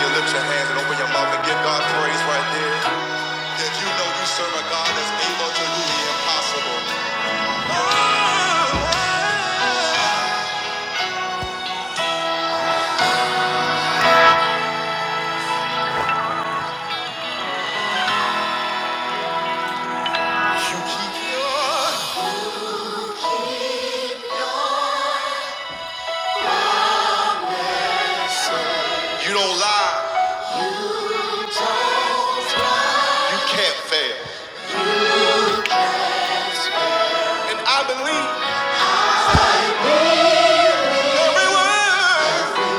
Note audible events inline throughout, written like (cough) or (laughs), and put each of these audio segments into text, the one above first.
You lift your hands and open your mouth and give God praise right there. If you know you serve a God that's able to do the impossible, you you don't lie. You can't fail. And I believe every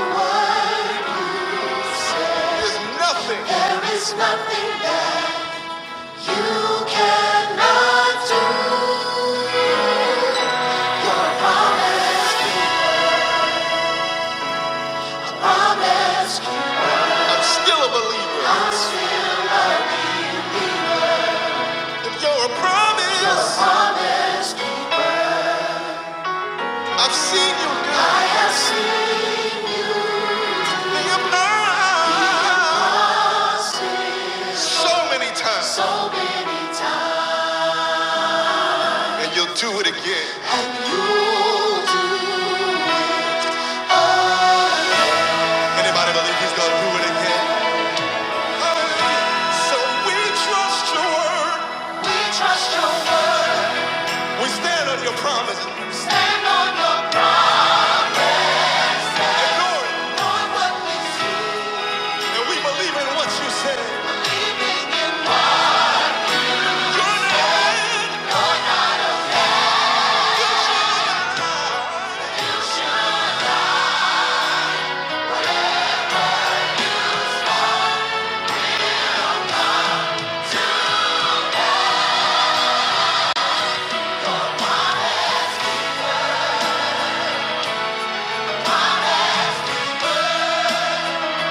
word There is nothing. There is nothing that you cannot do. Your Promise, promise. I'm still a believer. I'm still a believer. If you're a promise, you're a promise. I've seen you do. I have seen you Be a promise so many times, So many times. and you'll do it again. And you'll do it Anybody believe He's gonna do it again? Hallelujah. So we trust Your word. We trust Your word. We stand on your promises and Lord, on what we see, and we believe in what you said. Your name, your name,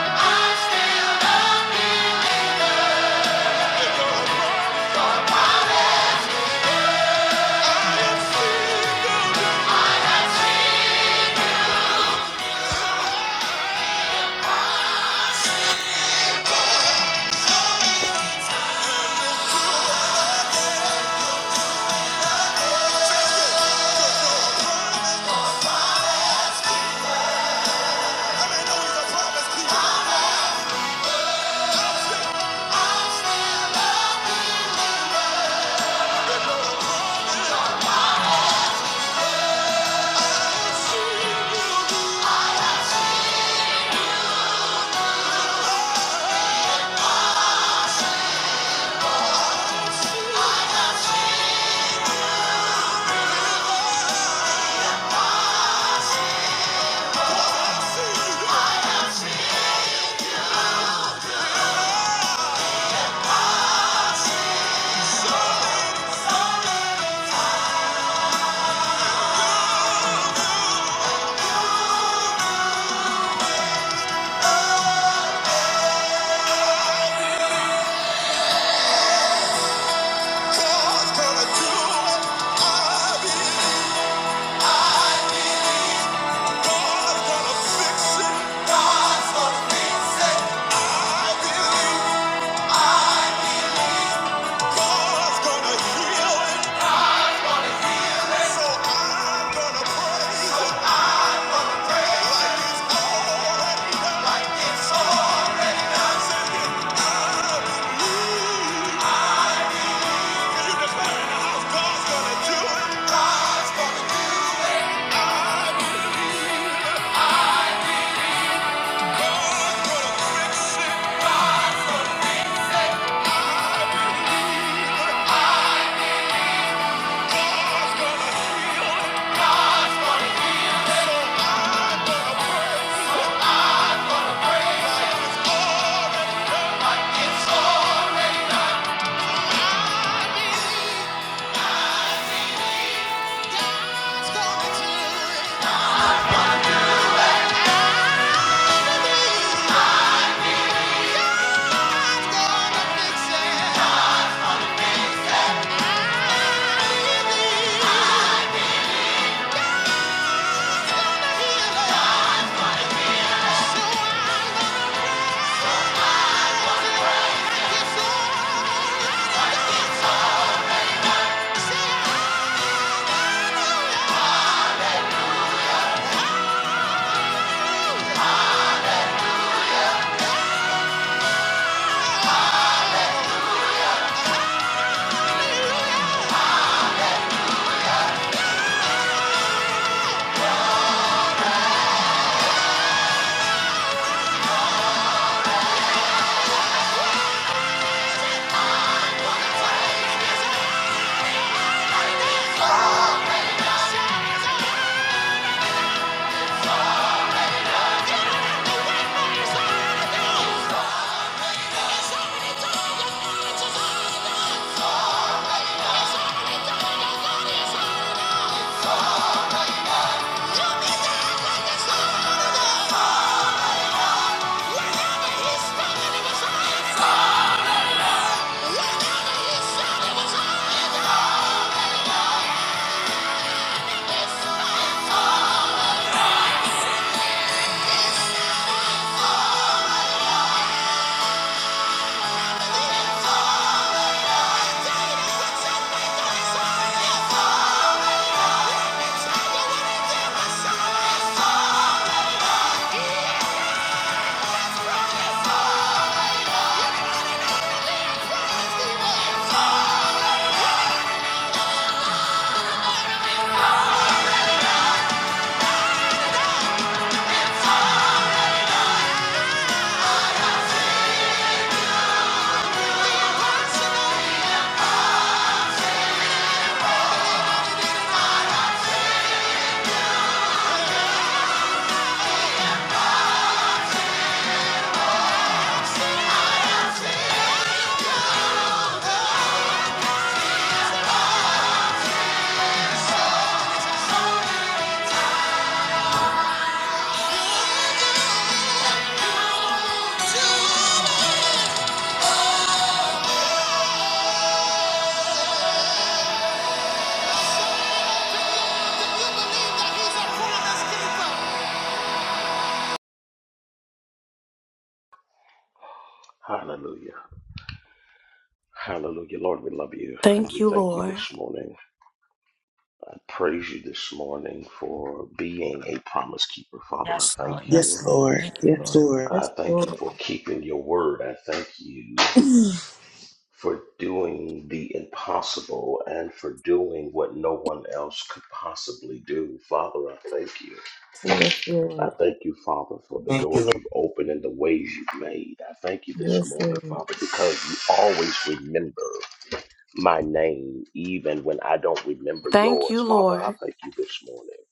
God's gonna do it. I believe God's gonna fix it. God's gonna fix it. I believe God's gonna heal it. So I'm gonna praise Him like it's already done. Like it's already done. Say it. I believe. If you declare in the house, God's gonna do it. God's gonna do it. I believe. God's gonna do it. I believe. God's gonna fix it. I believe. I'm a healer. So I'm gonna do it. Like it's already done. Do you believe that he's a promise keeper? Hallelujah. Hallelujah. Lord, we love you and we thank you this morning. I praise you this morning for being a promise keeper. Father, I Yes, Lord. thank Yes, Yes, you. Lord. Lord. Thank you, Yes, Lord. Lord. I Yes, thank you Lord. for keeping your word. I thank you Yes, for doing the impossible and for doing what no one else could possibly do. Father, I thank you. I Lord. thank you, Father, for the Thank you, doors Lord. you've opened and the ways you've made. I thank you this Yes, morning, Lord. Father, because you always remember. my name even when I don't remember yours. Father, I thank you this morning.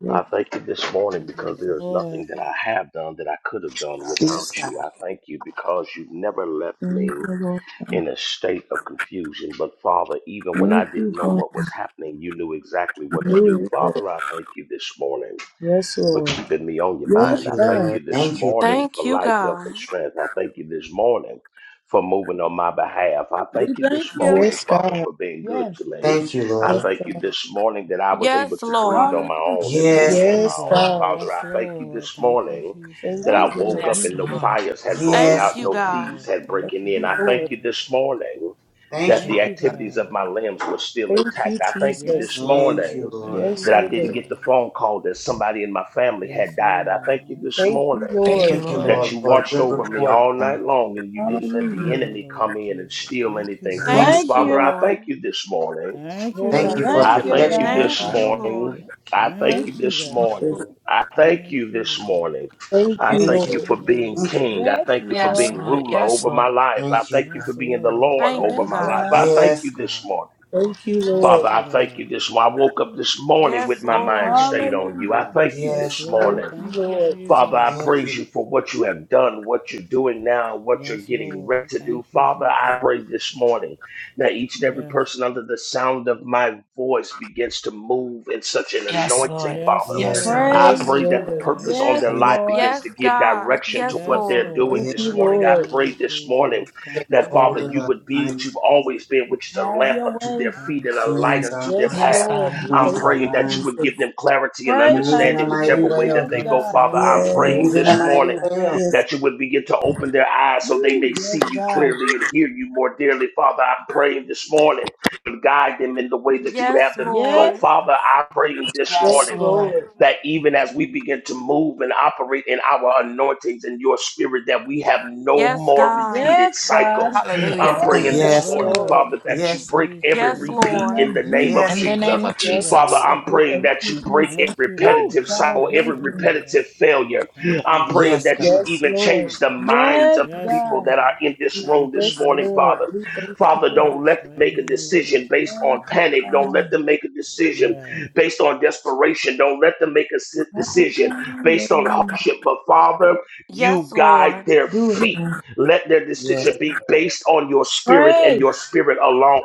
Yes, I thank you this Thank morning you, because Jesus. there is nothing Lord, that I have done that I could have done without Yes, God. you. I thank you because you never left Thank me you, Lord. in a state of confusion. But Father, even when Thank I you didn't know for what was happening, you knew exactly what to thank do. new. you, Lord. Father, I thank you this morning Yes, for Lord. keeping me on your Yes, Thank mind. you, I thank God. Lord. you this Thank you. morning for life, health, and strength. I thank you this morning for moving on my behalf. I thank We you this thank you. morning, Yes, Father, God. for being good Yes. to me. Thank you, I Yes, Lord. thank you God. this morning that I was able to breathe on Hallelujah. my own and move Yes, thank on God. my you, Yes, own. God. God. Father, Yes, I thank you this Lord. Thank you, morning Jesus. that Thank you, I Thank you, woke Lord. up Jesus. Yes, and no Lord. fires had broken Yes, out, Yes, God. no thieves Lord. had Thank Thank breaking you, in. you, I thank Lord. you Jesus. this morning Thank that you, the Thank you, God. activities of God. my limbs were still Thank you, intact. I thank you Jesus. Yes, this Thank morning you, Lord. Thank Lord. you, Yes, that I didn't Jesus. Lord. get the phone call that somebody in my family had Yes, died. I thank you Lord. this Thank you, morning Thank Lord. you, Yes, Thank you, Lord. that Lord, you Lord. for a Thank watched good you, over me God. report, all God. night long and you didn't Yes, let you the Hallelujah. did, enemy come Lord in and Jesus. steal Thank you, anything from me. God. Yes, Thank God. Father, you. I thank you this morning. Thank Thank Lord, I you you. thank for I Thank you, you, thank protection, Lord. you God. Thank this you, God. God. morning. I thank Thank you Thank you, you, this God. Jesus. morning. I thank Thank you you, this Lord. morning. Thank I you, Thank thank you. you Lord. for Thank you, being Thank you. Jesus. king. I Yes, thank you for Thank Yes, Lord. being Lord. you. ruler Yes, over my Lord. life. I Thank thank you, you God. for Yes, being the Lord. Lord Thank over Yes, you, my life. Lord. God. I thank Yes, you this God. morning. Thank you, Father, Lord. Thank you, I thank you God. this. I woke up this morning with my Thank mind you, stayed God. on you. I Hallelujah. thank you Yes, Yes. this Thank Lord. morning. you, Thank you, Lord. Father, I Jesus. Thank praise you. you for what you have done, what you're doing now, what you're Yes, getting ready Lord. to do. Thank you, Father, I Jesus. pray this morning that each and every Yes. person under the sound of my voice begins to move in such an Yes, anointing, Lord. Yes, Father. Yes, Yes, Lord. God. Lord. I Pray. Yes, pray Thank you, that the Lord. purpose Yes, God. on Yes, their God. Yes. life Lord. begins to give direction to what Yes, they're doing Thank Lord. Yes. you, this Right morning. I now, Lord. pray Lord this morning Jesus. Thank Take that, you, hold Father, of you our would be Jesus. what minds. you've always been, which is a Have lamp your unto way. their feet Thank and a you, light God. Cleanse unto our their Yes, hearts. path. Yes, Lord. God. We I'm Cleanse thank our praying you, that you minds. would Jesus. give them clarity and Pray, Move in a understanding, Pastor mighty Jay. whichever way way, oh that Yes, they God. go, Yes, God. Father. Lord. I'm praying Move Yes, in a this God. mighty morning way, oh Yes, that you would begin to open their eyes so they may Woo. Yes, see you God. clearly and hear you more dearly, Father. I'm praying this morning to guide them in the way that you would have them go, Yes. Father. I'm praying this Yes, Yes, morning Lord. Lord. that even as we begin to move and operate in our anointings in your spirit, that we have no more Yes, repeated God. cycles. I'm Hallelujah. praying Yes, this Yes, God. Yes, morning, God. Lord. Lord. Father, that Thank you you, Yes, God. break every In Jesus. the repeat name of in the name of In Yes, Jesus. the God. Jesus. name of Thank you, Yes, Father, Jesus. Lord. I'm God. We praying thank that you, you break Jesus. every Thank you, Woo. repetitive Lord. God, I cycle, Yes, thank every you. Lord. repetitive failure. Thank I'm you, praying God. Yes, that God. you Yes, even change Lord. the minds Yes, of the Yes, people God. that are Lord. in this room Thank you, this Yes, morning, Jesus. Lord. Father. We thank you. Father, Yes, don't Yes, let them right make a now, Lord decision based on Jesus. panic. Don't God. let them make a decision Yes, based on desperation. Don't let them make a si- decision based on Hallelujah. hardship. But Father, you guide their Do it. feet. Lord. Let their Yes, decision be based on your spirit and Pray. your spirit alone.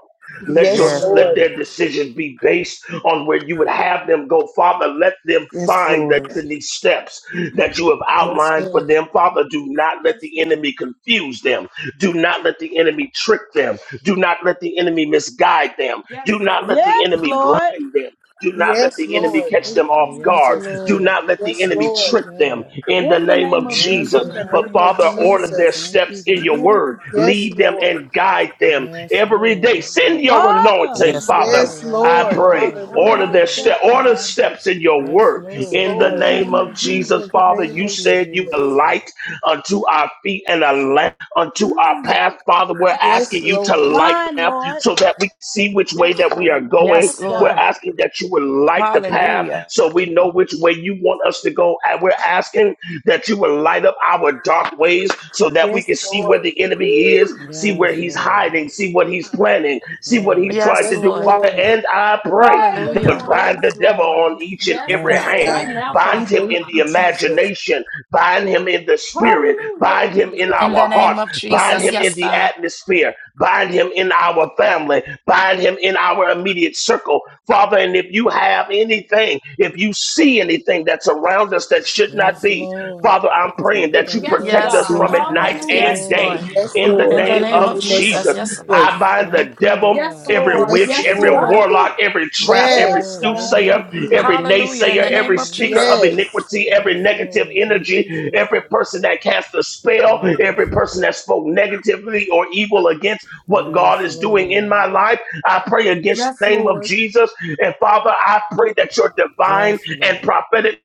Let your Yes, yes, let Lord. their Lord. decisions be based on where you would have them go, Father. Let them Yes, find the Lord. destiny steps that you have Yes, outlined for Lord. them, Father. Do not let the enemy confuse them. Do not let the enemy trick them. Do not let the enemy misguide them. Do not let the Yes, enemy Lord. blind them. Do not let Yes, the enemy Yes, Lord. catch Thank them Father. off you, Yes, guard. Jesus. Do Lord. not let the Yes, enemy Thank you, Lord. trick them God. in the In the name name of of Yes, in Jesus. In Jesus. the the But name name of of Father, order Jesus. their Jesus. Thank steps you, in your God. word. Yes. Yes, Lead them Lord. and guide them Yes, every day. Lord. Send your Father, anointing, Yes, yes, Father. God. Yes, Lord. Right I Lord. now, pray. Lord order Order our Hallelujah. their Jesus. Thank steps, step, you, order God. Jesus. steps in your Yes, word. Yes, Lord. In the In Thank Lord. the you, name name of of Jesus. Jesus, Jesus. In the Father, name you Thank of you, said you are a Jesus. Jesus. light unto our feet and a lamp unto our Mm. path. Father, we're Yes, asking you to Lord. light God, them Lord. so that we see which way that we are going Yes, Yes, we're Lord. God. asking that you would light the path Hallelujah. so we know which way you want us to go. And we're asking that you would light up our dark ways so that we Yes, can see where Lord. the enemy is, Mm. see where Yes, he's Lord. hiding, see what he's planning, see what he's Yes. trying Yes, to Yes, do. Lord. Father, Lord. and I pray Pray this that would Hallelujah. morning. bind the devil on each and Yes, every Yes, hand, God. We bind him thank in the you, Jesus. imagination, bind him in the spirit, Hallelujah, bind him in Jesus. In the our name hearts, of Bind Jesus. him in Yes, the God. atmosphere. Bind him in our family. Bind him in our immediate circle. Father, and if you have anything, if you see anything that's around us that should not Yes, be, Lord. Father, I'm Move praying Protect it, that you us, protect Yes, us Lord. from Yes, God. Lord. it night God. Yes, Yes, and Yes, God. day Lord. Lord. Yes, in the In Lord. the name Yes, In name the of of right name now, Jesus. Jesus. of Lord Yes, Lord. Jesus. I Jesus. bind the Thank you, devil, God. every Yes, witch, Yes, Lord. every Lord. Bind it. warlock, every trap, Yes, Yes, every Lord, Yes, we right God. soothsayer, thank now. you. every Thank Hallelujah. you, In naysayer, the every name of Jesus. speaker Jesus. of Yes, iniquity, every Yes, negative Lord. Thank you, energy, every person Jesus. that cast a spell, every Yes. person that spoke negatively or evil against what God Yes, is doing in Lord. my life. I pray against the name of Jesus. And Father, I pray that your divine Yes, and Lord. prophetic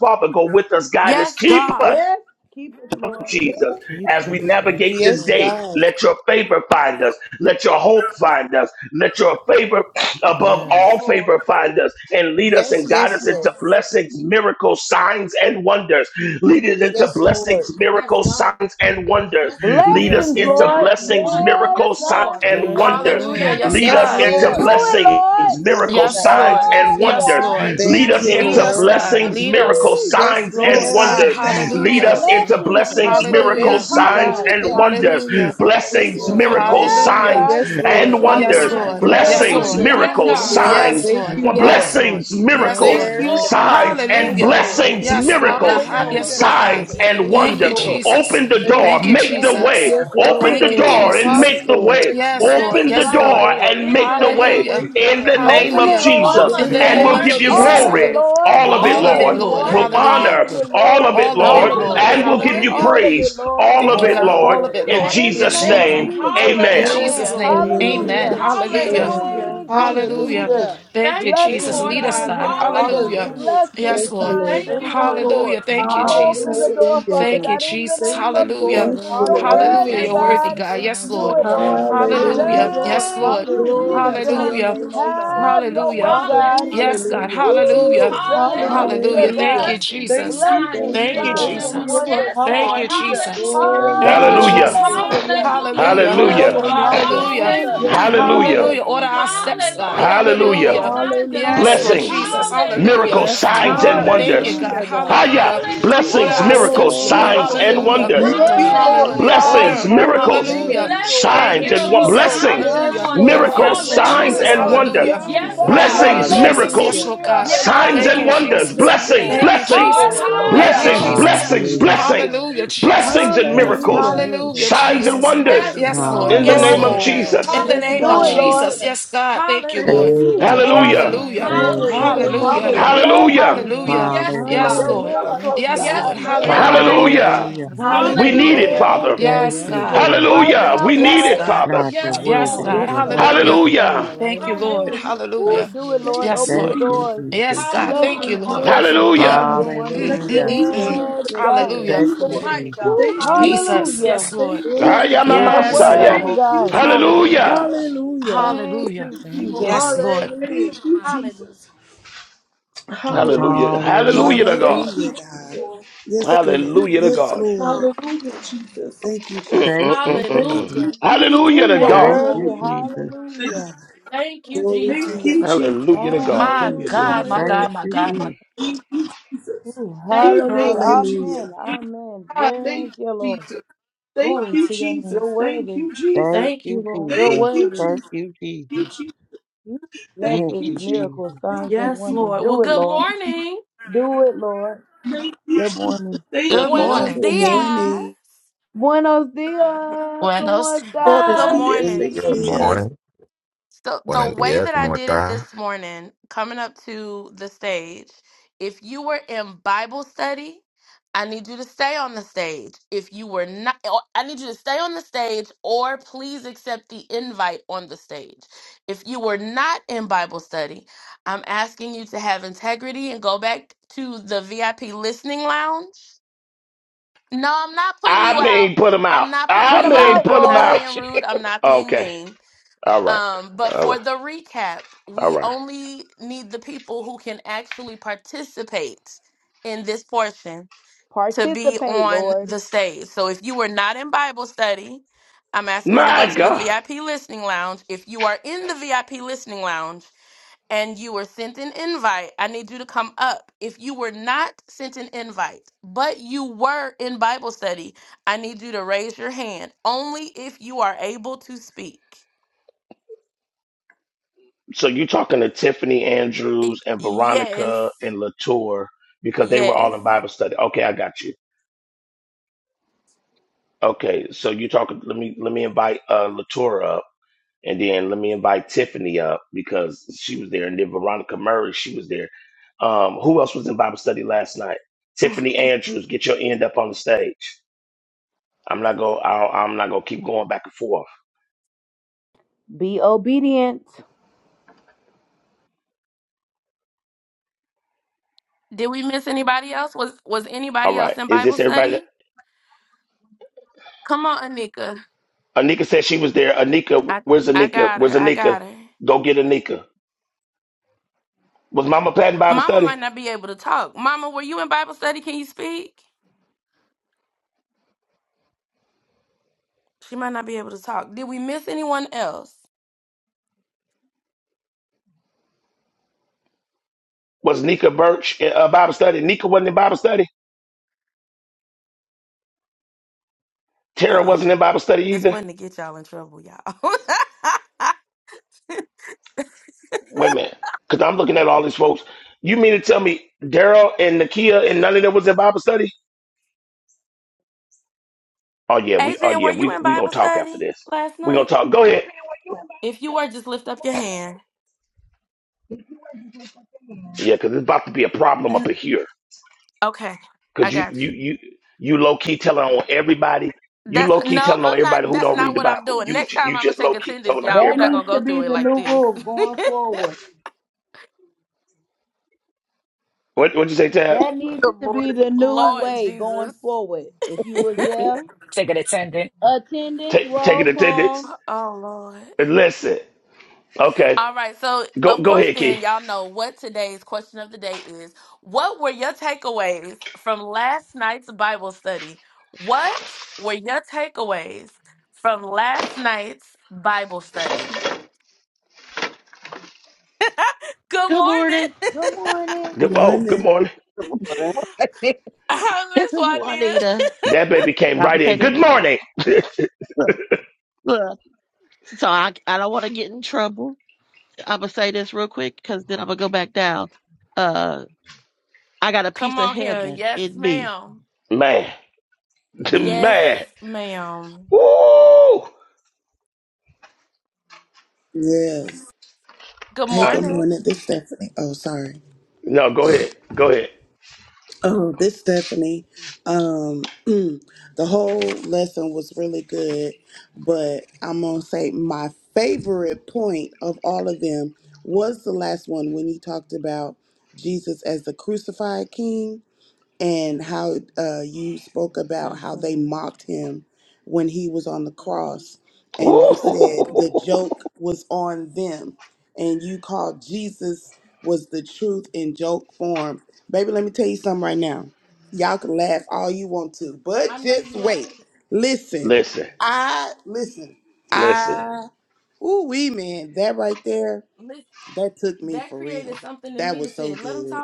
Father, go with us, guide us, keep us. Yes. Keep it, Lord. Jesus, Keep as we us. Yes, navigate this yes, day, Lord. God. let your favor find us. Let your hope find us. Let your favor (clears throat) above Yes. all favor find us and lead us Yes, and guide yes, us into yes. blessings, miracles, signs, and wonders. Lead us into Yes, Lord. blessings, miracles, signs, and wonders. Lead us Yes, Blessings, Lord. into Lord. blessings, Yes, miracles, signs, signs and and Yes, wonders. wonders. Hallelujah. Lord, Yes, right Lead Yes, us God. now, into Yes, Do Lord Lord. it, Jesus, God. blessings, Yes, each miracles, Lord. and God. Yes, every signs, Lord. Yes, last and Yes, one Lord. Yes, of wonders. We God. us, Lord. thank Lord you, Lead Thank us you, Jesus, Lead and Jesus. into our us, Lord. God. blessings, families, Lead Lord us. miracles, Woo. Jesus. Yes, signs, Lead Thank us, and Lord. you, God. Yes, Thank wonders. you, God. God. Lead Hallelujah. us Jesus. into Thank you, Blessings, touch blessings, us, miracles. Lord, Thank Hallelujah. miracles, you, all signs, of God. us, and Hallelujah. Thank Lord you, wonders. Jesus. Hallelujah. Jesus. Yes, Yes, Blessings, Lord. Yes, Lord. miracles, Yes, Lord. Hallelujah. signs, God. Yes, Yes, Lord. Yes, and Lord. Yes, Lord, Yes, wonders. Blessings, right Lord. now. Hallelujah. Lord. Yes, miracles, Blessings, Lord. Thank you, signs miracles, and Yes, Jesus. Yes, Yes, signs, wonders. Lord. Thank Lord. you, God. Lord. Yes, Yeah. Lord. blessings, Yes, Yes, miracles, Lord. Thank Yes, God. you, miracles, Jesus. signs, signs, and Yes, and Hallelujah. Lord. blessings, wonders, Yes, Lord Lord God. miracles, Ha- Jesus. Yes, Hallelujah, Lord God. signs, Jesus. Signs, and Thank Thank you, yes, you, wonder. Lord. Jesus. Open the mighty Thank door, Thank you, you, make God. Jesus. the way. Jesus. Yes, Thank yes, Open you. Lord. the Thank you, door Yes, Lord. and Jesus. make Yes, Lord. the way. Lord. Hallelujah, Yes, Lord. Jesus. Open the Yes, Yes, Thank you, Lord. door Lord. Lord. and make the Have your way Hallelujah. way, in God. the Thank name Yes, Open you, of it, Hallelujah. Lord, Lord. right Jesus, Jesus. In now, Yes, In the the and name we'll Lord God. of name give of you Jesus. Yes, Jesus. All of it, glory. Hallelujah. Jesus, Lord. All of we Yes, it, All of thank all it, Lord. you, of it, Lord. We'll Lord. Lord. All Hallelujah. honor of it, all Lord. of it, All of All all All it, of Lord, of of it, it, it, Lord. Lord. and Lord. we'll Lord. give you Hallelujah. All of it, praise. Lord. All Thank of you, Yes, All of it, Lord. it, All of All God. of it, it, Lord, All of Lord. Lord. it, Lord. in Lord. All In of the Thank it, Yes, Jesus' name Lord you, of Lord. name. God. Jesus. Jesus, In Amen. Yes, Jesus' amen. name. Lord. In the Amen. name Amen. Hallelujah. of Amen. Jesus. Hallelujah. Amen. Amen. Thank you, Yes, Hallelujah. Jesus. Hallelujah. Lord. Thank you, Thank Jesus. Blessings, Hey, you, Lead us, Lord. signs, God. Jesus. and Thank you, wonders. Hallelujah. God. Hallelujah, Blessings, Yes, Thank Jesus. you, Lord. Thank signs, you. Lord. and Thank you, wonders. Hallelujah. Lord. Thank Thank you, you, Lord. Open the Jesus. Hallelujah, door, Hallelujah, Jesus. Father Thank you, God. God, in the Jesus. Thank name of you, Yes, Hallelujah. Lord. Thank Jesus. you, Lord. You're Thank you Lord. for Hallelujah. Hallelujah, the worthy, You're Jesus. worthy, God. blessings, God. Thank Yes, signs, you, and Lord. Do Lord. it, wonders, Lord. Lord Thank you, Hallelujah. Hallelujah. Jesus. Lord. Yes, Thank Thank Lord. you, you, Glory Hallelujah. God. to Thank Jesus. your Hallelujah. you, name, oh Jesus. Thank God. Have you, your Hallelujah. way, Jesus. God. Hallelujah. Yes, God. Thank Hallelujah. you, Thank Hallelujah. Woo! you, Jesus. Lord. Thank you, Hallelujah. Hallelujah. Thank you, God. Hallelujah. Thank you, Thank Jesus. Jesus. you, Blessings, Thank Jesus. Thank you, All you, of signs, it, Thank God. and you, Lord Jesus. Lord. wonders, Jesus. Thank you, God. Hallelujah. Jesus. Thank Glory, Thank you, you, Lord. glory, Hallelujah. Jesus. wonders. glory. Hallelujah. Hallelujah. Thank Hallelujah. Thank you, you, Hallelujah. Lord. Lord. Hallelujah. Hallelujah. Blessings, Thank Hallelujah. Yes, you, signs, God. Hallelujah. Jesus. Yes, miracles, Hallelujah. Order God. and our Hallelujah, Lord, steps, yes. Jesus. God. Thank Thank you, you, Hallelujah. Hallelujah. Lord. Lord. Yes, Hallelujah. Lord Thank you, Blessings, Jesus. Hallelujah. Thank Jesus. you, Hallelujah. miracles, Lord. signs, Blessings, and Oh, Lord. thank Hallelujah, you, wonders. Signs God. Hallelujah, and Jesus. God. wonders, Hallelujah. Hallelujah. Thank Lord you, Order blessings, Jesus. our Lord. Thank miracles, steps, Blessings, Lord. you, Glory signs, miracles, to Lord. and your signs Hallelujah. and name, wonders. oh Thank you, wonders, God. Yes, Lord. Lord Hallelujah. Jesus. blessings, God. Order. Hallelujah. miracles, Thank Hallelujah. Hallelujah. you, Miracles, Lord. Thank signs, signs, you, Thank and wo- you, signs Jesus. and Miracles, blessings, Jesus. wonders. signs. Yes, Hallelujah. Name. Lord. Yes, miracles, Blessings, Yes, Lord Do signs, it, Hallelujah. Jesus. miracles, and Lord. Thank Lord. signs and wonders. you, Hallelujah. Rain wonders. Jesus. down your Hallelujah, Blessings, Thank Jesus. blessings, Yes, Blessings, Hallelujah. miracles, you, Lord God. God. miracles, sign- signs, signs, Thank and you, signs and Hallelujah, and wonders. Jesus. wonders. wonders. Yes, Jesus. Blessings, Thank you, Thank God. you, blessings, Jesus. Yes, Lord. Lord. Thank Hallelujah. you, blessings, Hallelujah. Jesus. Hallelujah, blessings, Hallelujah. Yes, Jesus. blessings, Lord. Hallelujah, Thank you, Jesus. Lord. blessings, and Thank you, miracles, Blessing, Hallelujah. Jesus. Hallelujah, miracles, signs, and signs, Jesus. and wonders Yes, wonders. Hallelujah, Do Lord. it, in Jesus. the Yes, Yes, name Yes, Hallelujah. of Lord. Lord. Thank Lord, God. you, right In Jesus. Lord. the now, Yes, name of Do Lord it, God. Jesus. Jesus. Hallelujah. Lord. Yes, God. Thank you, Thank you, Lord. Thank Blessing, Woo. you, Lord. You miracles, Thank are Hallelujah. Jesus. you, signs, the Hallelujah. and Thank glory, Jesus. wonders, you, Lord. Lord Jesus. Jesus. Hallelujah. Hallelujah. Hallelujah. Thank Hallelujah. you, Blessings, We Hallelujah. God. still say Yes, Hallelujah. your yes, Lord. God. Hallelujah. I miracles, Thank you, Yes, still Lord. God. say Lord. yes to Hey, you, Hallelujah. oh God. Hallelujah. Hallelujah. Thank Thank We you, you, Thank need Hallelujah. it, Lord. Hallelujah. Jesus. Father. you, Thank Yes, Hallelujah, Yes, you, God. Jesus. Lord, Jesus. Jesus. right Right Hallelujah. Thank now, We now. you, need Yes, God, it, Lord. God. Father. God, you're Right now, Yes, worthy. Hallelujah, God. Lord Yes, You're Jesus. God. Jesus. Yes, Hallelujah. wonderful. Thank Hallelujah. you, God. Right Thank Lord. you, Lord. now. Hallelujah. woo, Hallelujah. Yes, do it, Lord. Thank Lord. Thank Yes, Open you, the you, Thank Lord. you, Jesus. Jesus. doors. Jesus. Yes, Thank you, God. Thank you, Lord. Blessings, Lord. Hallelujah. Yes, miracles, Lord. signs, Hallelujah. and Mm, Thank you, wonders. mm, Thank mm, Hallelujah. mm, Yes, you, Jesus. mm. Lord. Yes, Jesus. Yes, Thank God. Lord. Hallelujah. Thank Yes, you, you, Lord. Lord. Jesus. Ooh, Thank you, Thank you, Jesus. Jesus. Yes, Hallelujah. Lord. Thank Jesus. you, I Glory Jesus. am to a Yes, your You're you're name, Yes, oh Messiah. God. worthy, God. beautiful. Thank you, God. Jesus. Hallelujah. Yes, Lord. Hallelujah. Hallelujah. Hallelujah. Jesus. Thank Hallelujah. you, Thank you, Thank Lord. you, Jesus. Yes, Lord. Lord. Hallelujah. Thank you, Jesus. Hallelujah. Hallelujah. Hallelujah Hallelujah. to God. Thank Hallelujah, you, God. Jesus. Yes, Thank Lord. you, Hallelujah to Yes, Jesus. God. Lord. Hallelujah, Jesus. Thank you, Thank Jesus. you, Thank Jesus. you, Jesus. Hallelujah Ooh, to you're Thank God. worthy. you, Hallelujah, Jesus. Jesus. Thank you. Hallelujah. Glory to Thank your you, name, Jesus. Hallelujah to God. God. My Hallelujah, Jesus. Hallelujah. God, Jesus. my Thank Thank God, my you, you, God, Lord. my Jesus. Thank you, Jesus. Ooh, We hallelujah. thank you, Jesus. Amen. Hallelujah. Amen. God, thank Thank you, you, Lord. Jesus. Thank you, Jesus. You're Thank worthy. you, Jesus. Thank you, You're Jesus. Thank you, worthy. Thank Jesus. you, Jesus. you, Jesus. Mm, Thank Thank Blessings, you, you, Jesus. Jesus. miracles, Thank signs, you, and Jesus. wonders. Do it, Lord. Do it, Lord. Thank you, Jesus. Thank you, Good Jesus. morning. good Thank Good you, Jesus. morning. Good morning. Thank you. morning. Buenos dias. ¿Cómo Buenos God is dias. estás? here. Buenos Thank Good you, Jesus. dias. morning. Buenos días. ¿Cómo está? I may put him out. I Put them No. may out, put him Lord. out. (laughs) Okay. All right. All right. All right. Participate, Lord. My God. So you're talking to Tiffany Andrews and Veronica and Latour because they were all in Bible study. Okay, I got you. Okay, so you talking. Let me let me invite uh, Latour up. And then let me invite Tiffany up because she was there. And then Veronica Murray, she was there. Um, who else was in Bible study last night? Tiffany Andrews, get your end up on the stage. I'm not going. I'm not going to keep going back and forth. Be obedient. All right. Is this everybody? that- Anika said she was there. Anika, where's Anika? Where's Anika? Go get Anika. Was Mama Pat in Bible study? Was Nika Birch in uh, Bible study? Nika wasn't in Bible study. Tara wasn't in Bible study either. Wait a minute, because I'm looking at all these folks. You mean to tell me Daryl and Nakia and none of them was in Bible study? Oh yeah, we oh yeah, we we gonna talk after this. We gonna talk. Go ahead. Yeah, because it's about to be a problem up in here. Because you you you you low key telling on everybody. You low key telling on everybody who don't read the Bible. You you just low key telling on That everybody. needs to be the new rule going forward. What what you say, Tab? That needs Good to be morning, the new everybody. way going forward. If you was there, Take an attendant. attendance, Take roll taking attendance. call. And Listen. Okay. Go go ahead, Key. Good morning. Good morning. Good Good- Oh, good morning. morning. Good morning. (laughs) good This is Juanita. That baby I'm came gonna right say in. this. Good morning, Look, look. So I, I don't want to get in trouble. I'm gonna say this real quick because then I'm gonna go back down. Uh, I got a piece of heaven in me. man. (laughs) Man. Woo! Yes. Hey, I, good morning. This Stephanie. Oh, sorry. no, go ahead. Go ahead. Oh, this Stephanie. Um, mm, the whole lesson was really good, but I'm gonna say my favorite point of all of them was the last one when you talked about Jesus as the crucified King and how uh, you spoke about how they mocked him when he was on the cross. And you said the Woo! joke was on them. And you called Jesus was the truth in joke form. Baby, let me tell you something right now. Y'all can laugh all you want to, but just wait. (laughs) Listen, Listen. I, listen, Listen. I, ooh, wee, man, that right there, that took me for real. That was so good.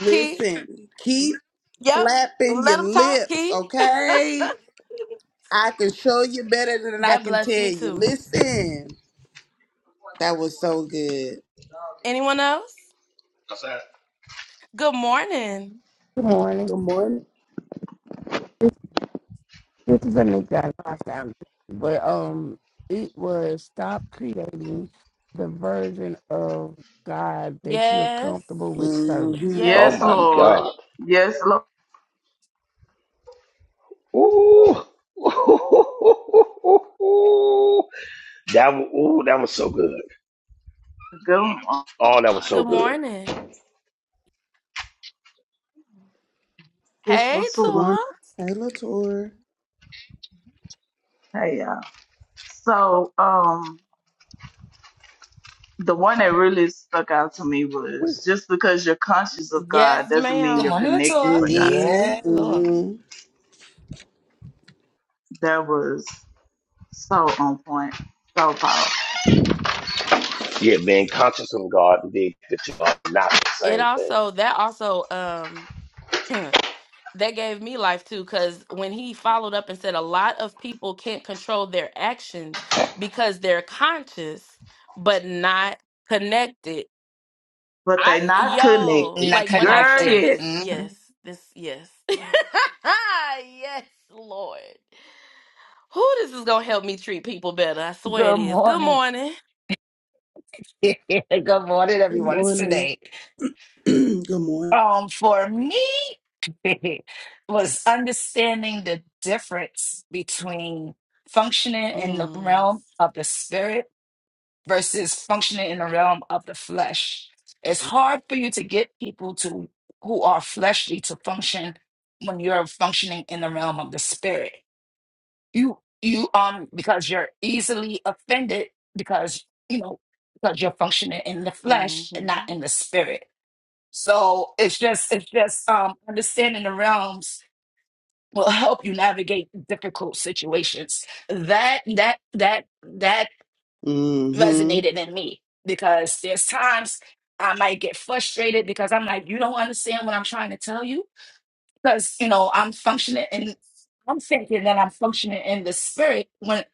Listen, keep flapping your lips, okay? I can show you better than I can tell you. Listen, that was so good. Good morning. Good morning. This, this is Anika. I lost But um, it was stop creating the version of God that you're comfortable with serving. Mm-hmm. Oh Yes, my Lord. God. Yes, Lord. Ooh. Ooh. (laughs) That was, ooh, that was so good. Good morning. Oh, that was so good. This Good Lasua. morning. Hey, Latour. Hey, y'all. So, um, the one that really stuck out to me was just because you're conscious of God doesn't mean you're morning, connected Latour. to God. Yeah, Mm-hmm. Lord. Mm-hmm. That was so on point, so powerful. Yeah, being conscious of God and being connected to God, are not the same thing. But they not connected. Not Girl, connected. yes. Mhm. Good morning. (laughs) good morning, Good everyone. It's morning. today. (clears throat) good morning. Um, for me, (laughs) was understanding the difference between functioning in the realm of the spirit versus functioning in the realm of the flesh. It's hard for you to get people to who are fleshly to function when you're functioning in the realm of the spirit. You you um because you're easily offended because you know because you're functioning in the flesh and not in the spirit so it's just it's just um, understanding the realms will help you navigate difficult situations. That that that that Mm-hmm. resonated in me because there's times I might get frustrated because I'm like, you don't understand what I'm trying to tell you because you know I'm functioning and I'm thinking that I'm functioning in the spirit when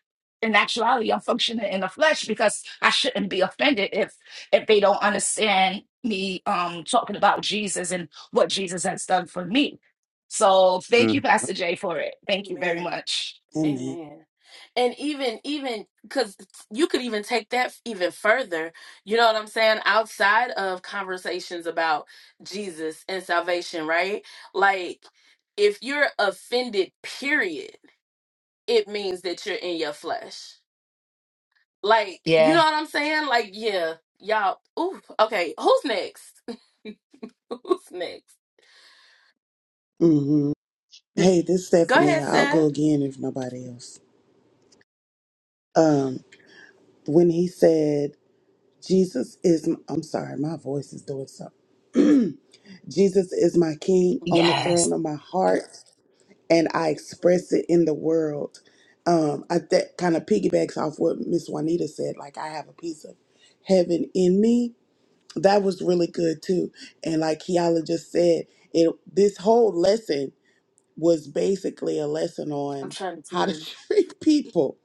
in actuality I'm functioning in the flesh because I shouldn't be offended if if they don't understand me um talking about Jesus and what Jesus has done for me. So thank you, Mhm. Pastor Jay, for it. Thank you very much. Amen. Yeah. Mm-hmm. Hey, this is Stephanie. I'll go again if nobody else. Um, when he said Jesus is, I'm sorry, my voice is doing something. (clears throat) Jesus is my king on the Yes. throne of my heart, and I express it in the world. Um, I, that kind of piggybacks off what Miss Juanita said. Like I have a piece of heaven in me. That was really good too. And like Kiala just said, it this whole lesson was basically a lesson on how to (laughs) treat people.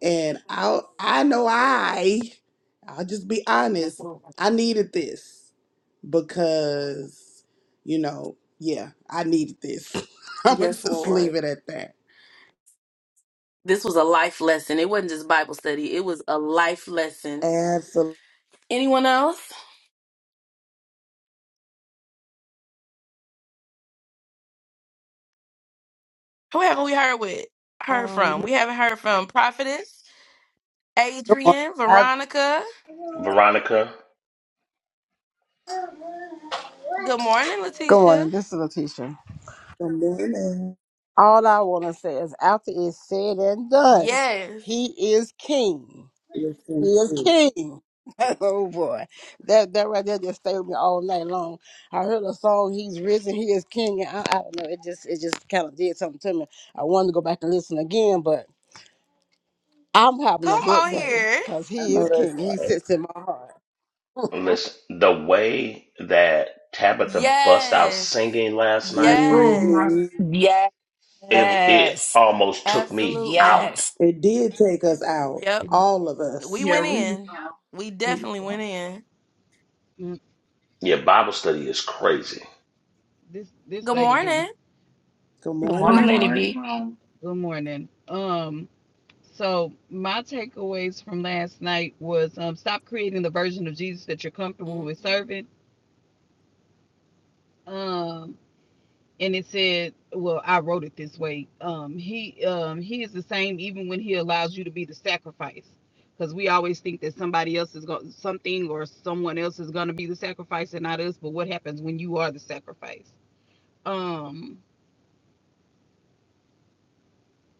And I I know I I'll just be honest. I needed this because, you know, yeah, I needed this. (laughs) I'm going to just leave it at that. Absolutely. Um, Good morning. I, Veronica, good morning. This is Letitia. All I want to say is, after it's said and done, he is king. He Listen to is it. king. (laughs) oh boy, that that right there just stayed with me all night long. I heard a song, "He's Risen, He is King," and I, I don't know, it just it just kind of did something to me. I wanted to go back and listen again, but I'm having a good day because I He know is that's King. He right. sits in my heart. listen, the way that Tabitha bust out singing last night Oh my God. hmm It it Yes. almost took me out. Yes. It did take us out, yeah, it- all of us. Yeah, we was gone. We was gone. Mm, Yeah, Bible study is crazy. This this lady B. Good Good Oh morning, morning. Good, Lady mor- B. my good morning. Um, so my takeaways from last night was um, stop creating the version of Jesus that you're comfortable with serving. Um, and it said, well, I wrote it this way. Um, he um he is the same even when he allows you to be the sacrifice. Because we always think that somebody else is going something or someone else is going to be the sacrifice and not us. But what happens when you are the sacrifice? Um,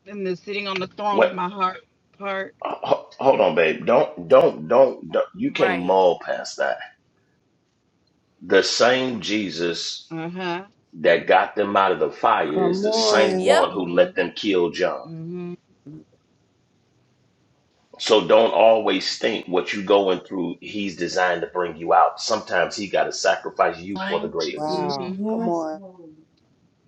and the sitting on the throne of What? my heart part ho- Hold on, babe. Don't don't don't. don't you can't mull past that. The same Jesus Uh-huh. that got them out of the fire is Come the same on. one who Mm-hmm. let them kill John. Mm-hmm. So don't always think what you going through, he's designed to bring you out. Sometimes he got to sacrifice you for the God. greater good. Mm-hmm. Wow. Come Yes, on. Lord.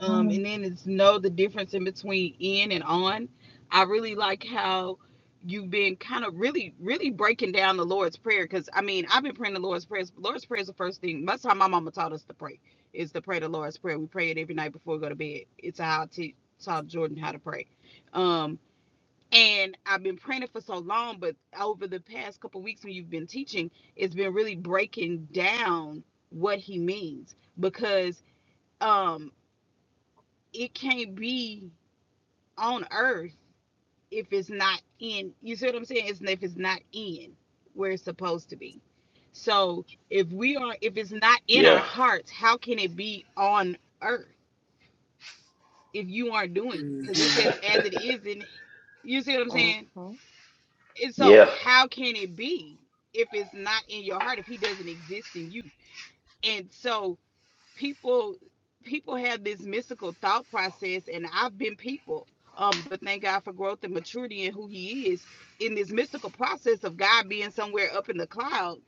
Um, Mm-hmm. and then it's know the difference in between in and on. I really like how you've been kind of really, really breaking down the Lord's Prayer. Cause I mean, I've been praying the Lord's Prayer. Lord's Prayer is the first thing. Most of the time my mama taught us to pray is to pray the Lord's Prayer. We pray it every night before we go to bed. It's how I teach taught Jordan how to pray. Um, and I've been praying it for so long, but over the past couple weeks when you've been teaching, it's been really breaking down what he means because um it can't be on earth if it's not in you see what I'm saying? It's if it's not in where it's supposed to be. So if we are if it's not in our Yeah. hearts, how can it be on earth if you aren't doing it? Because it hmm says (laughs) as it is in you see what I'm saying? And so, yeah. how can it be if it's not in your heart, if he doesn't exist in you? And so, people people have this mystical thought process, and I've been people. Um, but thank God for growth and maturity in who He is in this mystical process of God being somewhere up in the clouds.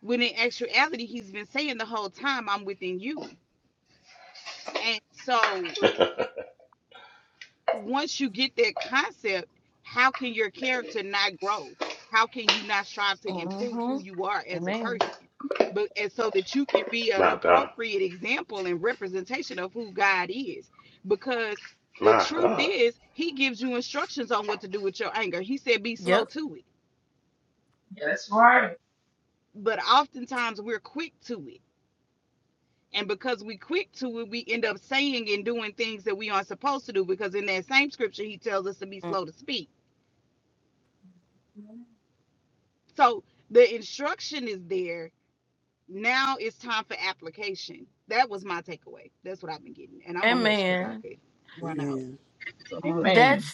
When in actuality, He's been saying the whole time, "I'm within you." And so, once you get that concept, how can your character not grow? How can you not strive to improve who you are as a person? But and so that you can be an My God. appropriate example and representation of who God is. Because the My truth God. is, He gives you instructions on what to do with your anger. He said, be slow to it. That's right. But oftentimes we're quick to it. And because we quick to it, we end up saying and doing things that we aren't supposed to do. Because in that same scripture, he tells us to be slow to speak So the instruction is there. Now it's time for application. That was my takeaway. That's what I've been getting. And I'm a hush because I could run out. Man. So I'm a hush. Amen.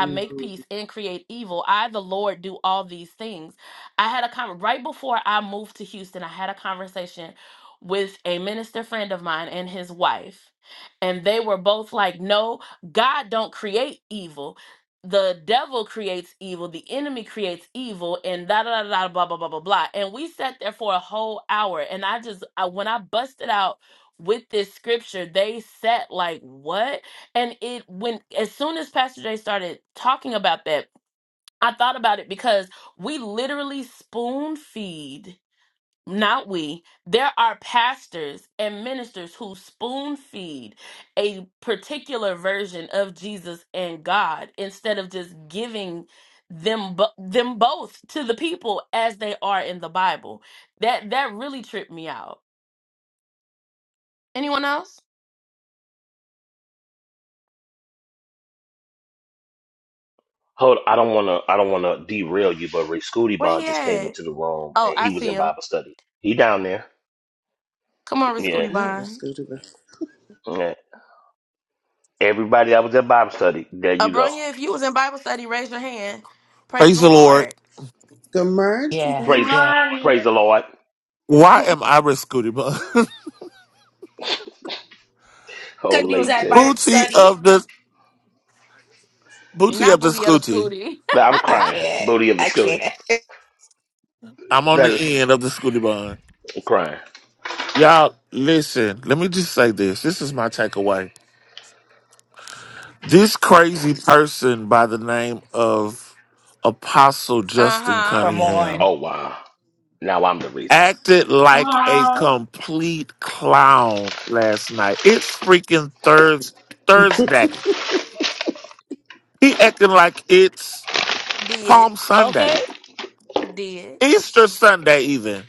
hmm Hold, I don't want to. I don't want to derail you, but Rick Scooty Bond just came into the room and he was in Bible study. He down there. Yeah. Not Rascutuba. yeah. Everybody that was at Bible study. There you go. Praise the Lord. Good Yeah. Good Praise, morning. Yeah. morning. praise the Lord. Why am I with Scooty Bun? (laughs) Oh, Because you was late at tail. Bible booty study. of the booty of the Scooty. I'm I crying. can't. Booty of the I Scooty. can't. I'm on the That is end of the Scooty Bun. I'm crying. Y'all, listen. Let me just say this. This is my takeaway. This crazy person by the name of Apostle Justin Come on. Cunningham Oh wow. Now I'm the reason. acted Come like a on. complete clown last night. It's freaking Thurs (laughs) Thursday. He acting like it's Palm Sunday, Okay. Easter Sunday, even.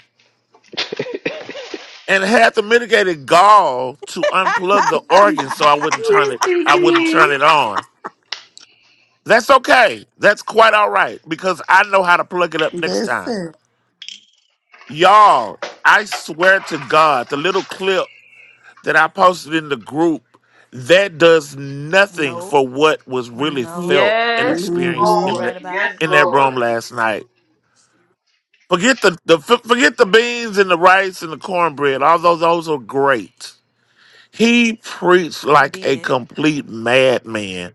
and had the mitigated gall to unplug the organ so I wouldn't turn Yes, it you I wouldn't did. turn it on. That's okay. That's quite all right because I know how to plug it up next time. Listen. Y'all, I swear to God, the little clip that I posted in the group that does nothing for what was really felt and Yes, experienced hmm in Lord. that Yes, in that room Lord. last night. Forget the, the forget the beans and the rice and the cornbread. Although those are great. He preached like a complete madman.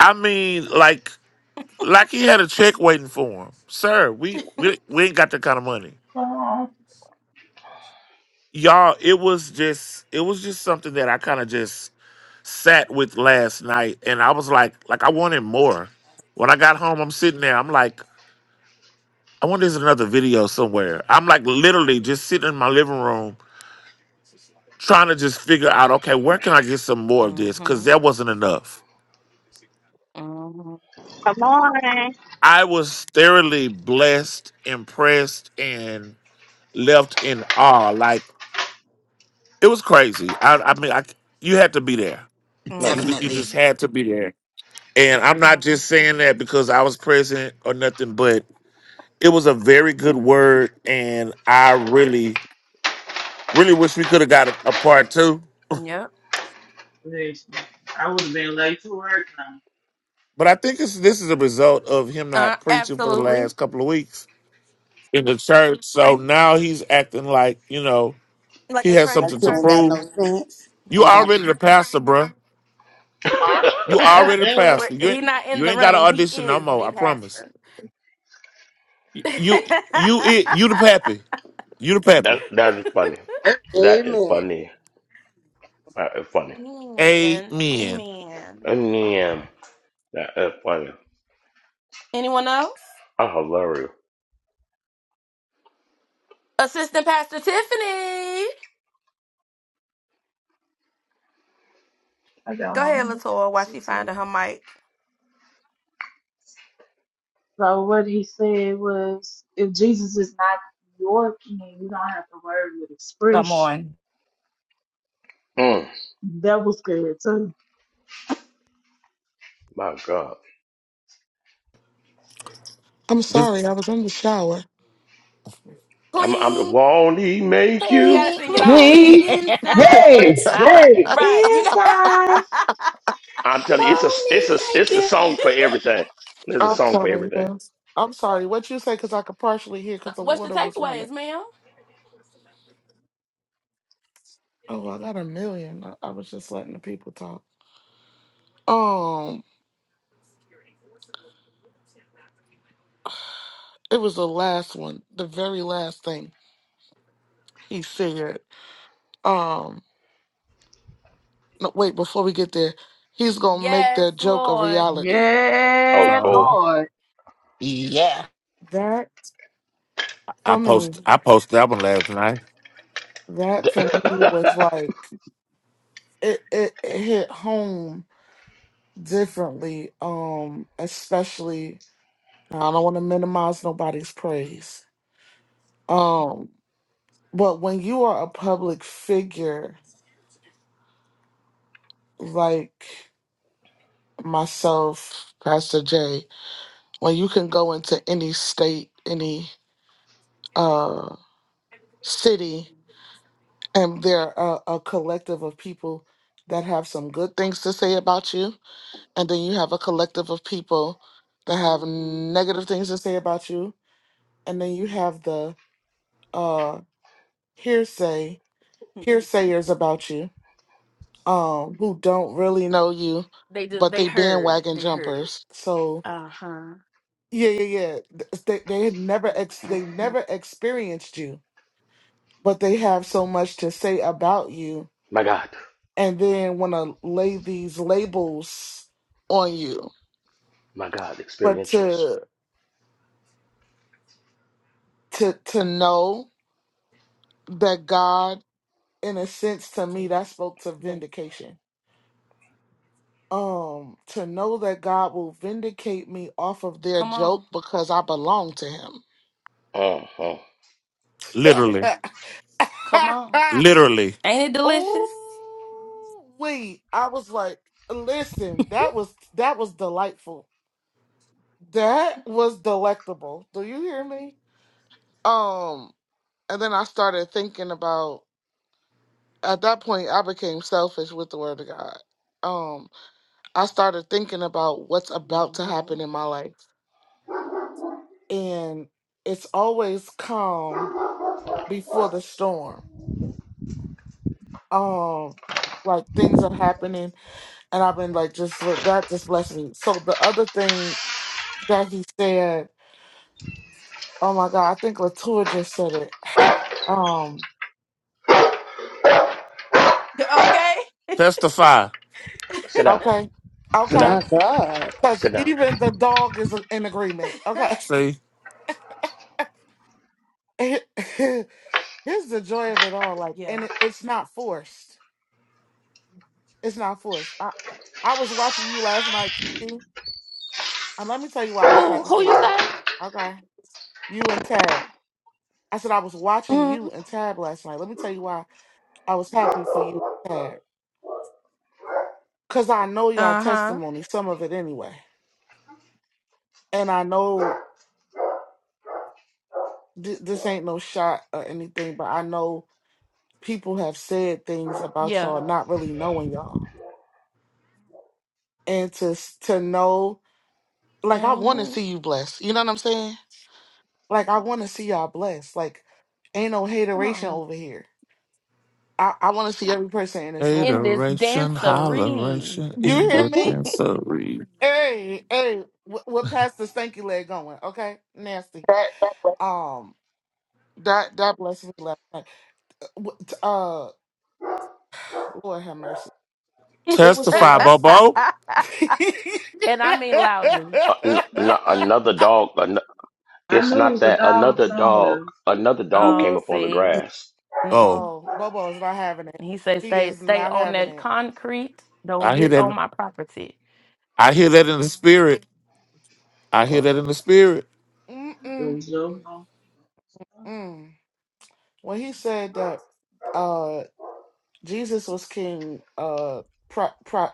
I mean, like like he had a check waiting for him. Sir, we we, we ain't got that kind of money. Come on. Y'all, it was just it was just something that I kind of just sat with last night and I was like like I wanted more. When I got home, I'm sitting there, I'm like, I wonder there's another video somewhere. I'm like literally just sitting in my living room trying to just figure out, okay, where can I get some more of this? Cause there wasn't enough. Come on. I was thoroughly blessed, impressed, and left in awe. Like it was crazy. I, I mean, I, you had to be there. My You God. ju- you Definitely. just had to be there. And I'm not just saying that because I was present or nothing, but it was a very good word, and I really, really wish we could have got a, a part two. Listen, I would have been late to work now. But I think it's, this is a result of him not preaching for the last couple of weeks in the church. So now he's acting like you know he has That something to you ain't got prove no sense. You Ain't got. already the pastor, bruh. (laughs) (laughs) You already the I pastor. You ain't you ain't got to audition no more. I promise. You you you, it, you the pappy. You the pappy. that that is funny. A- That is Amen. funny. That is funny. Amen. Mm, Yeah. That is funny. I'm hilarious. got one more. So, so long. So what he said was, if Jesus is not your king, you don't have to worry with Come expression. on. Mm, That was good too. my God. I'm sorry, I This was in the shower. I'm, I'm won't he make you? Hey. Okay, (laughs) place. Queen. it's Hey, hot. hey. Inside. I'm telling you, it's a it's Won't a thank it's a you. song for everything. There's a I'm (laughs) song for sorry, everything. yes. I'm sorry. What you say? Because I could partially hear because the water was running. Oh, I got a million. I, I was just letting the people talk. Um, it was the last one, the very last thing he said. Um, no, wait, before we get there, he's gonna make that joke a reality. Oh Yeah, Uh huh. oh Lord. Yeah. That I for me, post I posted that one last night. that for me was like it. It, it hit home differently. Um, especially I don't want to minimize nobody's praise. Um, but when you are a public figure like myself, Pastor Jay, when you can go into any state, any uh city, and there are a, a collective of people that have some good things to say about you, and then you have a collective of people that have negative things to say about you, and then you have the uh hearsay hearsayers about you um who don't really know you, but they bandwagon jumpers. So yeah, yeah, yeah. Th- They they had never ex they never experienced you, but they have so much to say about you, my God, and then want to lay these labels on you. my God, But experientials. to to to know that God, in a sense, to me, that spoke to vindication. Um, to know that God will vindicate me off of their joke because I belong to Him Oh, oh, (laughs) Literally, literally. oh wait. I was like, listen, that was that was delightful. That was delectable. Do you hear me? Um, and then I started thinking about at that point I became selfish with the word of God. Um, I started thinking about what's about to happen in my life. And it's always calm before the storm. Um, like things are happening and I've been like, just look, that just blessed me. So the other thing that he said, oh my God, I think Latour just said it. Um, Testify. Sit down, okay, sit okay, down, My God. because sit down. even the dog is in agreement. Okay, Say (laughs) here's the joy of it all. Like, and it, it's not forced. It's not forced. I I was watching you last night, Kiki, and let me tell you why I was happy for you. Okay, you and Tab. I said I was watching you and Tab last night. Let me tell you why I was happy for you, Tab Cause I know y'all testimony, some of it anyway, and I know th- this ain't no shot or anything, but I know people have said things about y'all not really knowing y'all, and to s- to know, like I want to see you blessed. You know what I'm saying? Like I want to see y'all blessed. Like ain't no hateration over here. I I want to see every person in this room. adoration, holleration You in hear the me? dancery. Hey, hey, wh- we're past the stanky leg going. Okay, nasty. Um, that that blessed me last night uh Lord have mercy. It was the Testify, last. Bobo. (laughs) Uh, n- n- another dog. An- I it's knew it not was a that dog another dog. somewhere. Another dog came up on the grass. Oh, oh, Bobo is not having it. He is not having it. I hear that. I hear that in the spirit. I hear Uh, that in the spirit. Mm-mm. Those little dogs. Mm. When he said that uh Jesus was king, uh, pro- pro-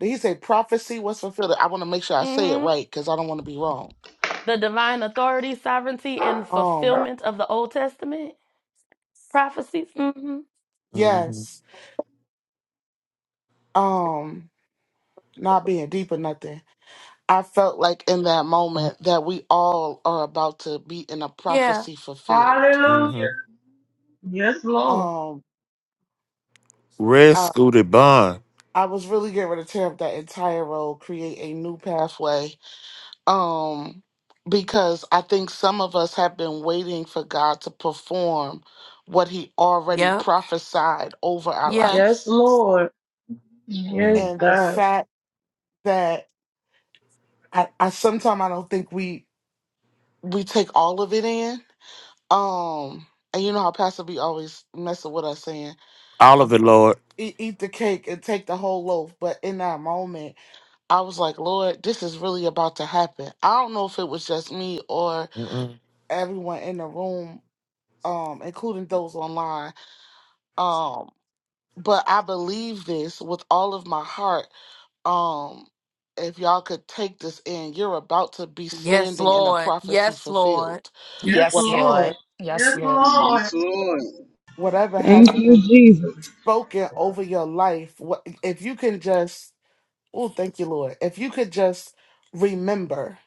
did he say prophecy was fulfilled? I want to make sure I say it right because I don't want to be wrong. Um, Mm-hmm. yes. Um, not being deep or nothing. I felt like in that moment that we all are about to be in a prophecy fulfilled. hmm Hallelujah. Yes, Lord. Um, Red I, Scooter Bond. I was really getting ready to tear up that entire role, create a new pathway. Um, because I think some of us have been waiting for God to perform what He already prophesied over our Yes, life, Lord. Mm. Yes, and the God. fact that I, I sometimes I don't think we we take all of it in. Um, and you know how Pastor B always messing with us saying All of um, it, Lord. eat, eat the cake and take the whole loaf. But in that moment, I was like, Lord, this is really about to happen. I don't know if it was just me or Mm-mm. everyone in the room, um, including those online. Um, but I believe this with all of my heart. Um, if y'all could take this in, you're about to be standing in a prophecy fulfilled. Yes, Yes, Lord. Whatever, Lord. Yes, Yes, Lord. Yes, Lord. Lord. whatever Thank has you, been Jesus. spoken over your life, what, if you can just Oh, thank you, Lord. If you could just remember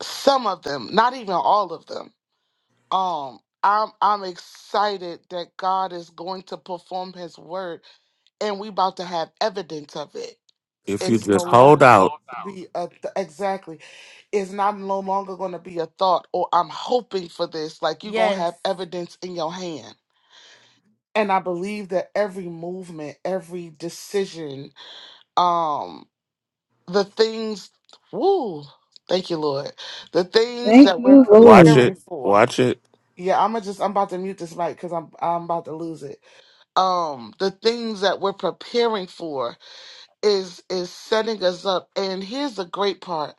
some of them, not even all of them. Um, I'm I'm excited that God is going to perform his word and we about to have evidence of it. If you Yes, It's no just longer hold God. going out, to be a th- exactly. It's not no longer going to be a thought or I'm hoping for this. Like you're going to have evidence in your hand. And I believe that every movement, every decision, um, the things, woo, thank you, Lord. The things Thank that we're you, watch Lord. it, preparing for. watch it. Yeah, I'm gonna just I'm about to mute this mic because I'm I'm about to lose it. Um, the things that we're preparing for is is setting us up. And here's the great part: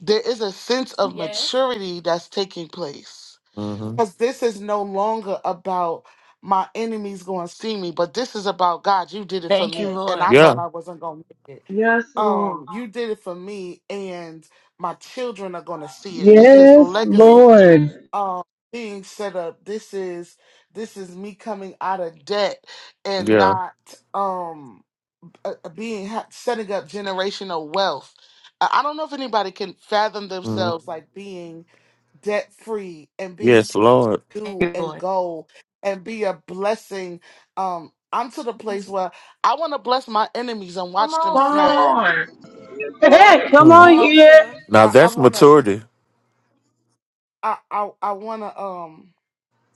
there is a sense of maturity that's taking place hmm because this is no longer about my enemies going to see me, but this is about God. You did it for Thank you, me, and Lord. I thought Yeah, I wasn't going to make it. Yes, Lord. Um, you did it for me, and my children are going to see it. This is Yes, legacy. Lord. Um, being set up. This is this is me coming out of debt and yeah. not um uh, uh, being ha- setting up generational wealth. I I don't know if anybody can fathom hmm themselves like being debt free and being Yes, able to Lord. Thank do you, and Lord. go and be a blessing. Um, I'm to the place where I want to bless my enemies and watch them Come smile. on. Yes, Heck, Lord. come Mm. on here. Now I, I that's wanna, maturity. I, I, I wanna. Um,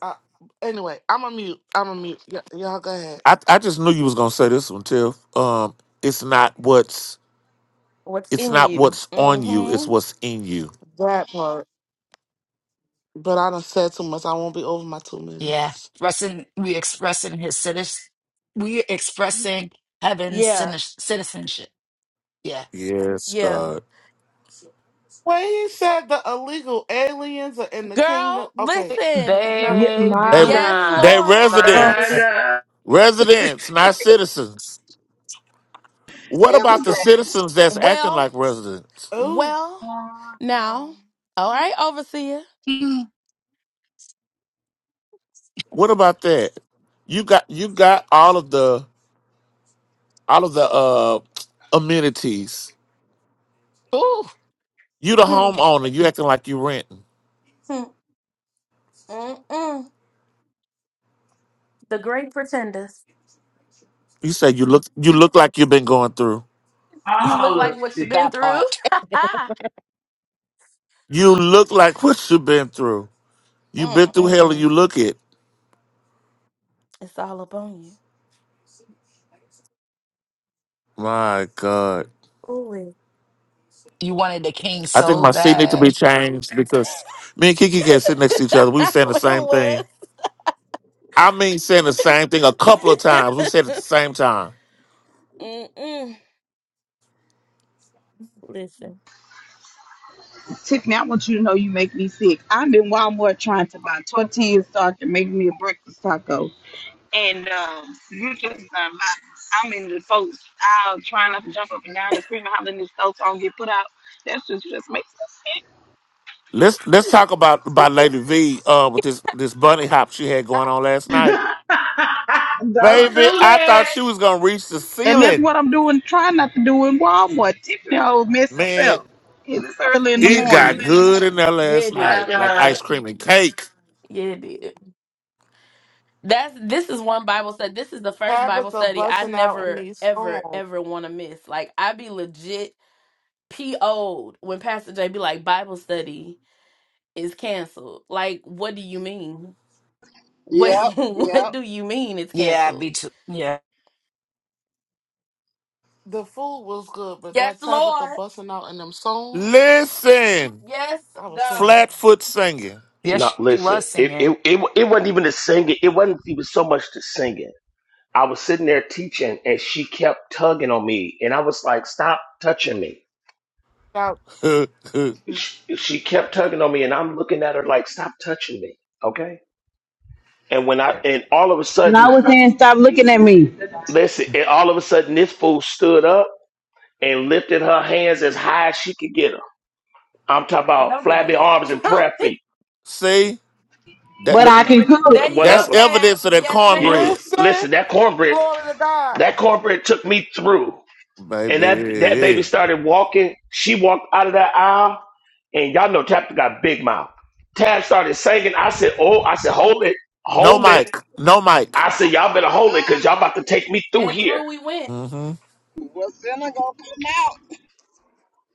I, anyway, I'm a mute. I'm a mute. Y- y'all go ahead. I, I just knew you was gonna say this one, Tiff. Um, it's not what's it's not what's on you, it's what's in you. That part. But I done said too much. I won't be over my two Yeah. minutes. Expressing, we expressing his citizen. We expressing heaven's citi- citizenship. Yeah. Yes, God. When he said the illegal aliens are in the kingdom, okay, never. Yeah, They my God. they Baby. oh, My Baby. residents. Residents, not citizens. What about the citizens that's acting like residents? Ooh, God. What about that? You got you got all of the all of the uh amenities. Ooh, You the homeowner. You acting like you renting. You say you look you look like you've been going through. All of it. that part. You look like (laughs) what you've been through. You've been through hell and you look it. My God. You wanted the king I think so my seat need to be bad. changed because me and Kiki can't sit next to each other. We were saying the same thing. I mean saying the same thing a couple of times. We said it at the same time. Tiffany, I want you to know you make me sick. I'm in Walmart trying to buy tortillas so I can make me a breakfast taco. And um, you just done my, I'm in the folks. I'll try not to jump up and down and scream and holler in the stove so I don't get put out. That's just just makes sense. Let's let's talk about about Lady V uh with this this bunny hop she had going on last (laughs) Don't night. do Baby, I thought that. she was gonna reach the And that's ceiling. what I'm doing, trying not to do in Walmart. Tiffany whole mess Man, herself. It's early in the it got morning. good in there last My night, like ice God. cream and cake. Tabitha busting out in these songs. Yep, yep. Yeah, me too. Yeah. The food was good, but that Tabitha busting out in them songs, Listen, I was singing. flatfoot singing. Yes, not she listen. was It singing. it it it wasn't even the singing. It wasn't even so much the singing I was sitting there teaching and she kept tugging on me. And I was like, stop touching me. Shout- (laughs) She, she kept tugging on me and I'm looking at her like, stop touching me. Okay. And when I, and all of a And I sudden, was saying, stop looking at me. listen, and all of a sudden this fool stood up and lifted her hands as high as she could get them. I'm talking about flabby arms and prayer feet, See that But I Li- can cook. that's whatever. evidence of that Yeah, l- cornbread, Listen, listen, that cornbread, glory to God. that cornbread took me through. And that that baby baby. started walking. She walked out of that aisle, and y'all know Tab got big mouth. Tab started singing. I said, "Oh, I said, hold it, No hold it." mic, no mic. I said, "Y'all better hold it, Ah, cause y'all about to take me through here." hmm what's in it gonna come out?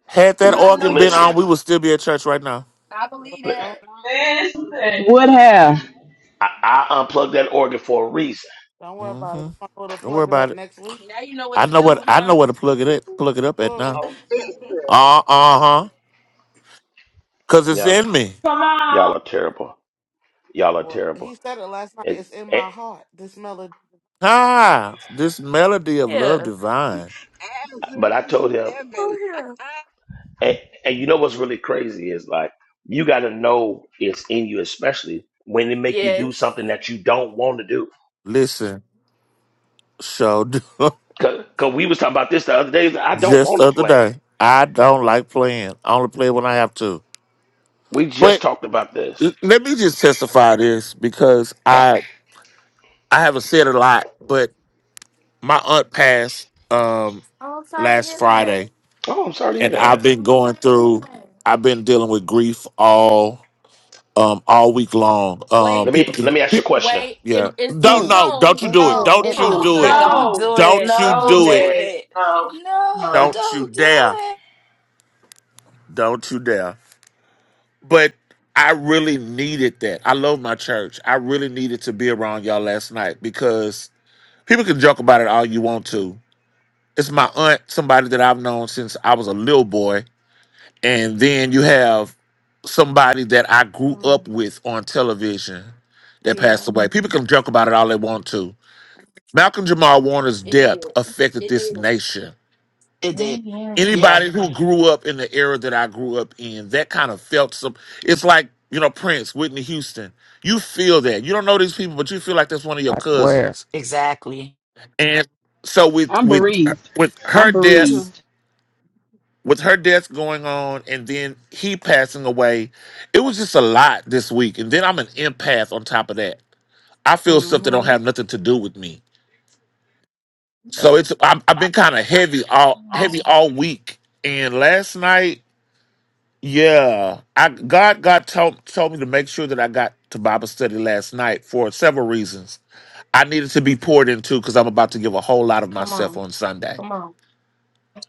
Had that L- organ been listen, on, we would still be at church right now. li- Well, Listen. Would have. I, I unplugged that organ for a reason. Don't worry hmm about it. Don't We're gonna go to worry plug it about up it. next week. I know what I know where to plug it at, plug it (laughs) up at glory to God. now. Offensive. Uh uh huh. Cause it's Y'all, in me. Come on. y'all are terrible. Y'all are Well, he terrible. said it last night. And, It's in and, my heart. This melody. Ah, this melody of love divine. As it but is I told in him, heaven. (laughs) and, and you know what's really crazy is like you got to know it's in you, especially when they make you do something that you don't want to do Listen, showed Cause, Cause we was talking about this the other day. (laughs) I don't just want the to other play. day. I don't like playing. I only play when I have to. We just But talked about l- this. let me just testify this because I I haven't said a lot, but my aunt passed um last Friday, Oh, I'm sorry to hear and that. I've been going through. I've been dealing with grief all um all week long. Um, Let me people let me ask can. you a question. Yeah. Don't Mm, no. Don't you mm, do it. mm, No, Don't mm, you mm, no, do mm, it. mm. Don't no, do it. Don't you Don't no, do do it. Ned, it. no, No, no. Don't you don't do dare. it. Don't you dare. But I really needed that. I love my church. I really needed to be around y'all last night because people can joke about it all you want to. It's my aunt, somebody that I've known since I was a little boy. And then you have somebody that I grew up with on television that passed away. People can joke about it all they want to. Malcolm Jamal Warner's death affected this nation. It did. Mhm. Yeah, anybody who grew up in the era that I grew up in, that kind of felt some. It's like you know Prince, Whitney Houston. You feel that. You don't know these people, but you feel like that's one of your I swear. cousins. exactly. And so with I'm with bereaved. with her I'm Me death, too. bereaved. with her death going on, and then he passing away, it was just a lot this week. And then I'm an empath on top of that. I feel stuff that don't have nothing to do with me. Oh, So it's I'm, I've been kind of heavy all Mm, heavy all week. And last night Yeah, I God God told told me to make sure that I got to Bible study last night for several reasons. I needed to be poured into because I'm about to give a whole lot of myself on Sunday.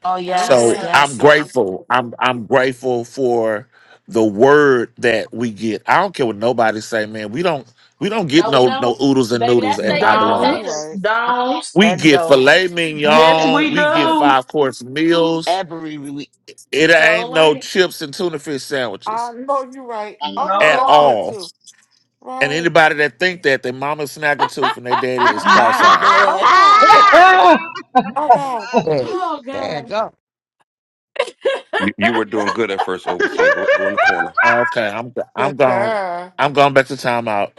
Oh, Yes, yes, So Amen. sir. yes, I'm yes. grateful. I'm I'm grateful for the word that we get. I don't care what nobody say, man. We don't we don't get no no oodles and noodles oh, at I I know belong. Don't, you right. don't. We And get don't filet Yes, mignon. we do. We get No, five course meals. every week. It ain't no chips and tuna fish I sandwiches know you right. Although at that's no. good all. too, And right? anybody that think that their mama snag a tooth and their daddy is My cross-eyed. (laughs) Oh Lord. God. Ah, Oh God. There there you go. You, you were doing good at first, overseer. Go go in the corner. Okay, I'm I'm gone. (laughs) I'm going back to timeout.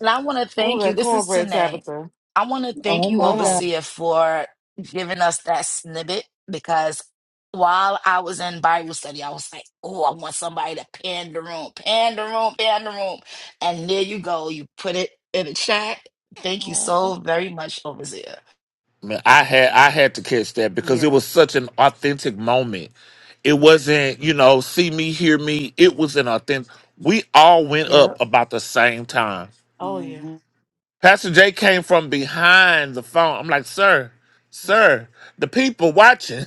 And I want to oh, thank you. that This is cornbread Tanae. Tabitha. I want to thank Oh you, Uh my huh. God. Overseer, for giving us that snippet because while I was in Bible study, I was like, oh, I want somebody to pan the room, pan the room, pan the room. And there you go. You put it in the chat. Thank you so very much, Overseer. Man, I had I had to catch that because it was such an authentic moment. It wasn't, you know, see me, hear me. It was an authentic. We all went up about the same time. Oh yeah. hmm Pastor J came from behind the phone. I'm like, sir, Yeah. sir, the people watching,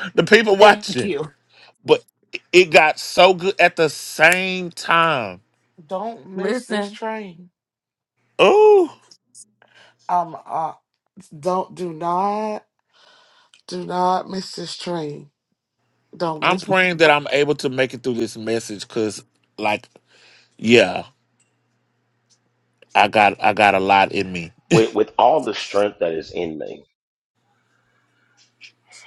(laughs) the people Thank watching. you. But it got so good at the same time Don't miss this train. Oh, Um, uh, don't do not do not miss this train. Don't I'm miss. praying that I'm able to make it through this message because, like, yeah, I got I got a lot in me. With with all the strength that is in me,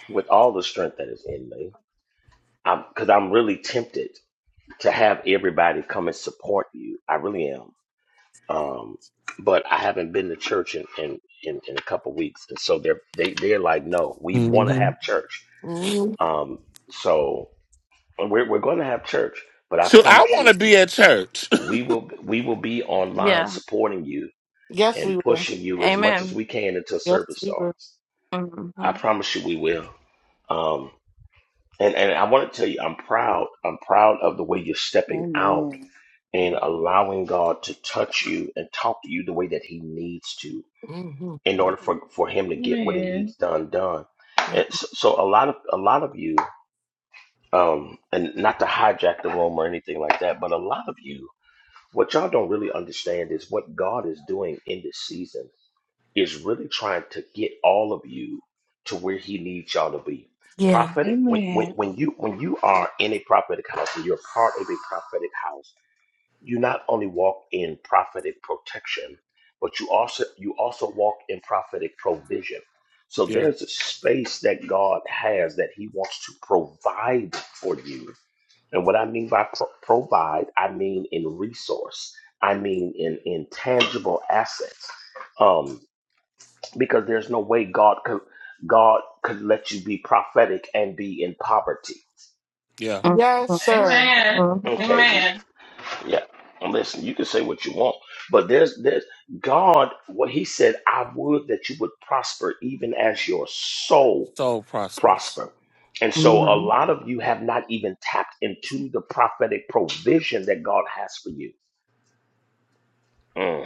with all the strength that is in me, I'm because I'm really tempted to have everybody come and support you. I really am. Um, but I haven't been to church in in, in, in a couple weeks, and so they're they, they're like, no, we want to hmm have church. Mhm. Um, so we're we're going to have church, but I Should I promise you. want to be at church? we will we will be online supporting you Yes, and we will. pushing you as much as we can until Yes, service we will. starts. I promise you we will. Um, and and I want to tell you, I'm proud. I'm proud of the way you're stepping out Amen. and allowing God to touch you and talk to you the way that He needs to hmm in order for for Him to get what He amen, needs done done. And so, so a lot of a lot of you, um, and not to hijack the room or anything like that, but a lot of you What y'all don't really understand is what God is doing in this season is really trying to get all of you to where he needs y'all to be. Prophetic when, when amen, when you when you are in a prophetic house and you're part of a prophetic house, you not only walk in prophetic protection, but you also you also walk in prophetic provision. So (laughs) yeah, there's a space that God has that he wants to provide for you and what I mean by pro- provide, I mean in resource. I mean in in tangible assets. Um, because there's no way God could God could let you be prophetic and be in poverty. yeah. Yes, sir. amen, Okay, amen. yeah. Listen, you can say what you want, but there's there's God. What He said, I would that you would prosper, even as your soul So prosperous. prosper. And so, a lot of you have not even tapped into the prophetic provision that God has for you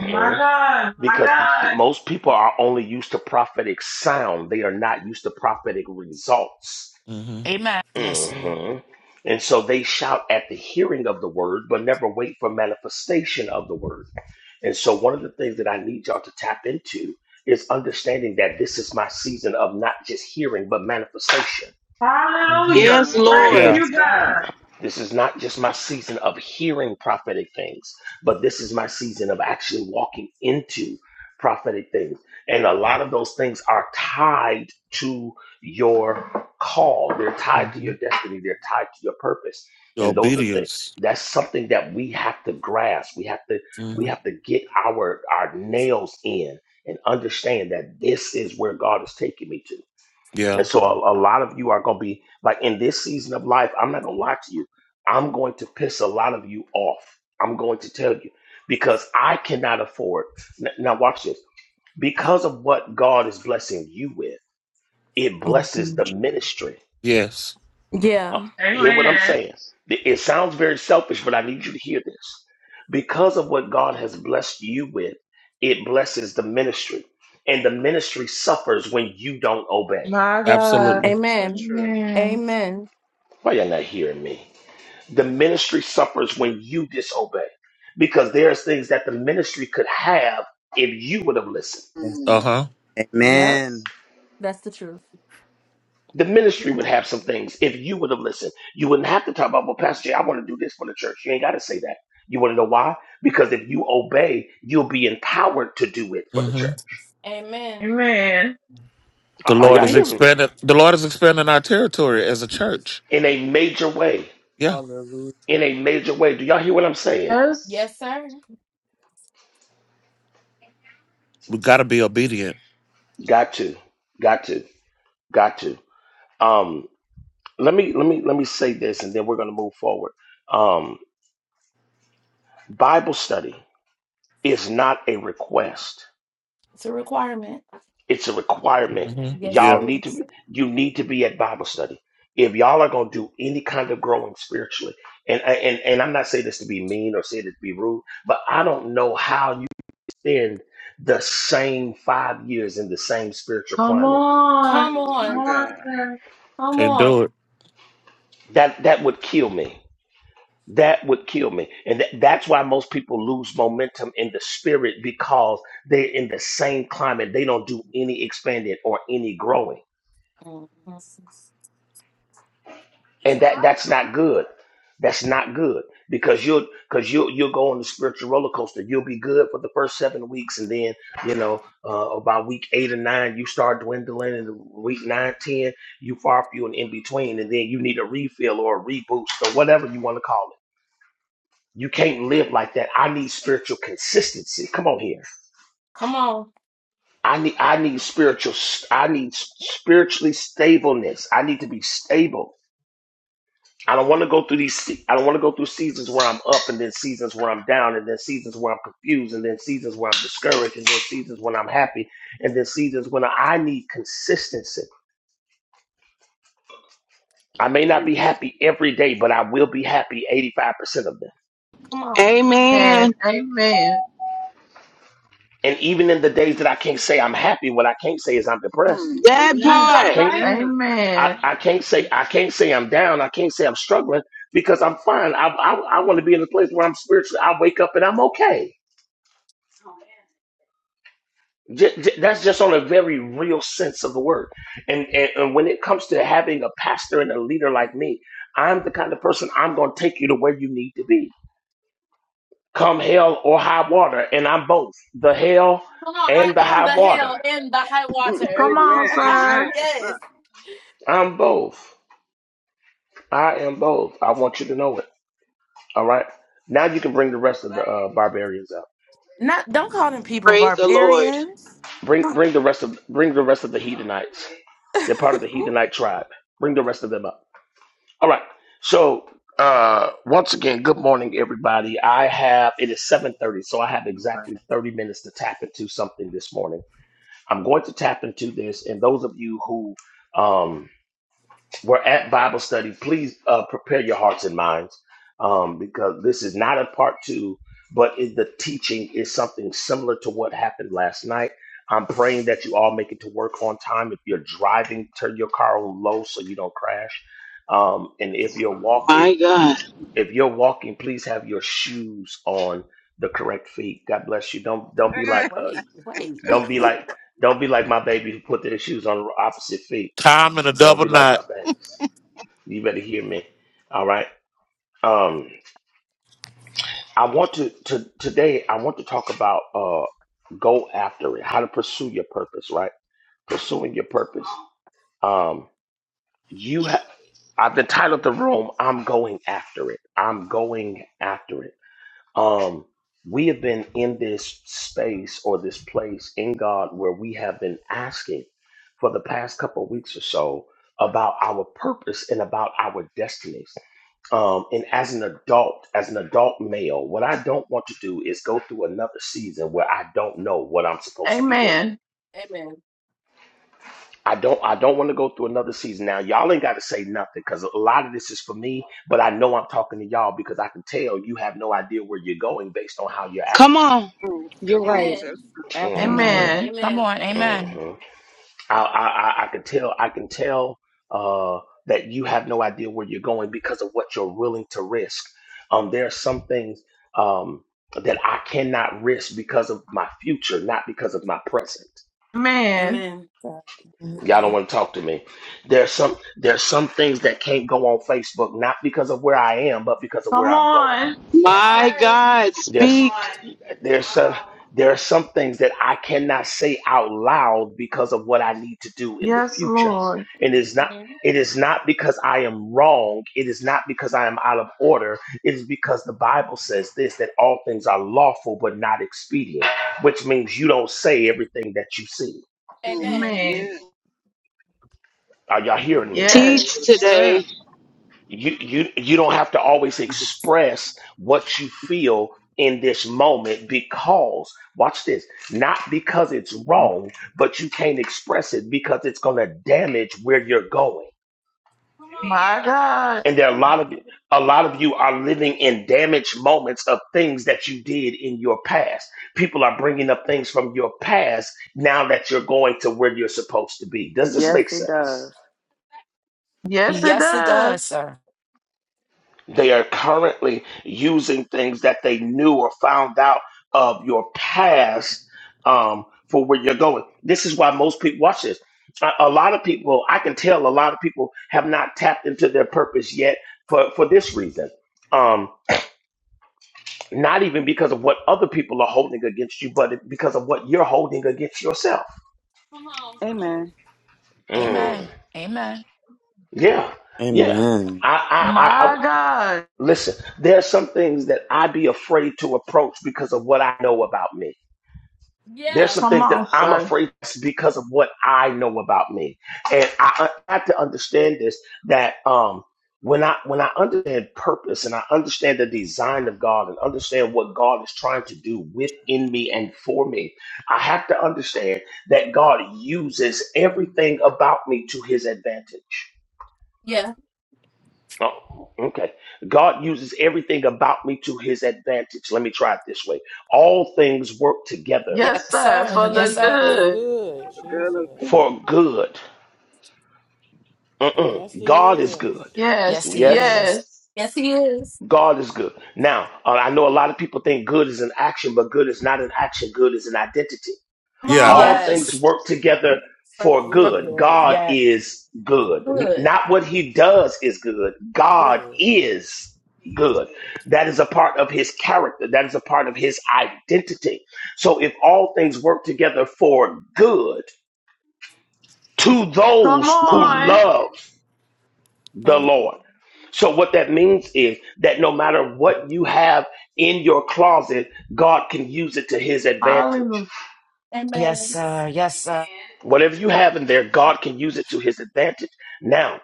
My God, my Because God, most people are only used to prophetic sound, they are not used to prophetic results. hmm Amen. Yes, Lord. hmm And so they shout at the hearing of the word, but never wait for manifestation of the word. And so, one of the things that I need y'all to tap into is understanding that this is my season of not just hearing, but manifestation. hmm Hallelujah! My yes, Lord, Thank Lord. Yeah. yes, you, God. God. This is not just my season of hearing prophetic things, but this is my season of actually walking into prophetic things. And a lot of those things are tied to your call, they're tied to hmm your destiny, they're tied to your purpose. The And those are things. obedience. That's something that we have to grasp. We have to we hmm have to get our our nails in and understand that this is where God is taking me to. Yeah. And so a, a lot of you are going to be like in this season of life, I'm not going to lie to you. I'm going to piss a lot of you off. I'm going to tell you because I cannot afford. n- Now, watch this. Because of what God is blessing you with, it blesses the ministry. Yes. Hear what I'm Amen. saying? It it sounds very selfish, but I need you to hear this. Because of what God has blessed you with, it blesses the ministry. And the ministry suffers when you don't obey. My God, Absolutely. So true. Amen, Why y'all not hearing me? The ministry suffers when you disobey because there's things that the ministry could have if you would have listened. Yes. Uh Mm, huh. yes. Amen. The ministry would have some things if you would have listened. You wouldn't have to talk about, well, Pastor Jay, I want to do this for the church. You ain't got to say that. You want to know why? Because if you obey, you'll be empowered to do it for the hmm church. Amen. Are The are Lord y'all is hearing me? expanding. The Lord is expanding our territory as a church. In a major way. Yeah, Hallelujah. In a major way. Do y'all hear what I'm saying? Yes. we got to be obedient. Got to. Got to. Got to. Um, let me let me let me say this and then we're gonna move forward. Um, Bible study is not a request. It's a requirement. hmm Yeah, Y'all need to be, you need to be at Bible study. If y'all are going to do any kind of growing spiritually, and, and and I'm not saying this to be mean or saying it to be rude, but I don't know how you spend the same five years in the same spiritual Come climate. on. Come My on, God. sir. can't do it. That that would kill me. that would kill me and that, that's why most people lose momentum in the spirit because they're in the same climate they don't do any expanding or any growing and that that's not good that's not good because you'll because you'll you'll go on the spiritual roller coaster you'll be good for the first seven weeks and then you know uh, about week eight or nine you start dwindling and week nine ten you far few and in between and then you need a refill or a reboost or whatever you want to call it You can't live like that. I need spiritual consistency. Come on here. I need I need spiritual I need spiritually stableness. I need to be stable. I don't want to go through these se- I don't want to go through seasons where I'm up and then seasons where I'm down and then seasons where I'm confused and then seasons where I'm discouraged and then seasons when I'm happy and then seasons when I need consistency. I may not be Amen. happy every day, but I will be happy 85% of them. And Amen. amen. And even in the days that I can't say I'm happy, what I can't say is I'm depressed. Mm, amen. That I part. can't. Amen. I, Amen. I can't say I can't say I'm down. I can't say I'm struggling because I'm fine. I I, I want to be in a place where I'm spiritually. I wake up and I'm okay. J- j- that's just on a very real sense of the word. And, and and when it comes to having a pastor and a leader like me, I'm the kind of person I'm going to take you to where you need to be. Come hell or high water, and I'm both the hell and the high water. Mm, Come on, Amen. Amen. sir. Ah, I'm both. I am both. I want you to know it. All right. Now you can bring the rest of the uh, barbarians out. Praise the Lord. Bring bring the rest of bring the rest of the Hedonites. They're part of the Hedonite tribe. Bring the rest of them up. All right. So uh once again, good morning everybody. I have it is 7:30, so I have exactly 30 minutes to tap into something this morning. I'm going to tap into this, and those of you who um we're at Bible study. Please uh, prepare your hearts and minds um, because this is not a part two, but it, the teaching is something similar to what happened last night. I'm praying that you all make it to work on time. If you're driving, turn your car on low so you don't crash. Um, and if you're walking, My God. if you're walking, please have your shoes on the correct feet. God bless you. Don't don't be ah. like uh, don't be like don't be like my baby who put their shoes on the opposite feet. Time and a Don't double be like knot. my babies. You better hear me. All right. Um, I want to, to today. I want to talk about uh, go after it. How to pursue your purpose. Right. Pursuing your purpose. Um, you have. I've entitled the room. I'm going after it. I'm going after it. Um, we have been in this space or this place in God where we have been asking for the past couple of weeks or so about our purpose and about our destinies Um, and as an adult, as an adult male, what I don't want to do is go through another season where I don't know what I'm supposed to be doing. Amen. I don't I don't want to go through another season. Now y'all ain't gotta say nothing because a lot of this is for me, but I know I'm talking to y'all because I can tell you have no idea where you're going based on how you're Come acting. on. Mm, You're Come on, right. church. Absolutely. Amen. hmm Amen. Come on. Amen. hmm I, I, I I can tell, I can tell uh, that you have no idea where you're going because of what you're willing to risk. Um, there are some things um, that I cannot risk because of my future, not because of my present. Amen. God. Y'all don't Mhm. want to talk to me. There's some there's some things that can't go on Facebook, not because of where I am, but because of where Come I'm going. on. My God. There's Speak. there's some there are some things that I cannot say out loud because of what I need to do in the Yes, future. Lord. And it's not it is not because I am wrong. It is not because I am out of order. It is because the Bible says this that all things are lawful but not expedient, which means you don't say everything that you see. Mm, Amen. amen. Are y'all hearing me? Mm, Teach Yes, Yes. sir. today. you you you don't have to always express what you feel in this moment because watch this not because it's wrong but you can't express it because it's going to damage where you're going My God. and there are a lot of a lot of you are living in damaged moments of things that you did in your past people are bringing up things from your past now that you're going to where you're supposed to be does this Yes, make it sense does. Yes, it Yes, it does. does, sir. They are currently using things that they knew or found out of your past um, for where you're going. This is why most people watch this. A, a lot of people, I can tell, a lot of people have not tapped into their purpose yet for for this reason. Um, not even because of what other people are holding against you, but it- because of what you're holding against yourself. Amen. Mm. Amen. Amen. Yeah, yeah. Amen. I, I, I, I My God. listen. There are some things that I be afraid to approach because of what I know about me. There's some Come things that on, I'm sir. afraid that's because of what I know about me, and I I have to understand this. That um, when I when I understand purpose and I understand the design of God and understand what God is trying to do within me and for me, I have to understand that God uses everything about me to His advantage. Oh, okay. God uses everything about me to His advantage. Let me try it this way: all things work together Yes, Yes, sir. sir. For Yes, the But sir. for the good. good, The good Jesus. of them. for good Mm-mm. Yes, God he is good. is. Yes, Yes. Yes, he Yes, he is. Yes. God is good. Now, uh, I know a lot of people think good is an action, but good is not an action. Good is an identity. Come Yeah. on. All things Yes. work together is. for good. Good. God Yes. is good. N- not what he does is good. God Good. is good. That is a part of his character. That is a part of his identity. So if all things work together for good to Come those who on. love the Lord. So what that means is that no matter what you have in your closet, God can use it to his advantage. Hallelujah. Yes, sir. Yes, sir. Whatever you have in there, God can use it to his advantage. Now,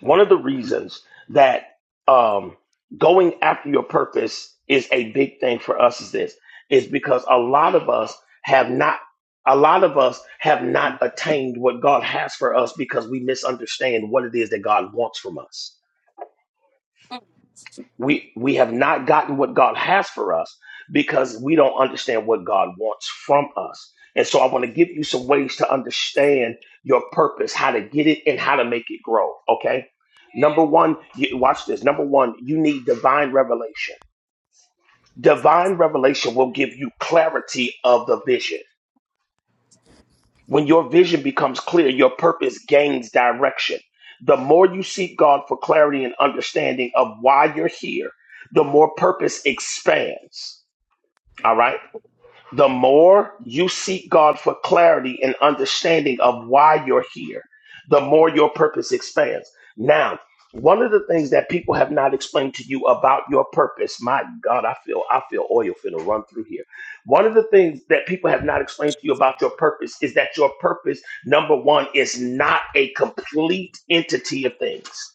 one of the reasons that um, going after your purpose is a big thing for us is this, is because a lot of us have not a lot of us have not attained what God has for us because we misunderstand what it is that God wants from us. we we have not gotten what God has for us because we don't understand what God wants from us. And so I want to give you some ways to understand your purpose, how to get it and how to make it grow, okay? Number 1, you, watch this. Number 1, you need divine revelation. Divine revelation will give you clarity of the vision. When your vision becomes clear, your purpose gains direction. The more you seek God for clarity and understanding of why you're here, the more purpose expands. All right the more you seek God for clarity and understanding of why you're here, the more your purpose expands. Now, one of the things that people have not explained to you about your purpose, my God, I feel I feel oil finna run through here. One of the things that people have not explained to you about your purpose is that your purpose, number one, is not a complete entity of things.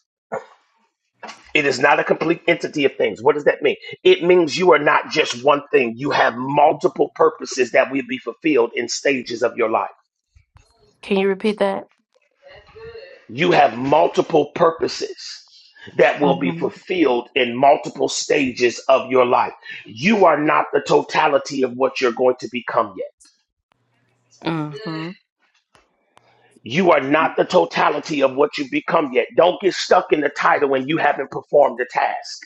It is not a complete entity of things. What does that mean? It means you are not just one thing. You have multiple purposes that will be fulfilled in stages of your life. You have multiple purposes that will be fulfilled in multiple stages of your life. You are not the totality of what you're going to become yet. You are not the totality of what you become yet. Don't get stuck in the title when you haven't performed the task.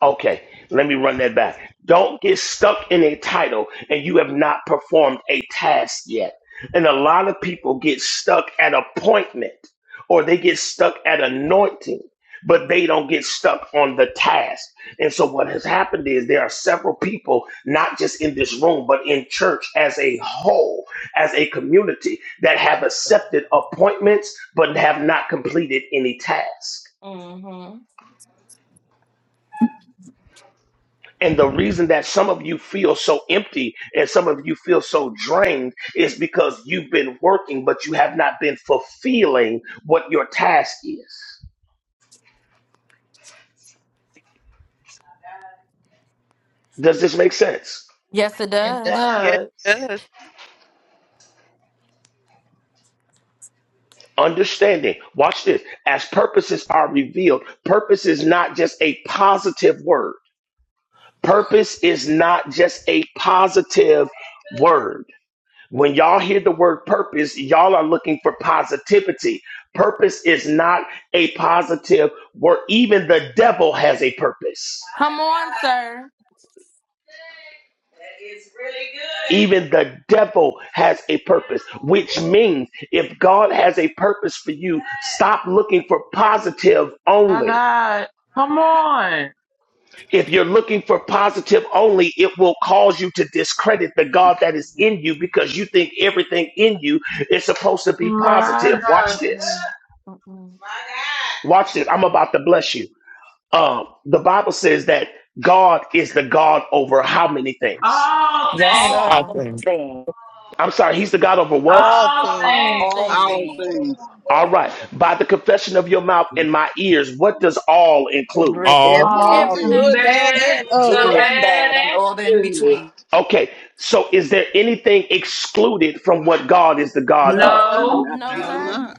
Okay, let me run that back. Don't get stuck in a title and you have not performed a task yet. And a lot of people get stuck at appointment or they get stuck at anointing, but they don't get stuck on the task. And so what has happened is there are several people, not just in this room, but in church as a whole, as a community that have accepted appointments, but have not completed any task. And the reason that some of you feel so empty and some of you feel so drained is because you've been working, but you have not been fulfilling what your task is. Does this make sense? It Yes, it does. Understanding, watch this. As purposes are revealed, purpose is not just a positive word. Purpose is not just a positive word. When y'all hear the word purpose, y'all are looking for positivity. Purpose is not a positive word. Even the devil has a purpose. Even the devil has a purpose, which means if God has a purpose for you, stop looking for positive My only. God. Come on. If you're looking for positive only, it will cause you to discredit the God that is in you because you think everything in you is supposed to be My positive. Watch God. this. Watch this. I'm about to bless you. Um, the Bible says that God is the God over how many things? All Yes, things. sir. I All think things. I'm sorry, He's the God over what? All All things, things. All All things. things. All right. By the confession of your mouth and my ears, what does all include? all Everything. All all the good, Everything. bad, bad, and Good the ugly. and bad and bad and all the in the good. between. Okay. So is there anything excluded from what God is the God No, of? No. Absolutely sir. No. not. putting No, up.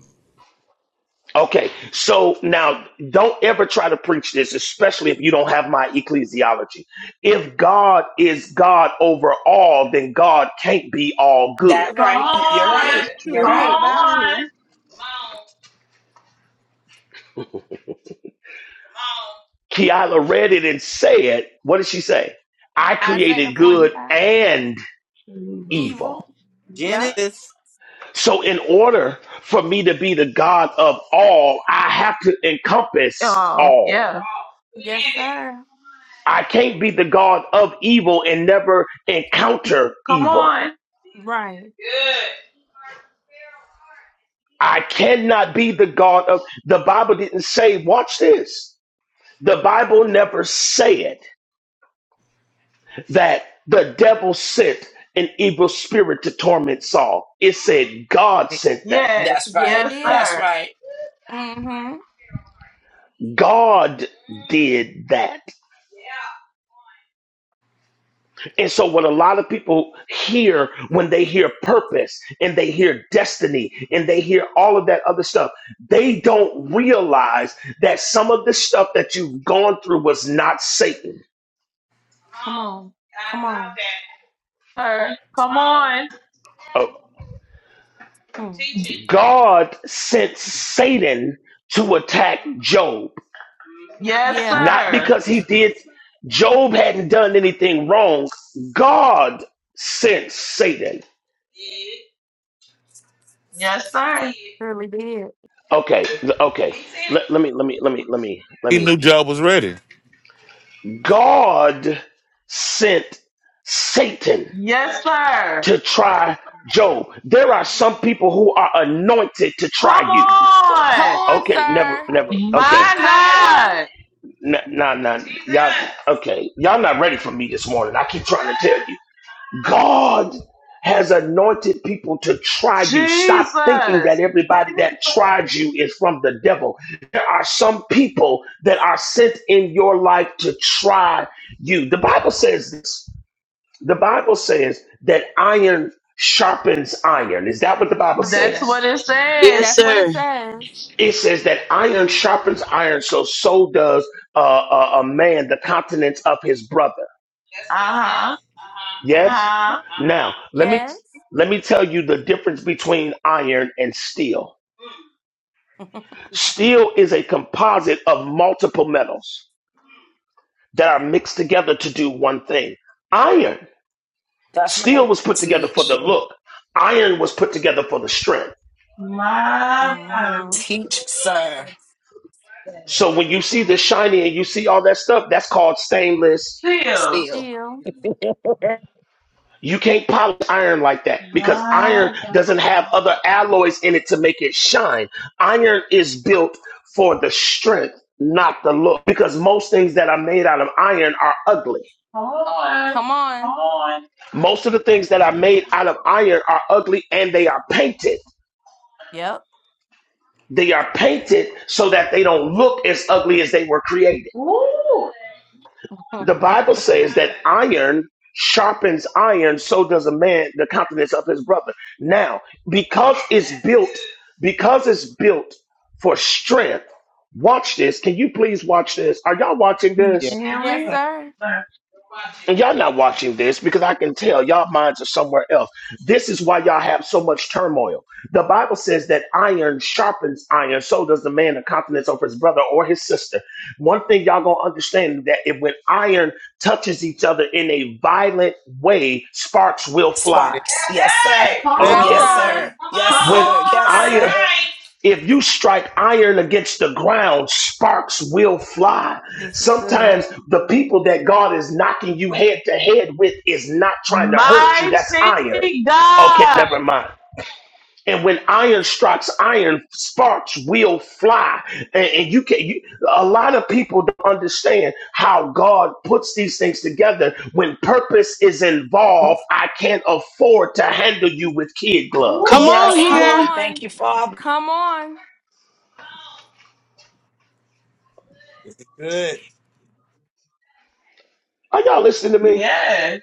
Okay. So now don't ever try to preach this, especially if you don't have my ecclesiology. If God is God over all, then God can't be all good. That Come right. You're on. right. That's You're Come true. right. That's on. true. Kiala read it and said, What did she say? I created good and evil. Genesis. So, in order for me to be the God of all, I have to encompass Oh, all. yeah. I can't be the God of evil and never encounter Come evil. on. I cannot be the God of the Bible didn't say, watch this. The Bible never said that the devil sent an evil spirit to torment Saul. It said God sent that. Yes. That's right. Yes, That's sir. right. God did that. And so, what a lot of people hear when they hear purpose and they hear destiny and they hear all of that other stuff, they don't realize that some of the stuff that you've gone through was not Satan. Sir. Come on. Oh, God sent Satan to attack Job, Yes, not sir. because he did, Job hadn't done anything wrong. God sent Satan. Yes, sir. Okay, th- okay. Let, let me, let me, let me, let me, let he me. knew Job was ready. God sent Satan Yes, sir. to try Job. There are some people who are anointed to try Come you. on. Okay, never, never. Okay, My God, nah, nah, nah. Y'all, okay, y'all not ready for me this morning. I keep trying to tell you. God has anointed people to try you. Stop thinking that Jesus. everybody that tries you is from the devil. There are some people that are sent in your life to try you. The Bible says this. The Bible says that iron sharpens iron. Is that what the Bible That's says? what it said. Yes, sir. it says that iron sharpens iron, so so does uh, a, a man the countenance of his brother. Uh huh. Uh Yes. huh. Now let me let me tell you the difference between iron and steel. Steel is a composite of multiple metals that are mixed together to do one thing. Iron, That's steel right. was put together for the Teach. look. Iron was put together for the strength. My God. Teach, sir. So when you see the shiny and you see all that stuff, that's called stainless Still. Steal. (laughs) You can't polish iron like that because iron My God. doesn't have other alloys in it to make it shine. Iron is built for the strength, not the look. Because most things that are made out of iron are ugly. Come on. Come on. Most of the things that are made out of iron are ugly and they are painted. They are painted so that they don't look as ugly as they were created. Ooh. The Bible says that iron sharpens iron, so does a man the countenance of his brother. Now, because it's built, because it's built for strength, watch this. Can you please watch this? Are y'all watching Yeah. this? Here we go. And y'all not watching this because I can tell y'all minds are somewhere else. This is why y'all have so much turmoil. The Bible says that iron sharpens iron, so does the man of confidence over his brother or his sister. One thing y'all gonna understand is that if when iron touches each other in a violent way, sparks will fly. Yes, Sparks. Yes, it sir. Come Will. Yes, Okay. on. sir. Yes, Come When sir. Yes, on. iron, sir. if you strike iron against the ground, sparks will fly. Sometimes the people that God is knocking you head to head with is not trying to hurt you. That's Mighty iron. Okay, God. never mind. And when iron strikes iron, sparks will fly. And, and you can. You, a lot of people don't understand how God puts these things together. When purpose is involved, I can't afford to handle you with kid Ooh. Come gloves. on Yes, here. Lord. Thank you, Father. Good. Are y'all listening to me? Yes.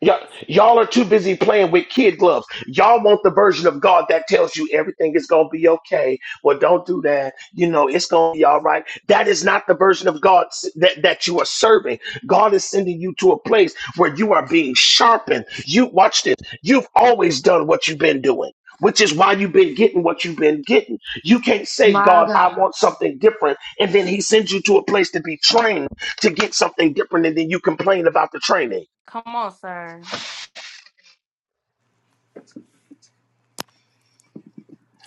Y'all, y'all are too busy playing with kid gloves. Y'all want the version of God that tells you everything is going to be okay. Well, don't do that. You know, it's going to be all right. That is not the version of God s- that, that you are serving. God is sending you to a place where you are being sharpened. You watch this. You've always done what you've been doing. Which is why you've been getting what you've been getting. You can't say, My God, I God. want something different. And then He sends you to a place to be trained to get something different. And then you complain about the training.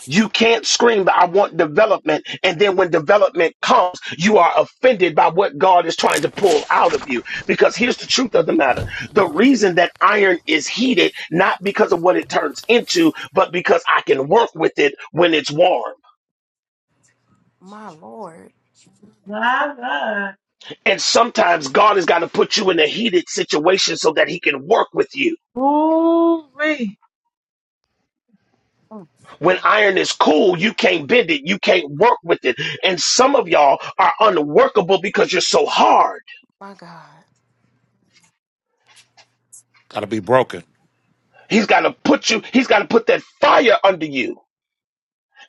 You can't scream that I want development, and then when development comes, you are offended by what God is trying to pull out of you. Because here's the truth of the matter the reason that iron is heated, not because of what it turns into, but because I can work with it when it's warm. My God. And sometimes God has got to put you in a heated situation so that He can work with you. Ooh. When iron is cool, you can't bend it, you can't work with it. And some of y'all are unworkable because you're so hard. Gotta be broken. He's got to put you, he's got to put that fire under you.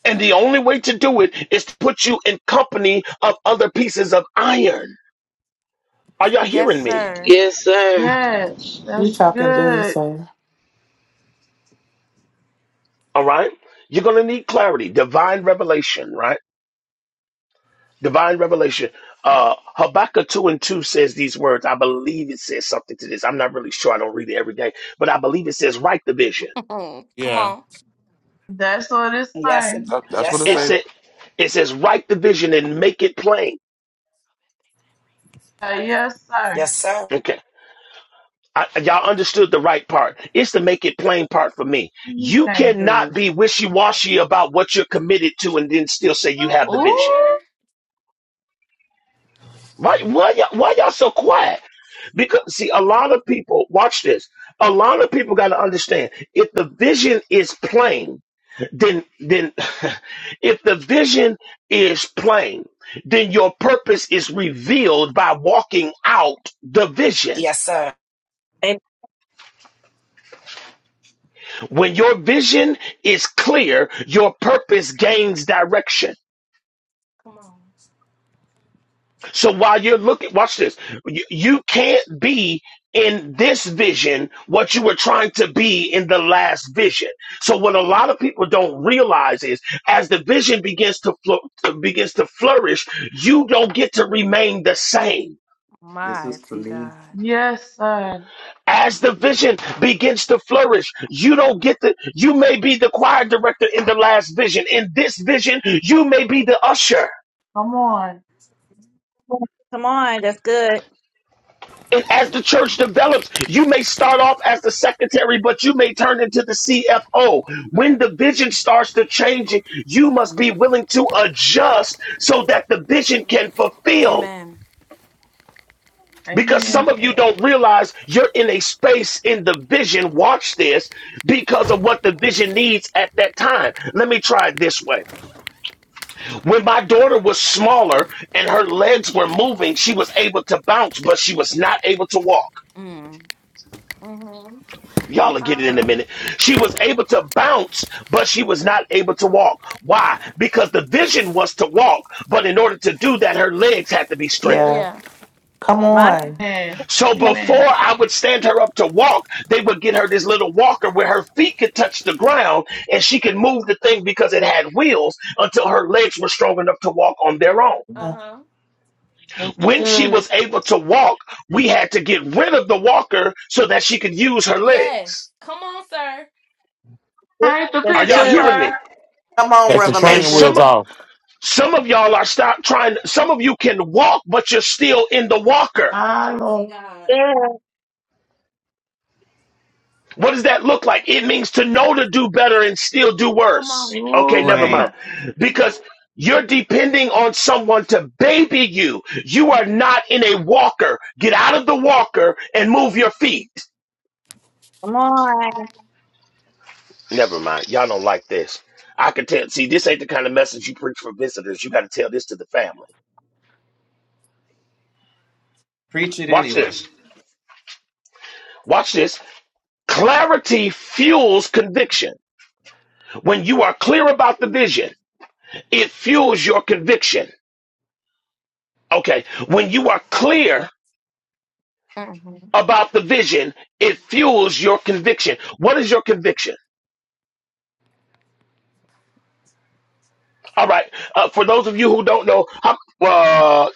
And the only way to do it is to put you in company of other pieces of iron. Are y'all hearing me? Yes, sir. Yes, You that's talking good, good. sir. All right. You're going to need clarity, divine revelation, right? Divine revelation. Uh, Habakkuk 2 and 2 says these words. I believe it says something to this. I'm not really sure. I don't read it every day, but I believe it says, write the vision. Yeah. That's what it's Yes, saying. and That, that's what yes, it It, sir. says. said, it says, write the vision and make it plain. Uh, yes, sir. Yes, sir. Okay I, y'all understood the right part. It's to make it plain part for me. You You can't do cannot it. be wishy washy about what you're committed to and then still say you have the vision. Ooh, Why, why, y'all, why y'all so quiet? Because, see, a lot of people, watch this. A lot of people got to understand if the vision is plain, then, then, (laughs) if the vision is plain, then your purpose is revealed by walking out the vision. Yes, sir. When your vision is clear, your purpose gains direction. So while you're looking, watch this. You, you can't be in this vision what you were trying to be in the last vision. So what a lot of people don't realize is as the vision begins to flo- to- begins to flourish, you don't get to remain the same. This was for me. yes, sir. As the vision begins to flourish, you don't get the, you may be the choir director in the last vision. In this vision, you may be the usher. Come on. Come on. That's good. And as the church develops, you may start off as the secretary, but you may turn into the CFO. When the vision starts to change, you must be willing to adjust so that the vision can fulfill. Because Amen. some of you don't realize you're in a space in the vision, watch this, because of what the vision needs at that time. Let me try it this way. When my daughter was smaller and her legs were moving, she was able to bounce, but she was not able to walk. Y'all will get it in a minute. She was able to bounce, but she was not able to walk. Why? Because the vision was to walk, but in order to do that, her legs had to be strengthened. Yeah. Come My on. Amen. So make it before Amen. I would stand her up to walk, they would get her this little walker where her feet could touch the ground and she could move the thing because it had wheels until her legs were strong enough to walk on their own. Uh, That's When she good. was able to walk, we had to get rid of the walker so that she could use her legs. good. Paint the That's Are y'all picture, hearing good. me? sir. Come on, Take the And training some Revelation. of wheels off. Some of y'all are stop trying. Some of you can walk, but you're still in the walker. Ah, Lord. Yeah. What does that look like? It means to know to do better and still do worse. Okay, Ooh, never Mm. mind. wait. Because you're depending on someone to baby you. You are not in a walker. Get out of the walker and move your feet. Come on. Never mind. Y'all don't like this. I can tell. See, this ain't the kind of message you preach for visitors. You got to tell this to the family. Preach it Watch anyway. this. Watch this. Clarity fuels conviction. When you are clear about the vision, it fuels your conviction. Okay. When you are clear about the vision, it fuels your conviction. What is your conviction? All right. Uh, for those of you who don't know, how, uh,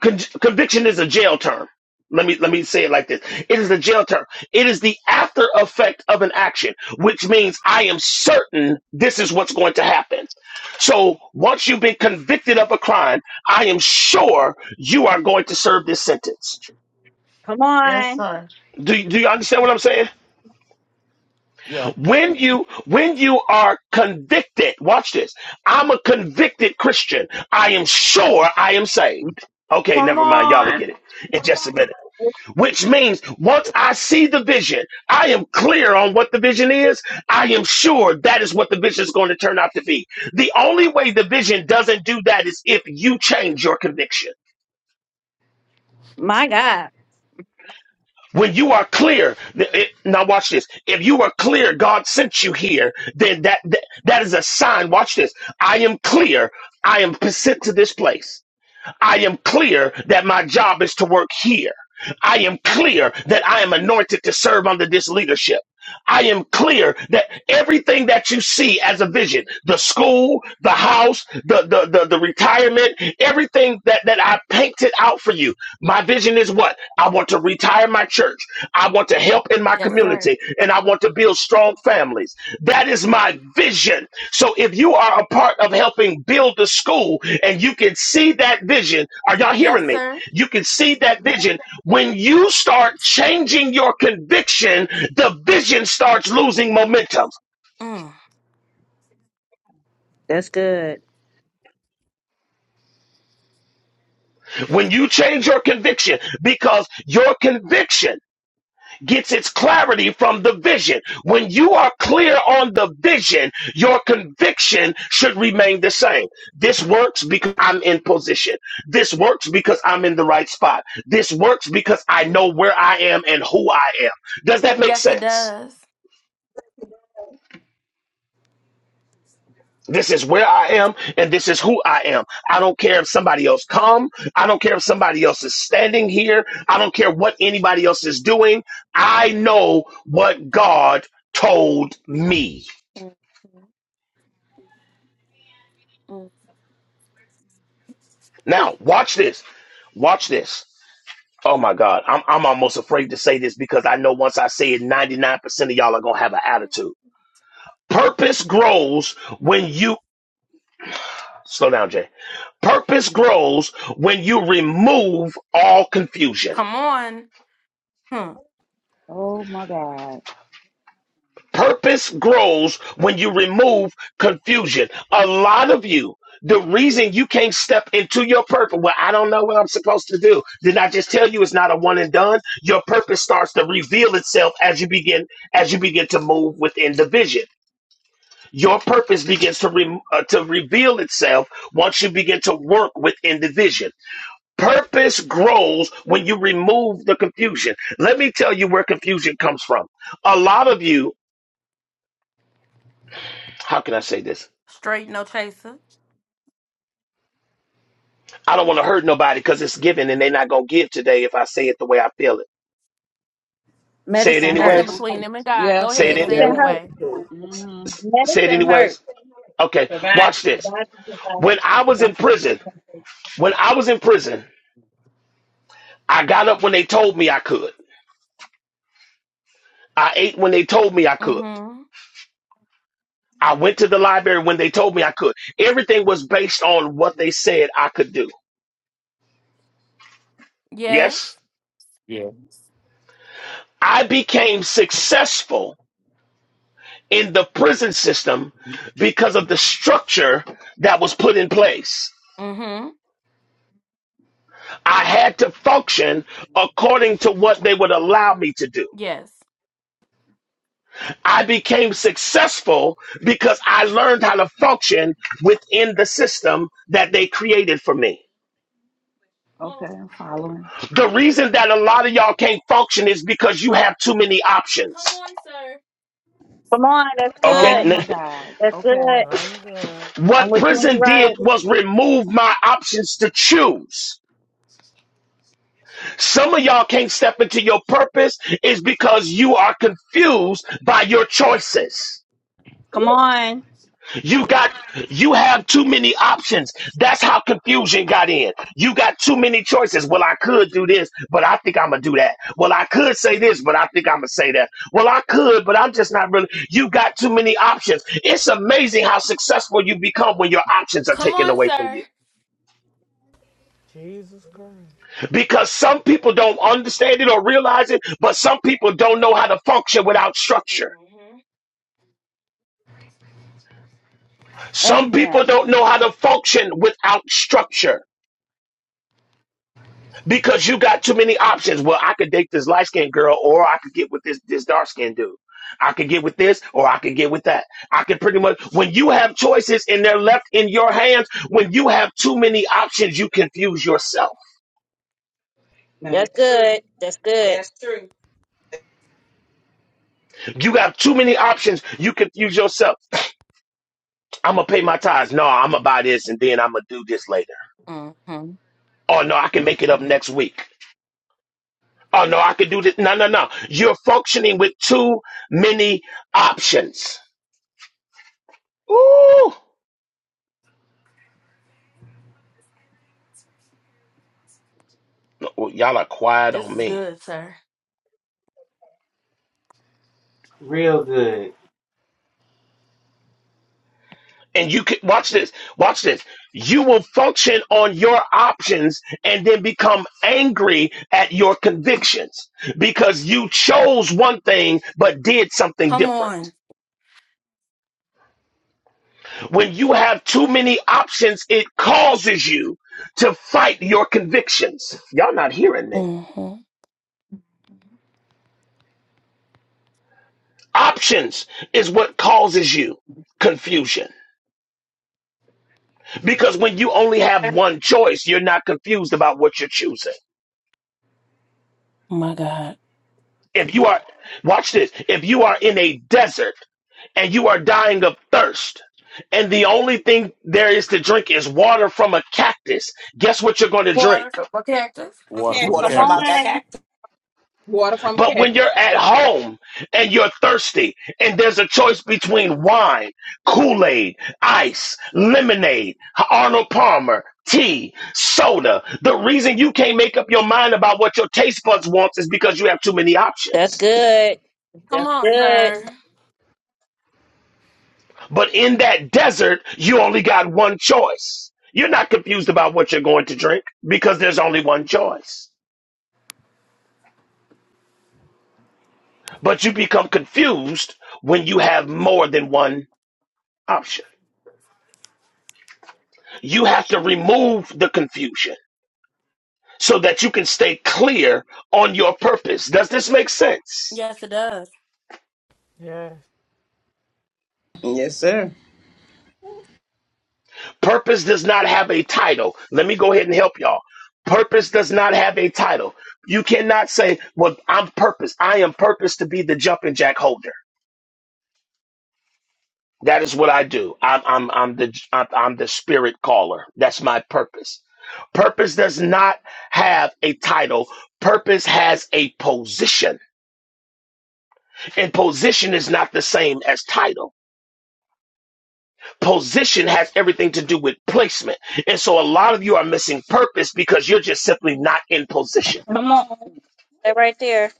con- conviction is a jail term. Let me let me say it like this: It is a jail term. It is the after effect of an action, which means I am certain this is what's going to happen. So once you've been convicted of a crime, I am sure you are going to serve this sentence. Come Yes, on. sir. Do do you understand what I'm saying? Yeah. When you when you are convicted, watch this. I'm a convicted Christian. I am sure I am saved. Okay, Come never mind. Y'all will on. get it in just a minute. Which means once I see the vision, I am clear on what the vision is. I am sure that is what the vision is going to turn out to be. The only way the vision doesn't do that is if you change your conviction. My God. When you are clear, it- now watch this. If you are clear, God sent you here, then that, that, that is a sign. Watch this. I am clear. I am sent to this place. I am clear that my job is to work here. I am clear that I am anointed to serve under this leadership. I am clear that everything that you see as a vision, the school, the house, the, the, the, the retirement, everything that, that I painted out for you, my vision is what? I want to retire my church. I want to help in my community and I want to build strong families. That is my vision. So if you are a part of helping build the school and you can see that vision, are y'all hearing me? You can see that vision. When you start changing your conviction, the vision starts losing momentum. That's good. When you change your conviction, because your conviction gets its clarity from the vision. When you are clear on the vision, your conviction should remain the same. This works because I'm in position. This works because I'm in the right spot. This works because I know where I am and who I am. Does that make sense? This is where I am and this is who I am. I don't care if somebody else come. I don't care if somebody else is standing here. I don't care what anybody else is doing. I know what God told me. Now, watch this. Watch this. Oh my God. I'm, I'm almost afraid to say this because I know once I say it, 99% of y'all are going to have an attitude. Purpose grows when you, slow down, Jay. Purpose grows when you remove all confusion. Oh my God. Purpose grows when you remove confusion. A lot of you, the reason you can't step into your purpose, well, I don't know what I'm supposed to do. Did I just tell you it's not a one and done? Your purpose starts to reveal itself as you begin as you begin to move within the vision. Your purpose begins to re, uh, to reveal itself once you begin to work within the vision. Purpose grows when you remove the confusion. Let me tell you where confusion comes from. A lot of you, how can I say this? I don't want to hurt nobody because it's given and they're not gonna give today if I say it the way I feel it. Say it Medicine hurt. anyways. Yeah, Say say it it in, Gotta Medicine anyway. tell the truth. hurt. hmm say it Medicine hurt. anyways. Okay, Provide. watch this. God can When I was in provide. prison, when I was in prison, I got up when they told me I could. I ate when they told me I could. I went to the library when they told me I could. Everything was based on what they said I could do. Yes? Yeah. I became successful in the prison system because of the structure that was put in place. I had to function according to what they would allow me to do. I became successful because I learned how to function within the system that they created for me. Okay, I'm following. The reason that a lot of y'all can't function is because you have too many options. Come on. That's Okay, Oh good. my n- God. That's Okay. good. I'm good. I'm what with you when you're prison did right. was remove my options to choose. Some of y'all can't step into your purpose is because you are confused by your choices. Come on. You got you have too many options. That's how confusion got in. You got too many choices. Well, I could do this, but I think I'm gonna do that. Well, I could say this, but I think I'm gonna say that. Well, I could, but I'm just not really. You got too many options. It's amazing how successful you become when your options are taken away from you. Jesus Christ. Because some people don't understand it or realize it, but some people don't know how to function without structure. Some people Amen. don't know how to function without structure. because you got too many options. Well, I could date this light skinned girl, or I could get with this this dark skinned dude. I could get with this, or I could get with that. I could pretty much when you have choices and they're left in your hands. When you have too many options, you confuse yourself. That's good. That's good. That's true. You have too many options, you confuse yourself. I'm gonna pay my tithes. No, I'm gonna buy this, and then I'm gonna do this later. Oh no, I can make it up next week. Oh no, I can do this. No, no, no. You're functioning with too many options. Ooh. Well, y'all are quiet on me. Real good. And you can watch this. Watch this. You will function on your options and then become angry at your convictions because you chose one thing but did something different. When you have too many options, it causes you to fight your convictions. Y'all not hearing me. Options is what causes you confusion because when you only have one choice, you're not confused about what you're choosing. If you are, watch this, if you are in a desert and you are dying of thirst, and the only thing there is to drink is water from a cactus, guess what you're going to drink? Water Okay. from the Water Come from out that cactus. on. cactus. Water from a But cat. when you're at home and you're thirsty, and there's a choice between wine, Kool Aid, ice, lemonade, Arnold Palmer, tea, soda, the reason you can't make up your mind about what your taste buds wants is because you have too many That's options. good. That's good. But in that desert, you only got one choice. You're not confused about what you're going to drink because there's only one choice. But you become confused when you have more than one option. You have to remove the confusion so that you can stay clear on your purpose. Does this make sense? Yes, Yes, sir. Purpose does not have a title. Let me go ahead and help y'all. Purpose does not have a title. You cannot say, Well, I'm purpose. I am purpose to be the jumping jack holder. That is what I do. I'm I'm I'm the I'm I'm the spirit caller. That's my purpose. Purpose does not have a title. Purpose has a position. And position is not the same as title. Position has everything to do with placement. And so a lot of you are missing purpose because you're just simply not in position. Come on. Stay right there.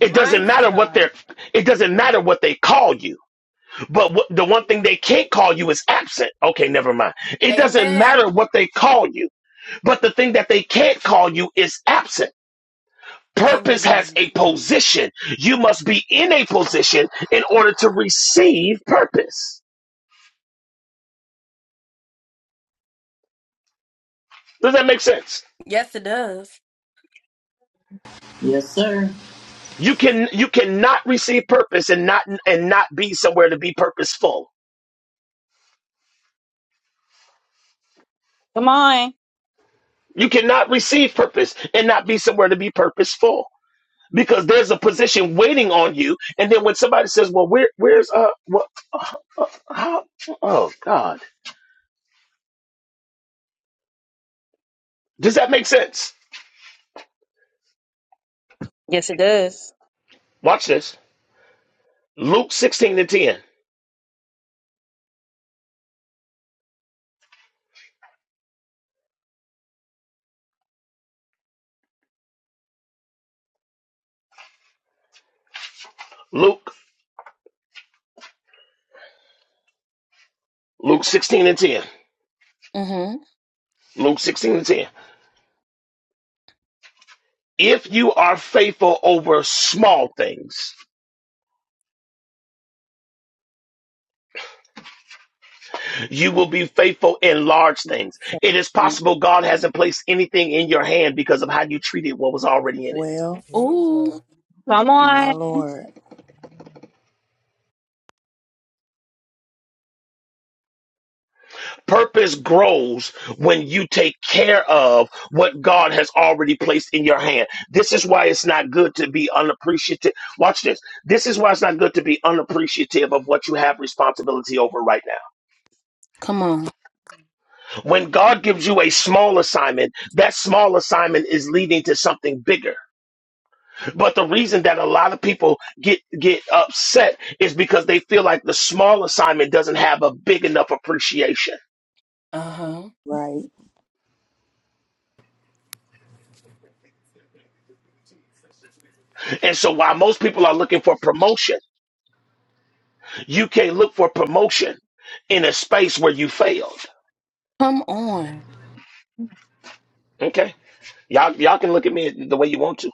It doesn't matter what they're it doesn't matter what they call you. But what, the one thing they can't call you is absent. Okay, never mind. It doesn't matter what they call you. But the thing that they can't call you is absent. Purpose has a position. You must be in a position in order to receive purpose. Does that make sense? Yes, sir. You can you cannot receive purpose and not and not be somewhere to be purposeful. Come on. You cannot receive purpose and not be somewhere to be purposeful because there's a position waiting on you. And then when somebody says, "Well, where where's uh what how oh God," does that make sense? Yes, it does. Watch this. Luke sixteen and ten. Luke Luke 16 and 10. Luke 16 and 10. If you are faithful over small things, you will be faithful in large things. It is Mm. possible God hasn't placed anything in your hand because of how you treated what was already in it. Well, Jesus. Come my on. Lord. Purpose grows when you take care of what God has already placed in your hand. This is why it's not good to be unappreciative. Watch this. This is why it's not good to be unappreciative of what you have responsibility over right now. When God gives you a small assignment, that small assignment is leading to something bigger. But the reason that a lot of people get get upset is because they feel like the small assignment doesn't have a big enough appreciation. Right. And so while most people are looking for promotion, you can't look for promotion in a space where you failed. Okay? Y'all y'all can look at me the way you want to.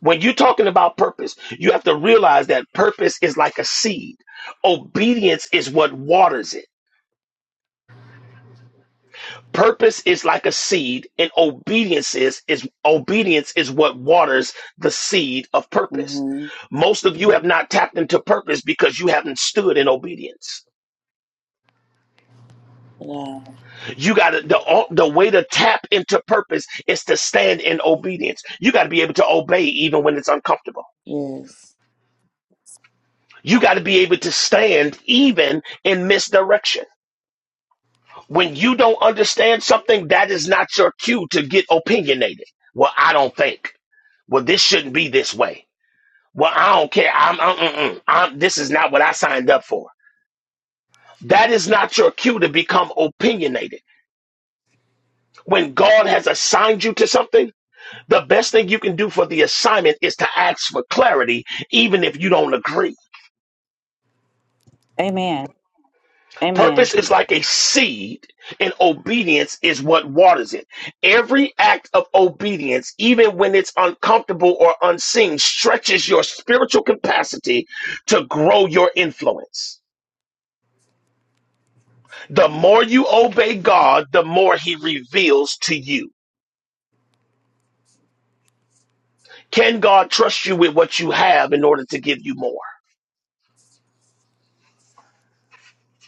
When you're talking about purpose, you have to realize that purpose is like a seed. Obedience is what waters it. Purpose is like a seed, and obedience is, is obedience is what waters the seed of purpose. Mm-hmm. Most of you have not tapped into purpose because you haven't stood in obedience. Wow. You got to the the way to tap into purpose is to stand in obedience. You got to be able to obey even when it's uncomfortable. Yes. You got to be able to stand even in misdirection. When you don't understand something, that is not your cue to get opinionated. Well, I don't think. Well, this shouldn't be this way. Well, I don't care. I'm, I'm, mm-mm. I'm this is not what I signed up for. That is not your cue to become opinionated. When God has assigned you to something, the best thing you can do for the assignment is to ask for clarity, even if you don't agree. Amen. Amen. Purpose is like a seed, and obedience is what waters it. Every act of obedience, even when it's uncomfortable or unseen, stretches your spiritual capacity to grow your influence. The more you obey God, the more he reveals to you. Can God trust you with what you have in order to give you more?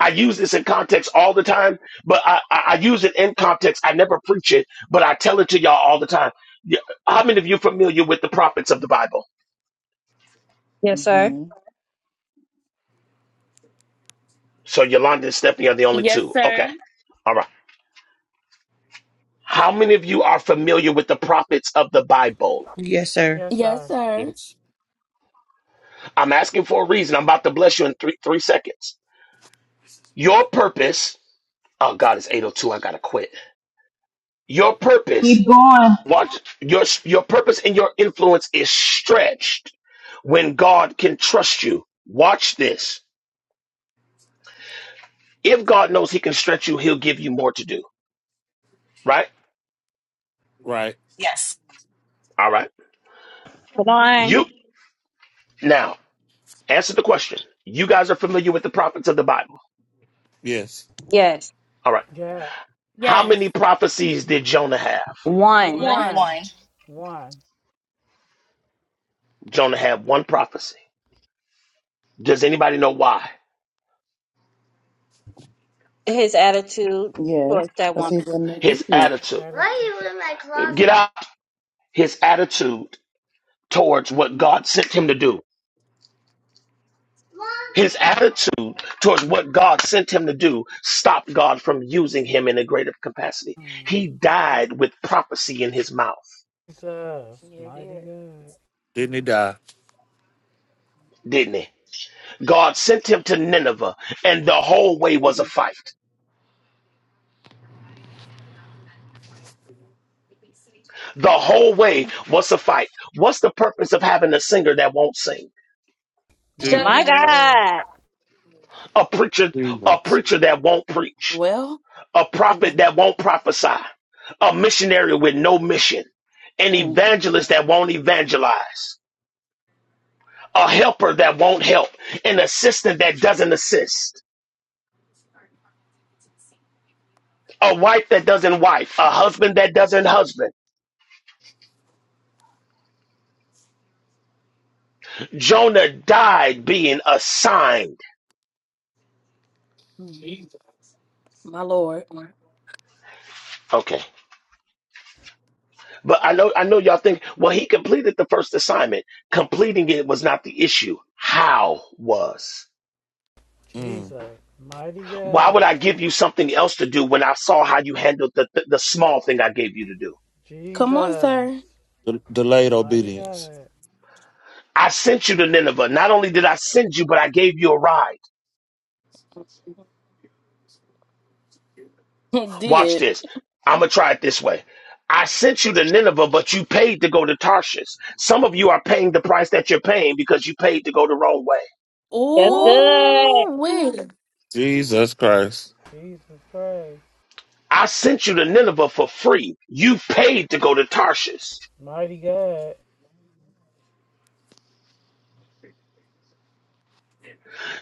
I use this in context all the time, but I, I, I use it in context. I never preach it, but I tell it to y'all all the time. Y- How many of you familiar with the prophets of the Bible? Yes, sir. Mm-hmm. So Yolanda and Stephanie are the only two. Okay. All right. How many of you are familiar with the prophets of the Bible? Yes, sir. Yes, sir. Yes. I'm asking for a reason. I'm about to bless you in three, three seconds. Your purpose. Oh, God, it's 802. I got to quit. Your purpose, Keep going. watch your your purpose and your influence is stretched when God can trust you. Watch this. If God knows he can stretch you, he'll give you more to do. Right? Right. Yes. All right. Come on. You now answer the question. You guys are familiar with the prophets of the Bible. Yes. Yes. All right. Yes. How many prophecies did Jonah have? One. One. One. Wine. One. Jonah had one prophecy. Does anybody know why? His attitude Yes. towards that Because woman. he wasn't His obedient. attitude. Thirty-two. Get out. His attitude towards what God sent him to do His attitude towards what God sent him to do stopped God from using him in a greater capacity. He Mm. died with prophecy in his mouth, Jesus. Mighty God. Didn't he die? didn't he? God sent him to Nineveh, and the whole way was a fight. The whole way was a fight. What's the purpose of having a singer that won't sing? Shut- Jesus. My Mighty Christ. God. God. A preacher, a Jesus. preacher that won't preach, a prophet that won't prophesy, a missionary with no mission, an evangelist that won't evangelize. a helper that won't help, an assistant that doesn't assist, a wife that doesn't wife, a husband that doesn't husband. Jonah died being assigned. Okay. But I know I know y'all think, well, he completed the first assignment. Completing it was not the issue. How was. Mm. Jesus. Mighty Why would God. I give you something else to do when I saw how you handled the, the, the small thing I gave you to do? Jesus. De- delayed Mighty obedience. God. I sent you to Nineveh. Not only did I send you, but I gave you a ride. Watch this. I'm going to try it this way. I sent you to Nineveh, but you paid to go to Tarshish. Some of you are paying the price that you're paying because you paid to go the wrong way. That's good. Jesus Christ. (laughs) Jesus Christ. I sent you to Nineveh for free. You paid to go to Tarshish. Mighty God.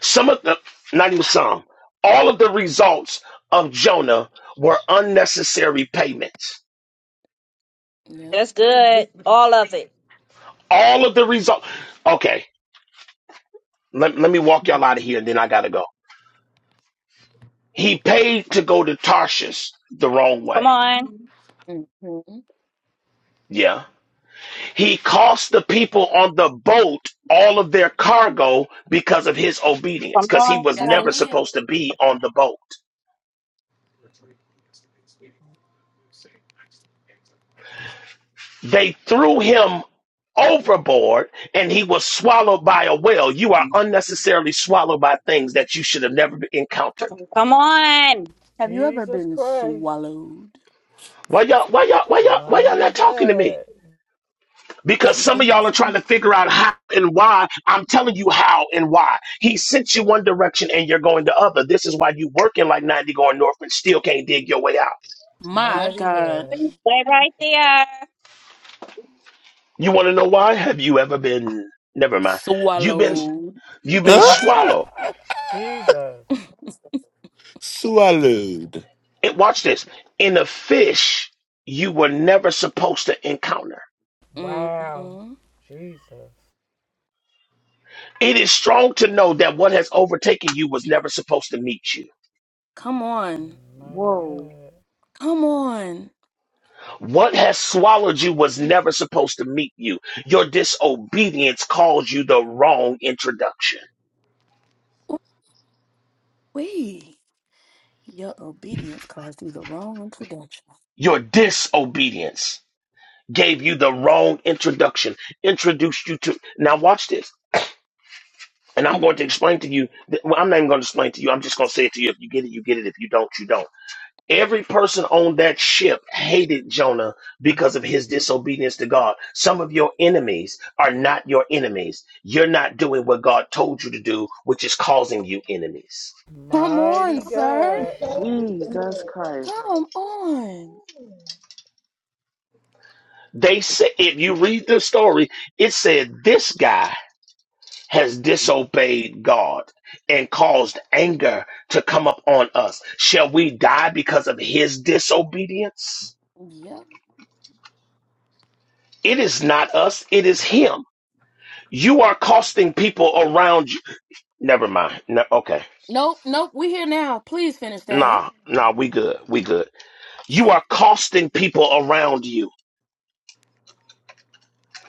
Some of the, not even some, all of the results of Jonah were unnecessary payments. That's good. All of it. All of the results. Okay, let, let me walk y'all out of here and then I got to go. He paid to go to Tarshish the wrong Come way. on. Yeah. He cost the people on the boat all of their cargo because of his obedience, Come because he was never on. supposed to be on the boat. They threw him overboard and he was swallowed by a whale. You are unnecessarily swallowed by things that you should have never encountered. Come on. Jesus Christ, Why y'all, why y'all, why y'all, why y'all mighty not talking to me? God, Because some of y'all are trying to figure out how and why. I'm telling you how and why. He sent you one direction and you're going the other. This is why you working like 90 going north and still can't dig your way out. mighty God. Stay right there. You want to know why? Have you ever been? Never mind. You've been you've been Ah! swallowed. Jesus, Swallowed. And watch this. In a fish, you were never supposed to encounter. wow. Jesus, It is strong to know that what has overtaken you was never supposed to meet you. mighty Whoa. God, What has swallowed you was never supposed to meet you. Your disobedience caused you the wrong introduction. Your disobedience gave you the wrong introduction, introduced you to. Now, watch this And I'm going to explain to you, that, well, I'm not even going to explain to you. I'm just going to say it to you. If you get it, you get it. If you don't, you don't. Every person on that ship hated Jonah because of his disobedience to God. Some of your enemies are not your enemies. You're not doing what God told you to do, which is causing you enemies. mighty God. Jesus Christ. They say, if you read the story, it said this guy has disobeyed God and caused anger to come up on us. Shall we die because of his disobedience? It is not us, it is him. You are costing people around you. Never mind. No, okay. Nah, nah, we good. We good. You are costing people around you.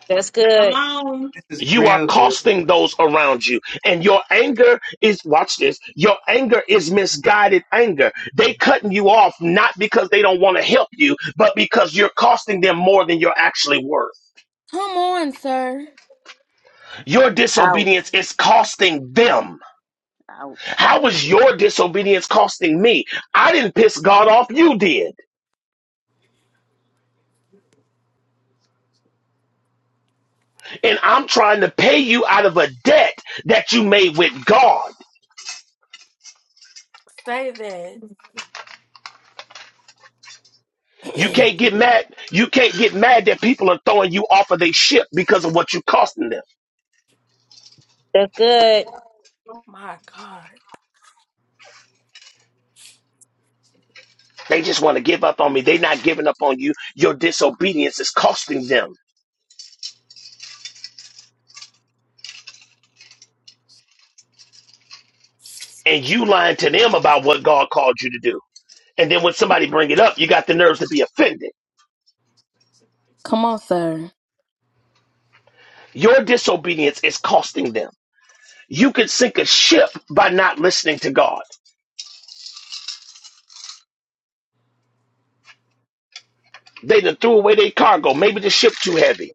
That's good. Come on. This is You are real good. costing those around you. And your anger is, watch this, your anger is misguided anger. They cutting you off not because they don't want to help you, but because you're costing them more than you're actually worth. Your Ouch. disobedience is costing them. Ouch. How was your disobedience costing me? I didn't piss God off, you did. And I'm trying to pay you out of a debt that you made with God. You can't get mad. You can't get mad that people are throwing you off of their ship because of what you are costing them. That's good. They just want to give up on me. They're not giving up on you. Your disobedience is costing them. And you lying to them about what God called you to do. And then when somebody bring it up, you got the nerves to be offended. Your disobedience is costing them. You could sink a ship by not listening to God. They done threw away their cargo. Maybe the ship too heavy.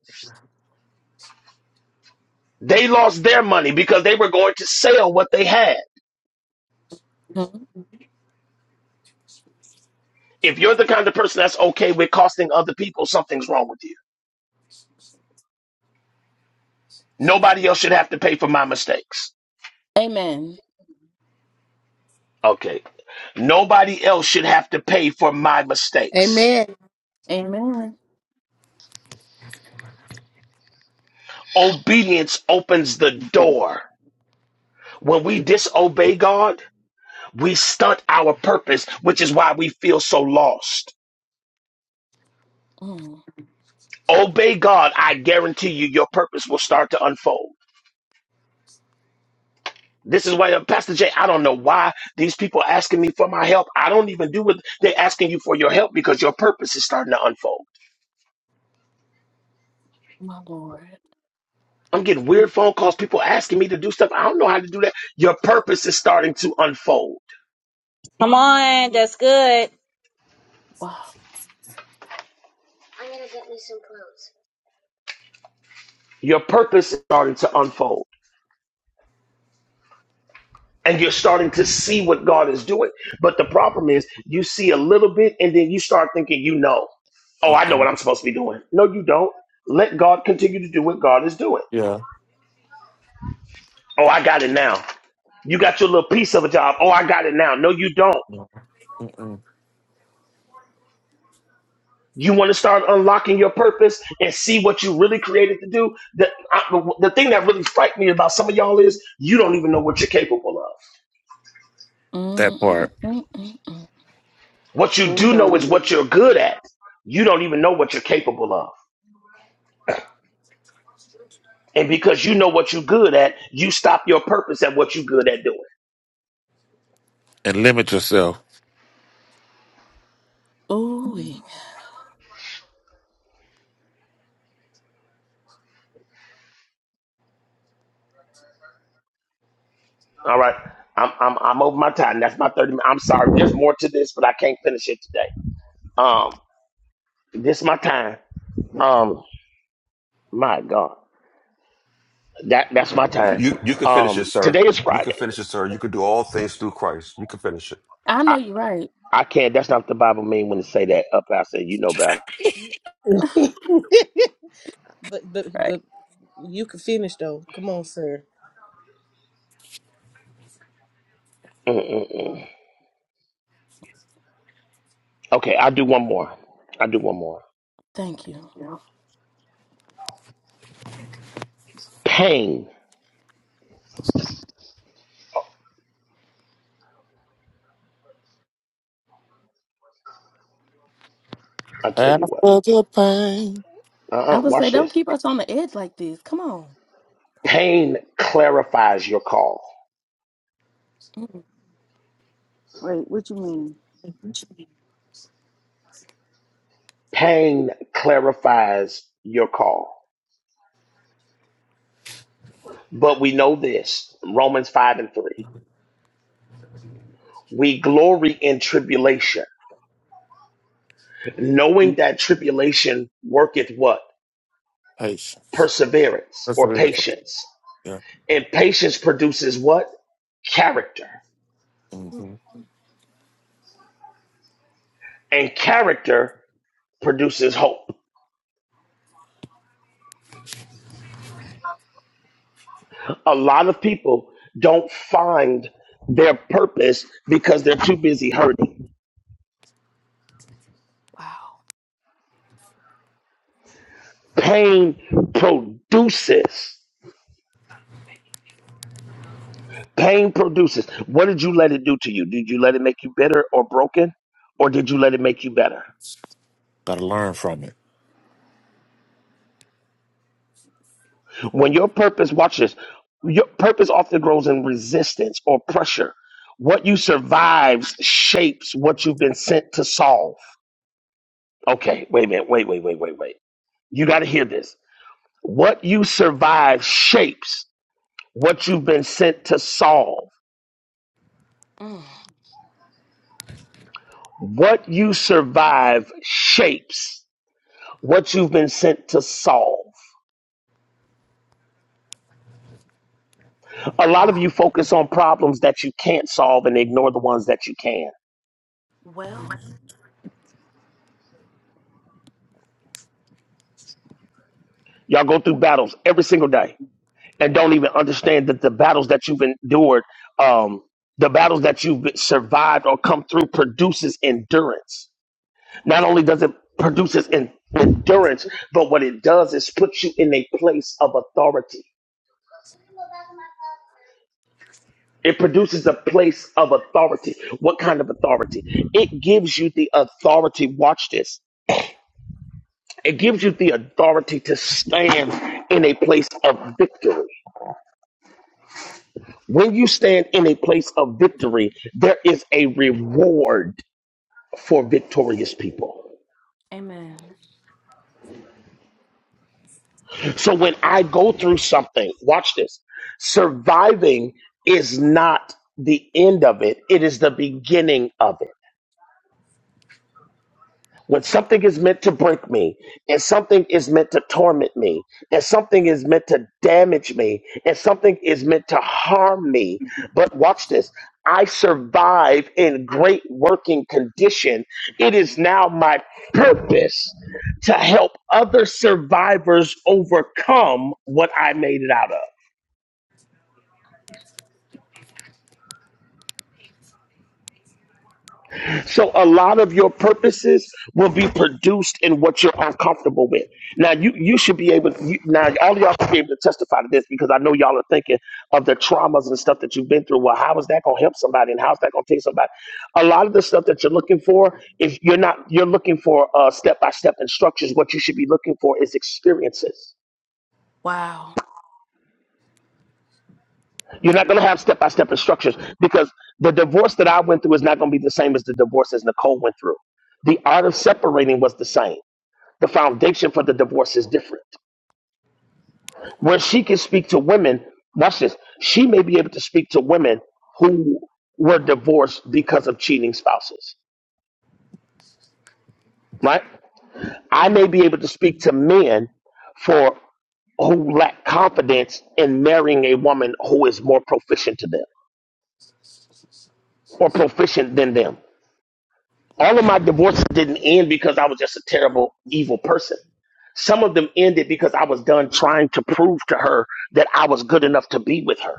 They lost their money because they were going to sell what they had. If you're the kind of person that's okay with costing other people, something's wrong with you. Nobody else should have to pay for my mistakes. Okay. Nobody else should have to pay for my mistakes. Amen. Obedience opens the door. When we disobey God, we stunt our purpose, which is why we feel so lost. Obey God, I guarantee you, your purpose will start to unfold. This is why, uh, Pastor Jay, I don't know why these people are asking me for my help. I don't even do what they're asking you for your help because your purpose is starting to unfold. I'm getting weird phone calls, people asking me to do stuff. I don't know how to do that. Your purpose is starting to unfold. Come on. That's good. Your purpose is starting to unfold. and you're starting to see what God is doing. But the problem is, you see a little bit, and then you start thinking, you know, oh, I know Uh-uh. what I'm supposed to be doing. No, you don't. Let God continue to do what God is doing. Yeah. Oh, I got it now. You got your little piece of a job. Oh, I got it now. No, you don't. No. Mm-mm. You want to start unlocking your purpose and see what you really created to do. The, I, the the thing that really frightened me about some of y'all is you don't even know what you're capable of. That part. What you And do know is don't. what you're good at. You don't even know what you're capable of. And because you know what you're good at, you stop your purpose at what you're good at doing. And limit yourself. All right. I'm I'm I'm over my time. That's my 30 minutes. I'm sorry. There's more to this, but I can't finish it today. Um, this my time. Um, my God. That that's my time. You you could finish it, Um, sir. today is You could Friday. finish it, sir. You could do all things through Christ. You could finish it. I, I can't that's not what the Bible mean when it say that up I said you know better. (laughs) but, but, but you can finish, though. Come on, sir. Mm-mm-mm. Okay, i do one more. i do one more. Pain. i tell you After what. the pain. Uh-uh, watch this. Pain clarifies your call. Wait, what you mean? Pain clarifies your call. But we know this Romans 5 and 3. We glory in tribulation, knowing that tribulation worketh what? Patience. Perseverance or Perseverance. patience. And patience produces what? Character. hmm And character produces hope. A lot of people don't find their purpose because they're too busy hurting. Pain produces Pain produces. What did you let it do to you? Did you let it make you bitter or broken? Or did you let it make you better? Gotta learn from it. When your purpose, watch this, your purpose often grows in resistance or pressure. What you survives shapes what you've been sent to solve. Okay, wait a minute, wait, wait, wait, wait, wait. You got to hear this. What you survive shapes what you've been sent to solve. What you survive shapes what you've been sent to solve. a lot of you focus on problems that you can't solve and ignore the ones that you can. Y'all go through battles every single day and don't even understand that the battles that you've endured, um, the battles that you've survived or come through produces endurance. Not only does it produces en- endurance, but what it does is puts you in a place of authority. It produces a place of authority. What kind of authority? It gives you the authority. Watch this It gives you the authority to stand in a place of victory. When you stand in a place of victory, there is a reward for victorious people. So when I go through something, watch this surviving is not the end of it, it is the beginning of it. When something is meant to break me, and something is meant to torment me, and something is meant to damage me, and something is meant to harm me. But watch this I survive in great working condition. It is now my purpose to help other survivors overcome what I made it out of. So a lot of your purposes will be produced in what you're uncomfortable with. Now you you should be able. You, now all y'all should be able to testify to this because I know y'all are thinking of the traumas and stuff that you've been through. Well, how is that going to help somebody, and how's that going to take somebody? A lot of the stuff that you're looking for, if you're not, you're looking for uh, step-by-step instructions. What you should be looking for is experiences. You're not going to have step-by-step instructions because the divorce that I went through is not going to be the same as the divorce as Nicole went through. The art of separating was the same the foundation for the divorce is different. Where she can speak to women, watch this, she may be able to speak to women who were divorced because of cheating spouses, right? I may be able to speak to men for who lack confidence in marrying a woman who is more proficient to them or proficient than them. All of my divorces didn't end because I was just a terrible, evil person. Some of them ended because I was done trying to prove to her that I was good enough to be with her.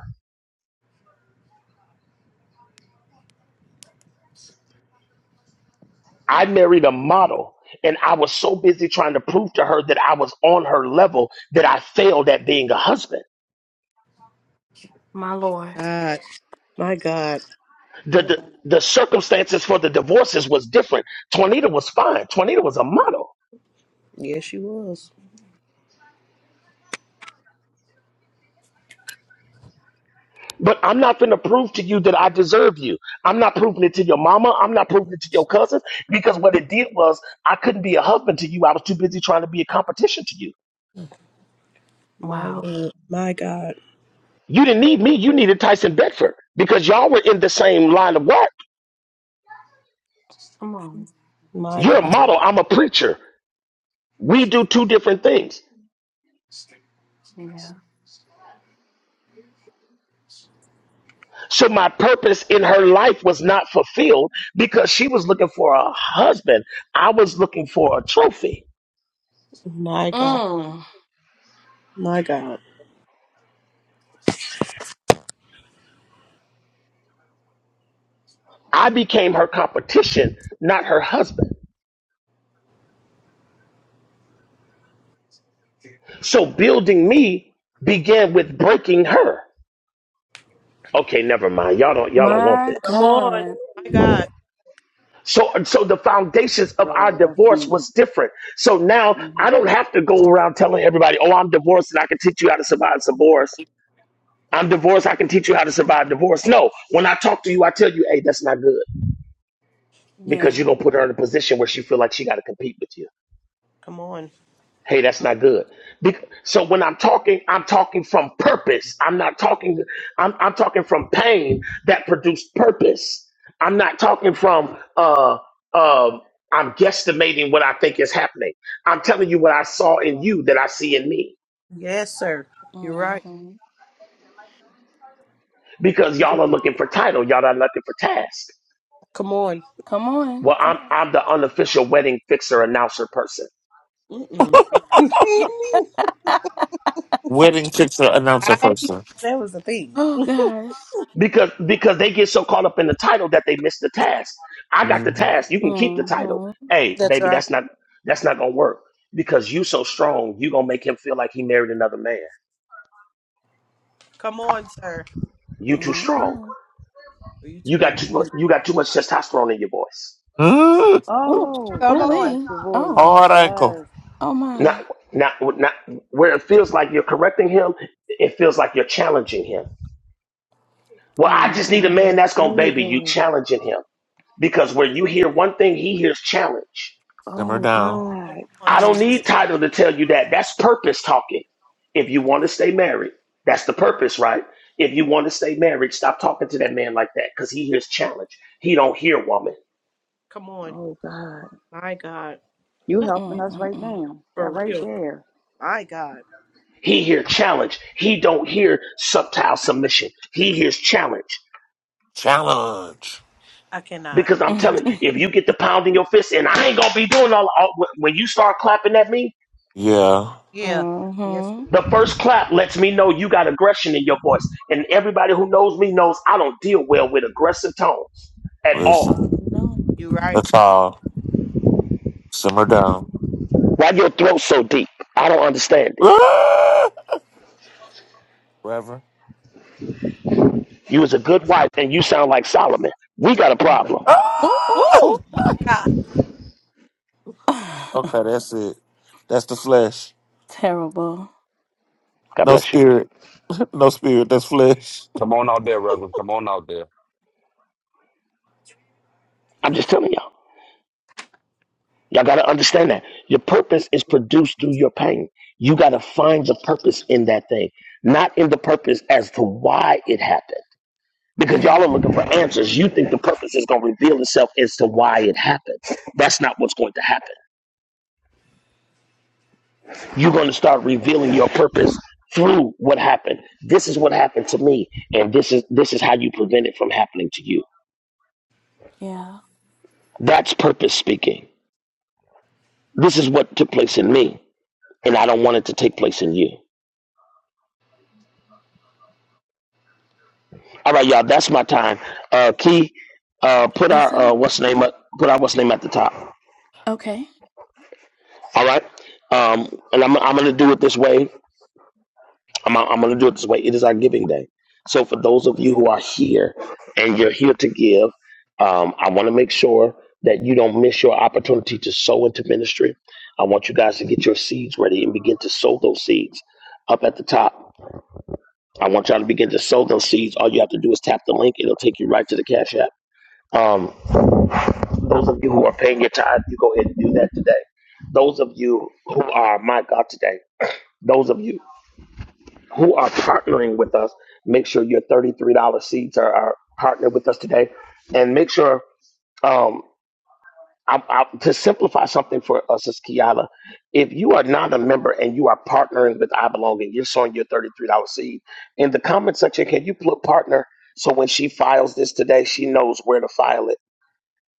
I married a model, and I was so busy trying to prove to her that I was on her level that I failed at being a husband. God, my God. The the, the circumstances for the divorces was different. Tornita was fine. Tornita was a model. Yes, she was. But I'm not going to prove to you that I deserve you. I'm not proving it to your mama. I'm not proving it to your cousins because what it did was I couldn't be a husband to you. I was too busy trying to be a competition to you. My Lord, my God, You didn't need me. You needed Tyson Bedford because y'all were in the same line of work. my You're a God, model. I'm a preacher. We do two different things. So my purpose in her life was not fulfilled because she was looking for a husband. I was looking for a trophy. my God, my God. I became her competition, not her husband. So building me began with breaking her. Okay, never mind. Y'all don't y'all don't want this. Come on. My God. So so the foundations of our Yo, that's divorce deep. was different. So now hmm I don't have to go around telling everybody, "Oh, I'm divorced and I can teach you how to survive divorce." I'm divorced. I can teach you how to survive divorce. No, when I talk to you, I tell you, hey, that's not good because you're gonna put her in a position where she feel like she got to compete with you. Come on. Hey, that's not good. Bec- so when I'm talking, I'm talking from purpose. I'm not talking. I'm I'm talking from pain that produced purpose. I'm not talking from uh um. I'm guesstimating what I think is happening. I'm telling you what I saw in you that I see in me Yes, sir. You're right. because y'all are looking for title. Y'all are looking for task. Come on. Well, I'm I'm the unofficial wedding fixer announcer person Mm-mm. (laughs) Wedding picture announcer person. that was the thing. because because they get so caught up in the title that they miss the task. I got the Mm-hmm. task. You can keep the title. Hey, That's baby, right. that's not that's not gonna work because you so strong. You gonna make him feel like he married another man. Come on, sir. You too strong. Are you You too in? got too mu- you got too much testosterone in your voice. Mm-hmm. Oh, Come I don't on. like your voice. Hard ankle. Yes. Not not not where it feels like you're correcting him. It feels like you're challenging him. Well, I just need a man Oh, that's gonna baby you Jesus. challenging him because where you hear one thing, he hears challenge. Simmer Oh, down. Come God. on. I don't need title to tell you that. That's purpose talking. If you Come want on. to stay married, that's the purpose, right? If you want to stay married, stop talking to that man like that because he hears challenge. He don't hear woman. Come on. Oh, God. My God. You helping us right now. That For right real. there. My God. He hear challenge. He don't hear subtile submission. He hears challenge. Challenge. I cannot. Because I'm telling you, if you get the pound in your fist and I ain't gonna be doing all, all when you start clapping at me, Yeah. Yeah. Yes. the first clap lets me know you got aggression in your voice. And everybody who knows me knows I don't deal well with aggressive tones at all. Listen. You're right. That's all. Simmer down. Why your throat so deep? I don't understand (laughs) it. Ah! Reverend. You was a good wife and you sound like Solomon. We got a problem. Ah! Woo! My God. Okay, that's it. That's the flesh. God No bless you. spirit. (laughs) No spirit. That's flesh. Come on out there, Reverend. Come on out there. I'm just telling y'all. Y'all got to understand that. Your purpose is produced through your pain. You got to find the purpose in that thing, not in the purpose as to why it happened. Because y'all are looking for answers. You think the purpose is going to reveal itself as to why it happened. That's not what's going to happen. you're going to start revealing your purpose through what happened. This is what happened to me, and this is this is how you prevent it from happening to you. That's purpose speaking. This is what took place in me, and I don't want it to take place in you. All right, y'all, that's my time. Uh, Key, uh, put our uh, what's name up, put our what's name at the top. All right, um, and I'm I'm gonna do it this way. I'm, I'm going to do it this way. It is our giving day. So for those of you who are here and you're here to give, um, I want to make sure that you don't miss your opportunity to sow into ministry. I want you guys to get your seeds ready and begin to sow those seeds up at the top. I want y'all to begin to sow those seeds. All you have to do is tap the link. It'll take you right to the Cash App. Um, those of you who are paying your tithe, you go ahead and do that today. Those of you who are, my God, today, those of you who are partnering with us. Make sure your $33 seats are, are partnered with us today. And make sure, um, I, I, to simplify something for us as Kiala, if you are not a member and you are partnering with I Belong and you're sowing your $33 seed, in the comment section, can you put partner so when she files this today, she knows where to file it?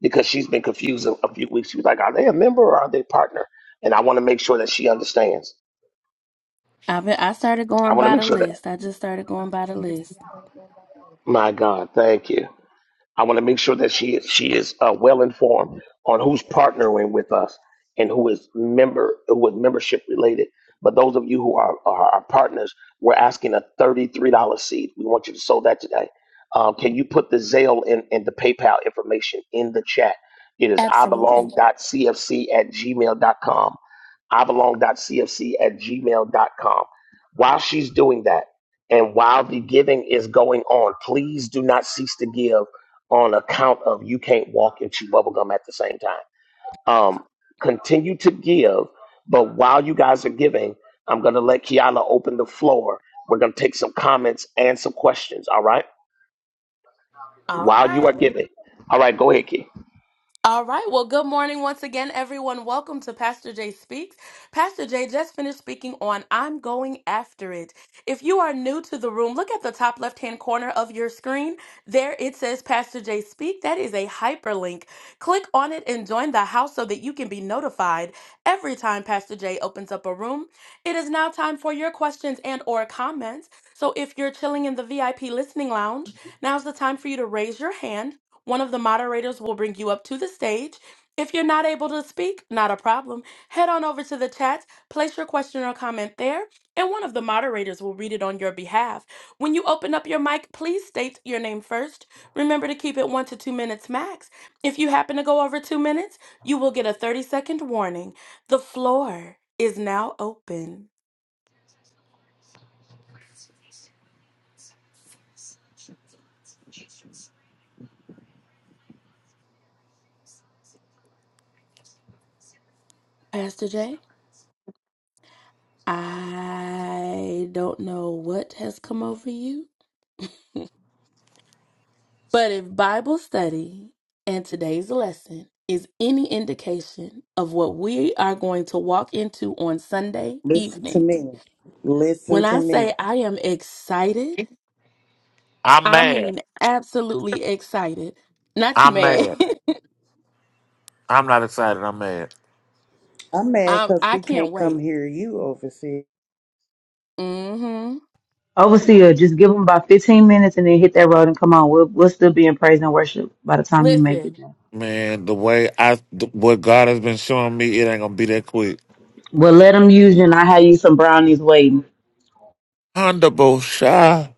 Because she's been confused a a few weeks. She was like, are they a member or are they partner? And I want to make sure that she understands. I want to make sure that, my God, thank you. I want to make sure that she is she is uh, well informed on who's partnering with us and who is member who is membership related. But those of you who are are our partners, we're asking a thirty three dollar seed. We want you to sow that today. Um, can you put the Zelle and, and the PayPal information in the chat? It is ibelong.cfc at gmail.com. ibelong.cfc at gmail.com. While she's doing that, and while the giving is going on, please do not cease to give on account of you can't walk and chew bubble gum at the same time. Um, continue to give, but while you guys are giving, I'm going to let Kiala open the floor. We're going to take some comments and some questions, all right? While you are giving. All right, go ahead, Key. Listen to me. Listen to me. (laughs) I'm mad. I'm mad. I'm not excited. I'm mad. I'm mad because we can't come hear you, overseer. Overseer, just give them about 15 minutes and then hit that road and come on. We'll, we'll still be in praise and worship by the time you make it. Man, the way I, th- what God has been showing me, it ain't gonna be that quick. Well, let them use you, and I have you some brownies waiting. Honorable Shy.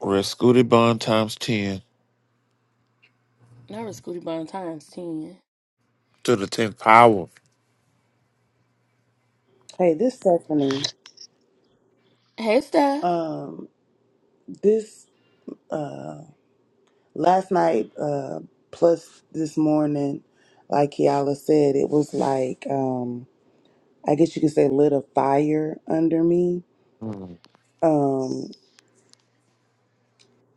Rescuti Bond times 10 to the 10th power. Hey, this Stephanie. Um, this. uh, Last night, uh, plus this morning, like Kiala said, it was like um, I guess you could say lit a fire under me, Mm. um,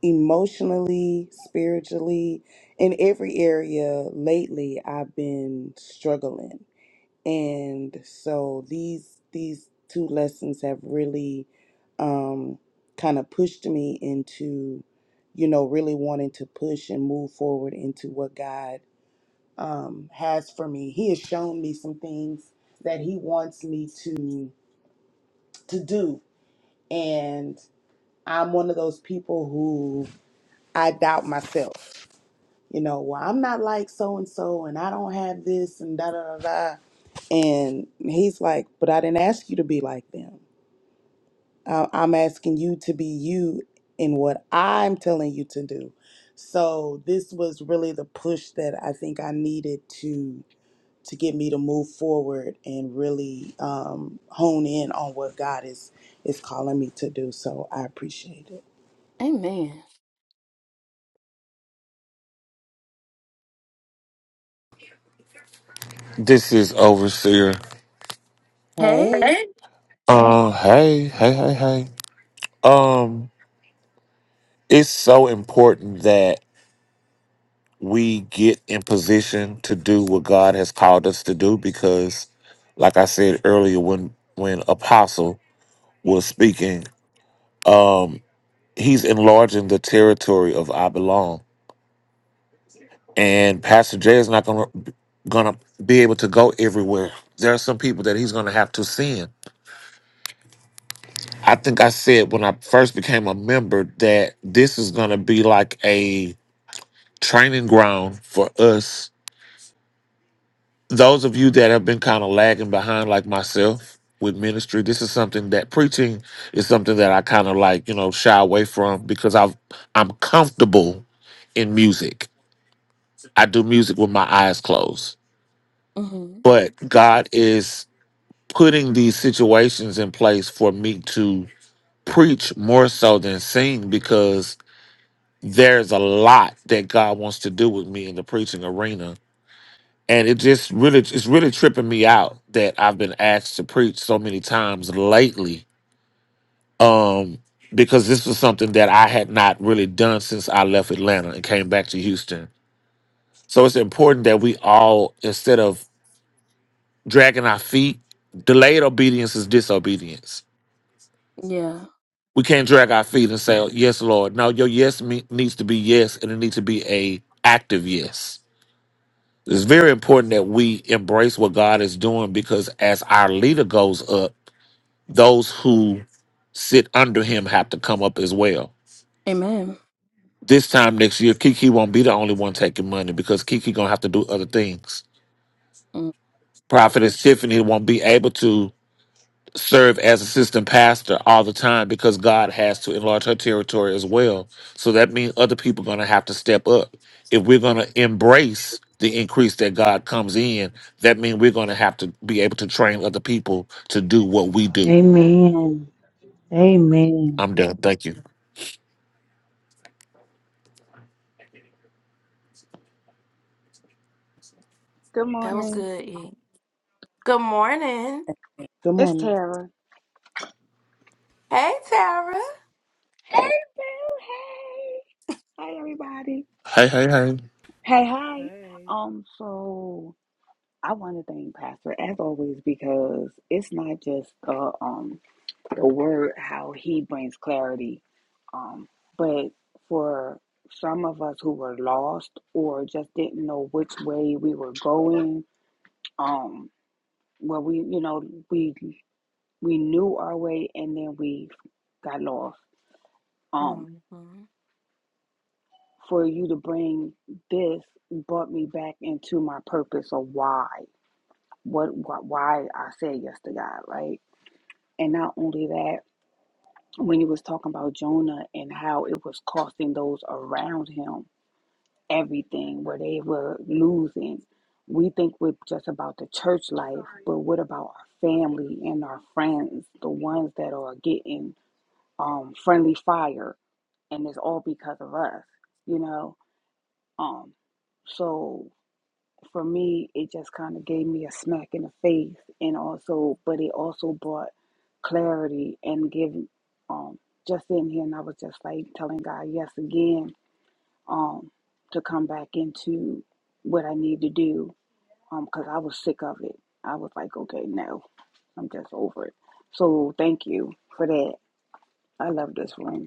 emotionally, spiritually, in every area. Lately, I've been struggling, and so these these two lessons have really um, kind of pushed me into, you know, really wanting to push and move forward into what God um, has for me. He has shown me some things that he wants me to to do, and I'm one of those people who I doubt myself. You know, well, I'm not like so and so, and I don't have this, and da da da da. And he's like, but I didn't ask you to be like them. I- I'm asking you to be you in what I'm telling you to do. So this was really the push that I think I needed to get me to move forward and really um, hone in on what God is is calling me to do. So I appreciate it. This is Overseer. Hey, Uh, hey, hey, hey, hey. Um, it's so important that we get in position to do what God has called us to do because, like I said earlier, when when Apostle was speaking, um, he's enlarging the territory of I belong. and Pastor Jay is not gonna gonna be able to go everywhere. There are some people that he's gonna have to send. I think I said when I first became a member that this is gonna be like a training ground for us. Those of you that have been kind of lagging behind, like myself, with ministry, this is something that preaching is something that I kind of like, you know, shy away from because I've I'm comfortable in music. I do music with my eyes closed. But God is putting these situations in place for me to preach more so than sing because there's a lot that God wants to do with me in the preaching arena. And it just really it's really tripping me out that I've been asked to preach so many times lately. Um because this was something that I had not really done since I left Atlanta and came back to Houston. So it's important that we all instead of dragging our feet, delayed obedience is disobedience We can't drag our feet and say, "Yes, Lord." No, your yes me- needs to be yes, and it needs to be a active yes. It's very important that we embrace what God is doing because as our leader goes up, those who sit under him have to come up as well. This time next year, Kiki won't be the only one taking money because Kiki gonna have to do other things. Prophetess Tiffany won't be able to serve as assistant pastor all the time because God has to enlarge her territory as well. So that means other people are going to have to step up. If we're going to embrace the increase that God comes in, that means we're going to have to be able to train other people to do what we do. Amen. Amen. I'm done. Thank you. Good morning. good It's morning. Tara. Hey, Boo. Hey. Hey, everybody. Hey, hey, hey. Hey, hi. Hey. Um, so I want to thank Pastor as always because it's not just uh, um the word how he brings clarity, um, but for some of us who were lost or just didn't know which way we were going, um, well, we you know we We knew our way and then we got lost. Um, for you to bring this brought me back into my purpose of why, what, why I said yes to God, right? And not only that, when you was talking about Jonah and how it was costing those around him everything, where they were losing. We think we're just about the church life, but what about our family and our friends, the ones that are getting um, friendly fire? and it's all because of us, you know. Um, so for me, it just kind of gave me a smack in the face, and also, but it also brought clarity and giving. Um, just sitting here, and I was just like telling God yes again, um, to come back into what I need to do, um, because I was sick of it. I was like, okay, no, I'm just over it. So thank you for that. I love this room.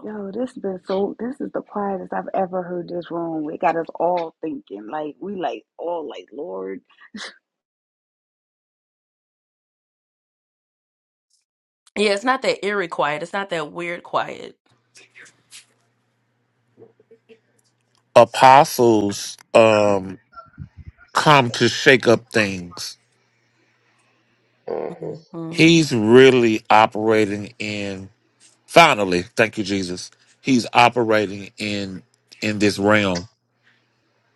Yo, this has been so. This is the quietest I've ever heard this room. It got us all thinking. Like we, like all, like Lord, Apostles um come to shake up things. hmm He's really operating in finally, thank you Jesus. He's operating in in this realm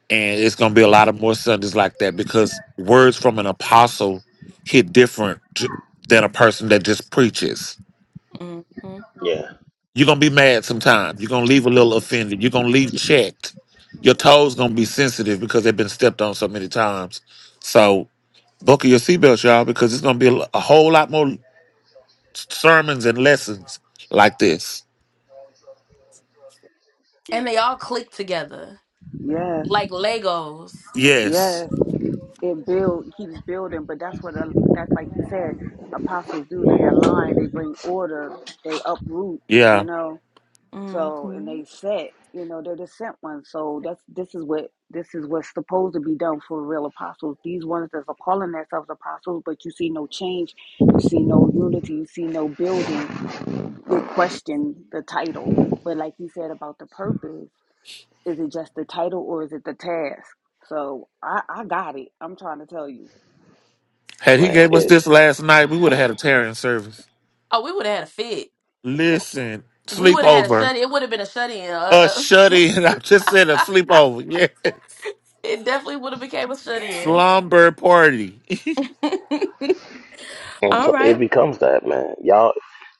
and it's going to be a lot of more Sundays like that because words from an apostle hit different j- than a person that just preaches. Yeah, You're going to be mad sometimes. You're going to leave a little offended. You're going to leave checked. Your toes going to be sensitive because they've been stepped on so many times. So buckle your seatbelts, y'all, because it's going to be a, l- a whole lot more sermons and lessons like this. yes, Yes. yes. It build keeps building, but that's what. a- That's like you said, apostles do. They align. They bring order. They uproot. You Yeah. know. So and they set. You know, they're the sent ones. So that's this is what this is what's supposed to be done for real apostles. These ones that are calling themselves apostles, but you see no change. You see no unity. You see no building they question the title. But like you said about the purpose, is it just the title or is it the task? So I, I got it. I'm trying to tell you. Had he man, gave us it this last night, we would have had a tearing service. Listen, sleepover. A shuddy. in. (laughs) I'm just saying a sleepover. Yeah. Slumber party. (laughs) until it becomes that, man. Y'all,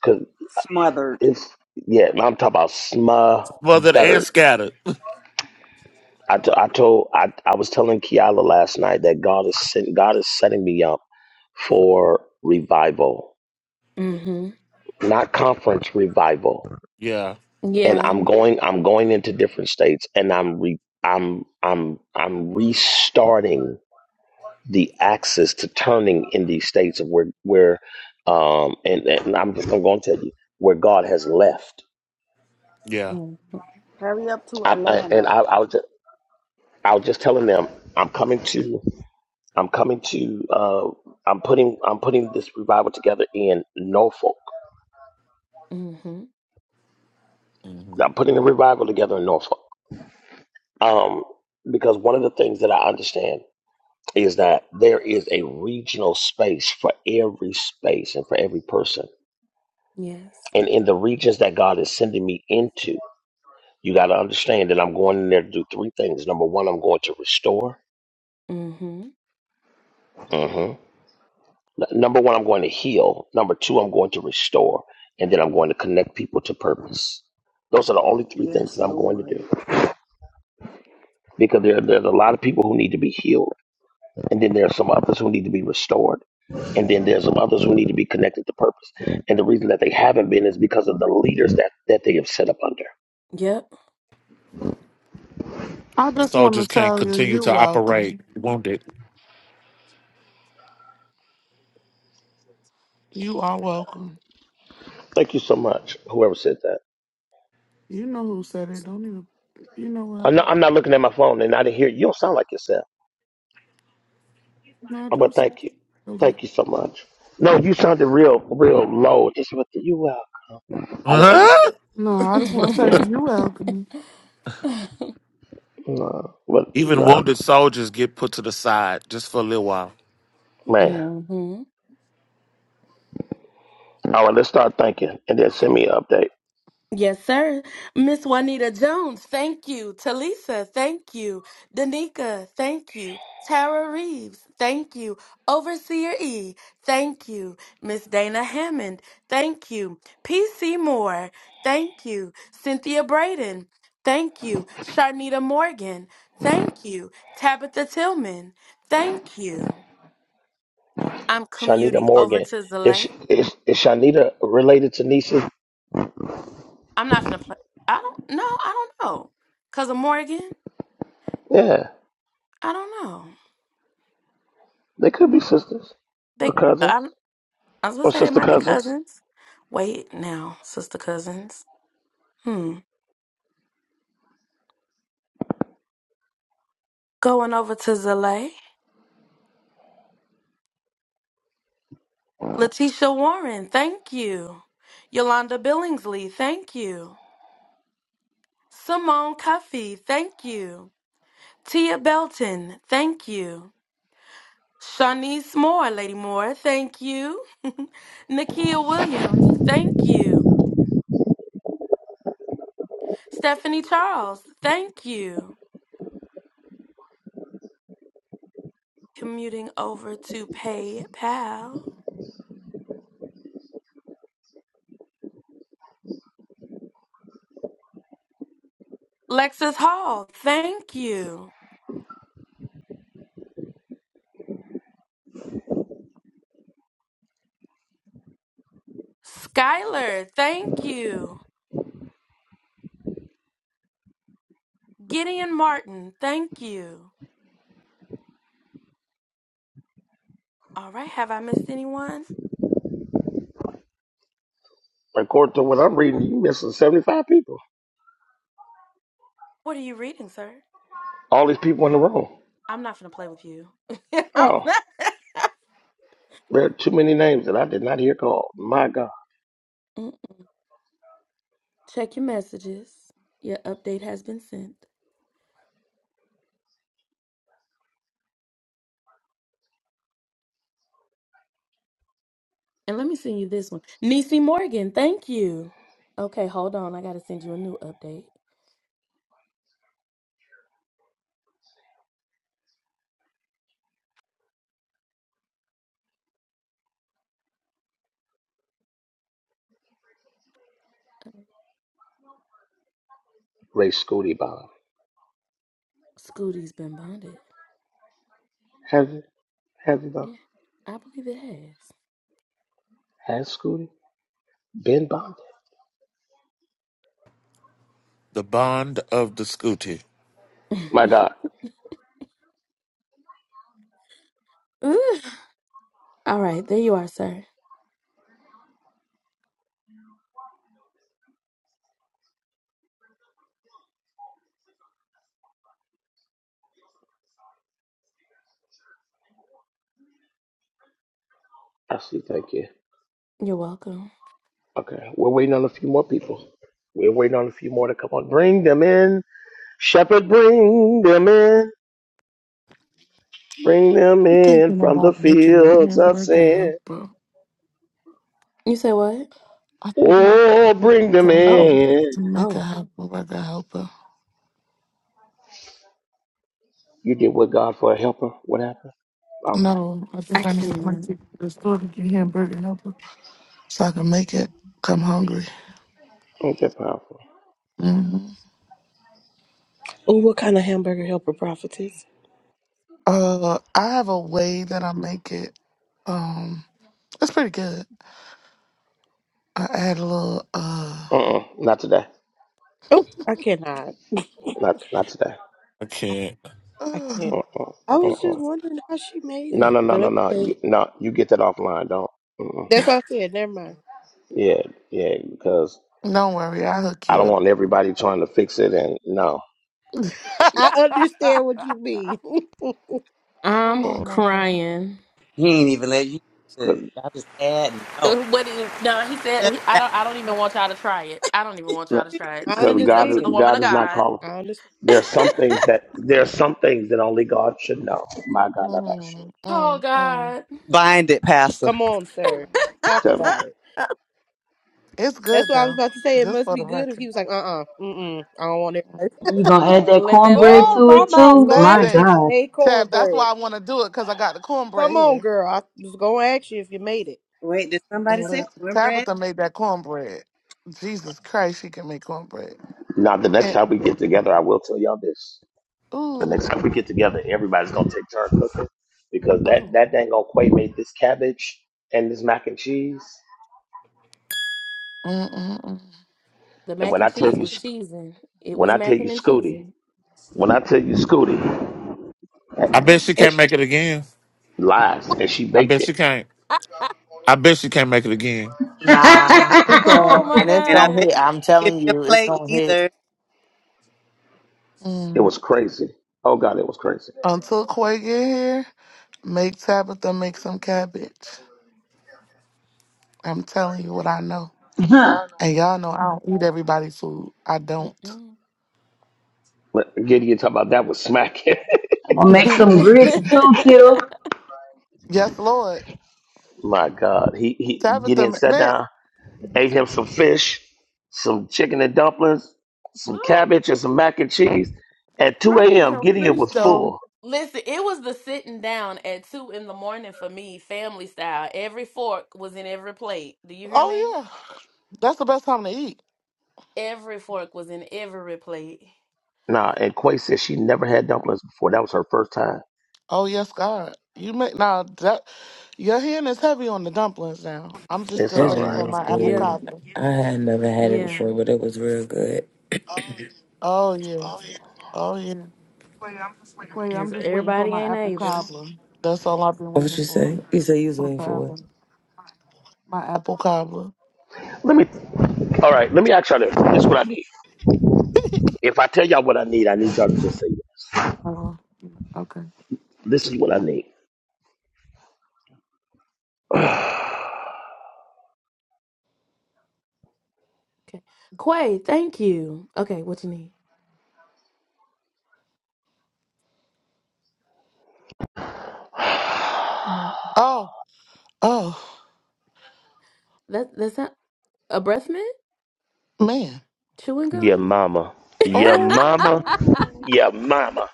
cause Smothered. It's yeah, I'm talking about Smothered and smothered. scattered. I, t- I told I, I was telling Kiala last night that God is sent, God is setting me up for revival, not conference revival. Yeah. And I'm going I'm going into different states, and I'm re, I'm I'm I'm restarting the axis to turning in these states of where where um and, and I'm I'm going to tell you where God has left. Yeah. Hurry up to I, I, and Atlanta. I, I was just, I was just telling them I'm coming to. I'm coming to. Uh, I'm putting. I'm putting this revival together in Norfolk. hmm I'm putting the revival together in Norfolk. Um, because one of the things that I understand is that there is a regional space for every space and for every person. And in the regions that God is sending me into, you got to understand that I'm going in there to do three things. Number one, I'm going to restore. Mhm. N- number one, I'm going to heal. Number two, I'm going to restore. And then I'm going to connect people to purpose. Those are the only three things Yes, that I'm going to Lord. do because there, there's a lot of people who need to be healed. And then there are some others who need to be restored. And then there's some others who need to be connected to purpose. And the reason that they haven't been is because of the leaders that, that they have set up under. I just Soldiers want to can't tell you, continue you're to welcome. operate wounded. You are welcome. Thank you so much, whoever said that. You know who said it. Don't even. You know what? I'm not, I'm not looking at my phone and I didn't hear you. You don't sound like yourself. No, I I'm going do. to say thank you. hello. Thank you so much. No, you sounded real, real low. Just what you are. I didn't Huh? understand. No, I just want to tell Yeah, you, you're welcome. no, but Even no, wounded soldiers get put to the side just for a little while. man. All right, let's start thinking, and then send me an update. Shanita Morgan is is is Shanita related to nieces? Yeah, they could be sisters or cousins or sister cousins. According to what I'm reading, you missing 75 people. All these people in the room. Oh, there are too many names that I did not hear called. My God, Ray Scooty Bob. Have you? Have you though? Has Scooty been bonded? The bond of the scooty. My God, I see. Thank you. Okay, we're waiting on a few more people. We're waiting on a few more to come on. Bring them in, Shepherd. Bring them in. Bring them I'm in thinking from the about making a fields of hamburger sin. helper. I think Oh, I'm bring them going to, in. to make a helper, like a helper. You did with God for a helper. What happened? All right. No, I think I need to make it to the store to get hamburger helper so I can make it. 'Cause I'm hungry. Ain't that powerful? hmm Oh, what kind of hamburger helper prophetess? Uh, I have a way that I make it. Um, it's pretty good. I add a little. Uh, Uh-uh. Not today. Oh, I cannot. (laughs) Not not today. I can't. I uh, can't. Uh-uh. I was just Uh-uh. wondering how she made No, it, no, no, no, but no. okay. You no, you get that offline, don't. Mm-mm. That's why I said, never mind. Yeah, yeah, because don't worry, I will hook I you don't up. want everybody trying to fix it and no. I (laughs) understand what you mean. (laughs) oh my god. He ain't even let you. do it. I just add no. Just that. I because God understand. is- God is not called. I understand. There are some things that there are some things that only God should know. My God, I'm not sure. Mm, mm, mm, Bind it, Pastor. Come on, sir. mm. Talk Tell me about it. It's That's good what I was though, about to say. It just must for the be good if he record. was like, uh uh-uh, mm, mm, I don't want it. (laughs) Mm-hmm. You gonna add that cornbread Oh, to my it mom was too? gonna My ask you Listen, if you God, made Tab, that's cornbread. why I want to do it because I got the cornbread Come on, here. girl. I was gonna ask you if you made it. Wait, did somebody say Lis- cornbread? Tabitha made that cornbread. Jesus Christ, she can make cornbread. now. The next And time we get together, I will tell y'all this. The ooh, next time we get together, everybody's gonna take turn cooking because that that dang old Quay made this cabbage and this mac and cheese. mm, mm, mm, And when I tell you, Sc- when I tell you, Scooty, when I tell you, mm. Scooty, I bet she and can't she, make it again. lies and she I baked bet it. she can't. I bet she can't make it again. (laughs) I'm Nah. She can. And it's And I going to bet hit. I'm you didn't telling give me you, a it's going to hit plate It mm. was crazy. Oh God, it was crazy. until Quay get here, make Tabitha make some cabbage. I'm telling you what I know, gonna and y'all know I don't eat everybody's food. I don't. Let- Gideon talk about that was smacking. make some (laughs) grits too, Tito. yes, Lord, (laughs) My God, he he Tabitha, Gideon ma- sat man. down, ate him some fish, some chicken and dumplings, some Ooh, cabbage and some mac and cheese. At 2 I need a.m., your Gideon fish was though. full. Oh yeah, that's the best time to eat. Nah, and Quay said she never had dumplings before. That was her first time. Oh yes, God. You make now that your hand is heavy on the dumplings now. I'm just It's still That all waiting jam right. for was my apple good. cobbler. I had never had it before, but it was real good. Oh yeah. Oh yeah. Quay, I'm just waiting for my apple cobbler. That's all I've been What was waiting you for say? You say you was for waiting for forever. what? My apple cobbler. Let me. All right, let me ask y'all this. This is what I need. (laughs) If I tell y'all what I need, I need y'all to just say yes. Oh, okay. This is what I need. (sighs) Oh, oh man. Yeah, mama. Yeah, mama. Oh Yeah, mama.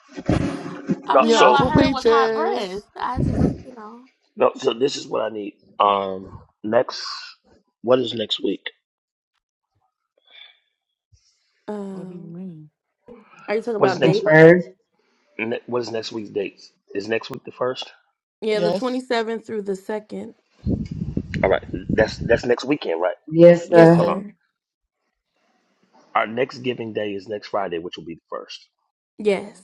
No, yeah, so Uncle Peaches. No, so this is what I need. Um, next, what is next week? What do you mean? What is The next? first, Ne- what is next week's dates? Is next week the first? Yes. All right, that's that's next weekend, right? yes, Yes, Well, sir. Hold on. sir. Our next giving day is next Friday, which will be the first. Mm-hmm.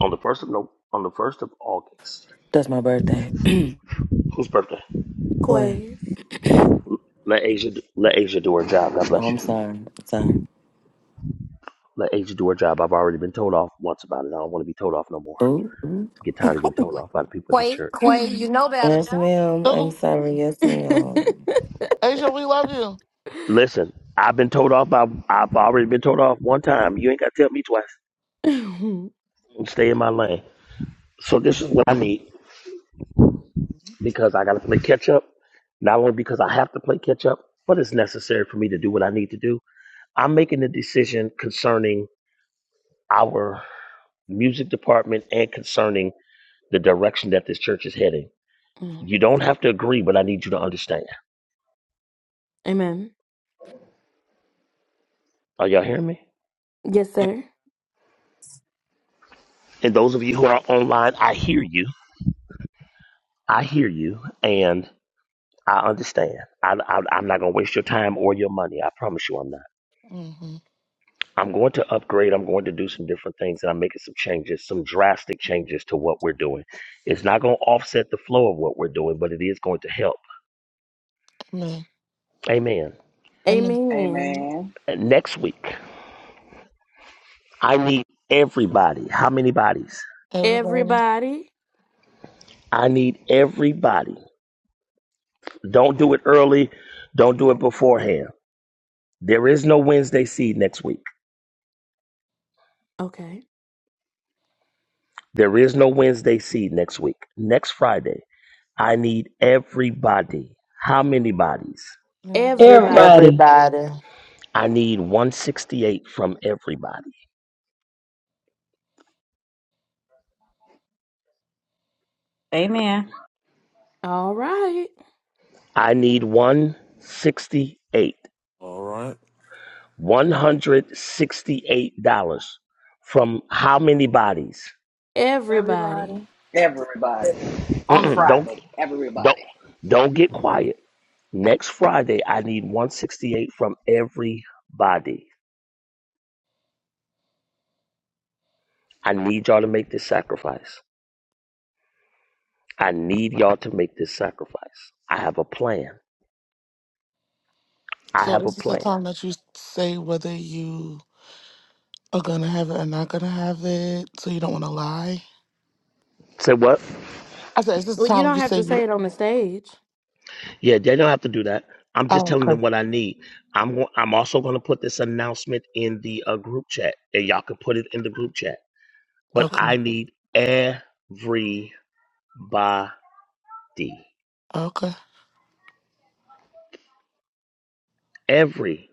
On the first of no, on the first of August. That's my birthday. (clears throat) Whose birthday? Clay. Let Asia do- let Asia do her job. God Oh, bless I'm you. sorry. I'm sorry. Let Asia do her job. I've already been told off once about it. I don't want to be told off no more. Ooh, ooh. get tired of getting told off by the people at this Quay, church. Quay, you know better. Yes, ma'am. Uh I'm oh. sorry. Yes, ma'am. Asia, we love Listen, I've been told off. By, I've already been told off one time. You ain't got to tell me twice. Stay in my lane. So this is what I need you. because I got to play catch up. Not only because I have to play catch up, but it's necessary for me to do what I need to do. I'm making a decision concerning our music department and concerning the direction that this church is heading. You don't have to agree, but I need you to understand. Are y'all hearing me? either. And those of you who are online, I hear you. I hear you. and. I understand. I, I, I'm not going to waste your time or your money. I promise you I'm not. Mm-hmm. I'm going to upgrade. I'm going to do some different things and I'm making some changes, some drastic changes to what we're doing. It's not going to offset the flow of what we're doing, but it is going to help. Amen. And Amen. Next week, I need everybody. How many bodies? everybody, I need everybody. Don't do it early. Don't do it beforehand. There is no Wednesday seed next week. There is no Wednesday seed next week. Next Friday. I need everybody. How many bodies? and everybody. Everybody, everybody. I need 168 from everybody. Amen. I need 168. All right. $168 from how many bodies? Everybody. Everybody. On Mm-mm, don't Friday, don't everybody. don't get quiet. Next Friday I need 168 from everybody. I need y'all to make this sacrifice. I need y'all to make this sacrifice. I have a plan. I So have a is this a plan. time that you say whether you are gonna have it or not gonna have it? So you don't want to lie. Say what? I said, is this a time you say you? Yeah, they don't have to do that. I'm just Oh, telling okay, them what I need. I'm go- I'm also going to put this announcement in the uh, group chat, and y'all can put it in the group chat. But okay, I need everybody, okay. everybody.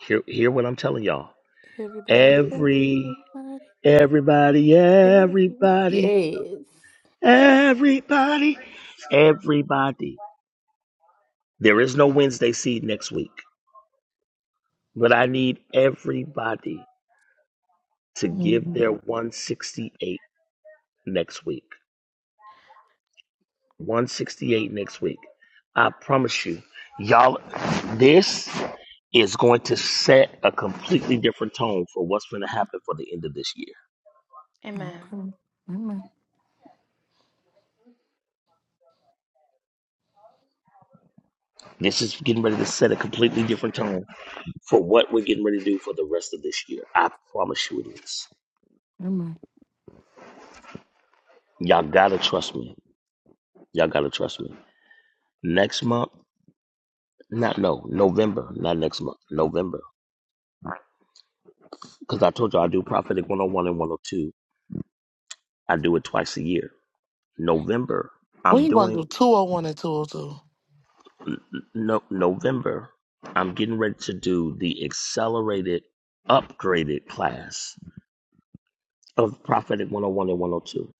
Hear hear what I'm telling y'all. Every everybody, everybody, everybody, everybody. There is no Wednesday seed next week, but I need everybody to give hmm their 168 next week. 168 next week. I promise you, y'all, this is going to set a completely different tone for what's going to happen for the end of this year. Okay. Amen. This is getting ready to set a completely different tone for what we're getting ready to do for the rest of this year. I promise you it is. Amen. Y'all gotta trust me. Y'all gotta trust me. Next month, not no, November, not next month, November. Because I told you I do Prophetic 101 and 102. I do it twice a year. November, When I'm you gonna doing do two hundred one and two hundred two? no November, I'm getting ready to do the accelerated, upgraded class of Prophetic 101 and 102.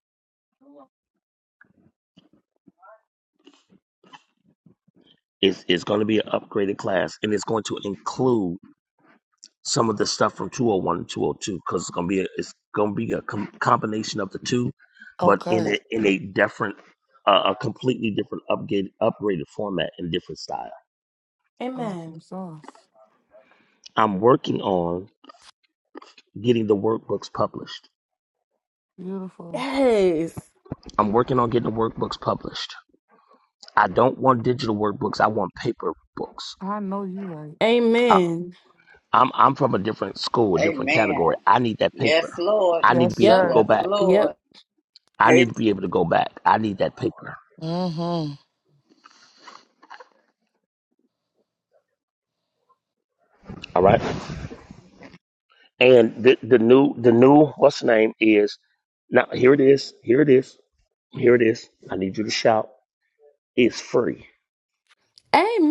It's, it's going to be an upgraded class, and it's going to include some of the stuff from 201 and 202 because it's going to be a, it's going to be a com- combination of the two, but in Okay. a in a different, uh, a completely different upgrade, upgraded format and different style. Awesome sauce. I'm working on getting the workbooks published. Beautiful. I'm working on getting the workbooks published I don't want digital workbooks. I want paper books. I know you right. I, I'm I'm from a different school, a different category. Amen. I need that paper. Yes, Lord. I need Yes, to be able to sir. go Yes, back. Lord. I Hey, need to be able to go back. I need that paper. Mm-hmm. All right. And the the new the new what's the name is now here it is. Here it is. Here it is. I need you to shout. It's free.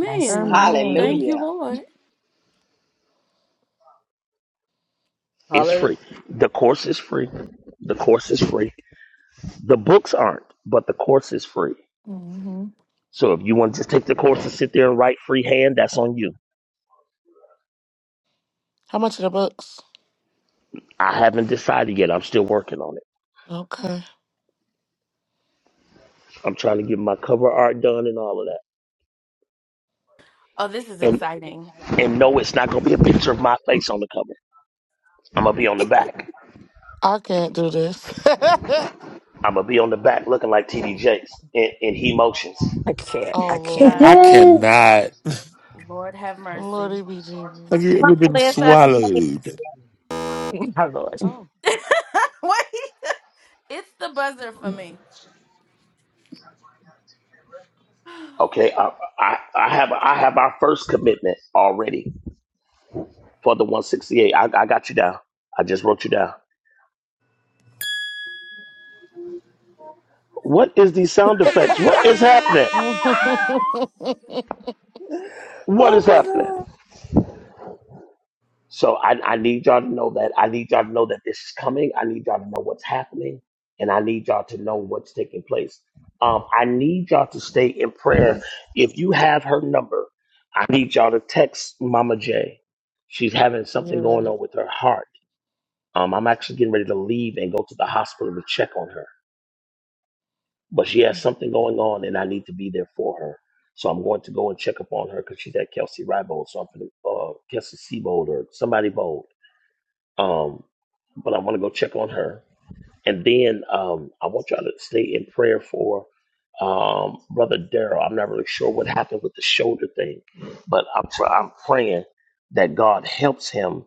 Yes. Oh, Amen. Hallelujah. It's Hallelujah. free. The course is free. The course is free. The books aren't, but the course is free. Mm-hmm. So if you want to just take the course and sit there and write freehand, that's on you. How much are the books? I haven't decided yet. I'm still working on it. Okay. I'm trying to get my cover art done and all of that. And and no, it's not gonna be a picture of my face on the cover. I'm gonna be on the back. I can't do this. I'm gonna be on the back looking like TD Jakes in, in He Motions. I (laughs) can't. oh I can't. Lord, I (laughs) cannot. (laughs) Lordy be Jesus. Have you Come ever on, been Lisa. swallowed? (laughs) My Lord. Oh, Okay, I, I I have I have our first commitment already for the 168. I, I got you down. I just wrote you down. What is these sound effects? What is happening? (laughs) What is Oh my happening? God. So I, I need y'all to know that. I need y'all to know that this is coming. I need y'all to know what's happening, and I need y'all to know what's taking place. Um, I need y'all to stay in prayer. If you have her number, I need y'all to text Mama J. She's having something yeah. going on with her heart. Um, I'm actually getting ready to leave and go to the hospital to check on her, but she has something going on, and I need to be there for her. So I'm going to go and check up on her because she's at Kelsey Ribold, so I'm going to uh, Kelsey Seabold or somebody bold. Um, but I want to go check on her. And then um, I want y'all to stay in prayer for um, Brother Daryl. I'm not really sure what happened with the shoulder thing, but I'm pr- I'm praying that God helps him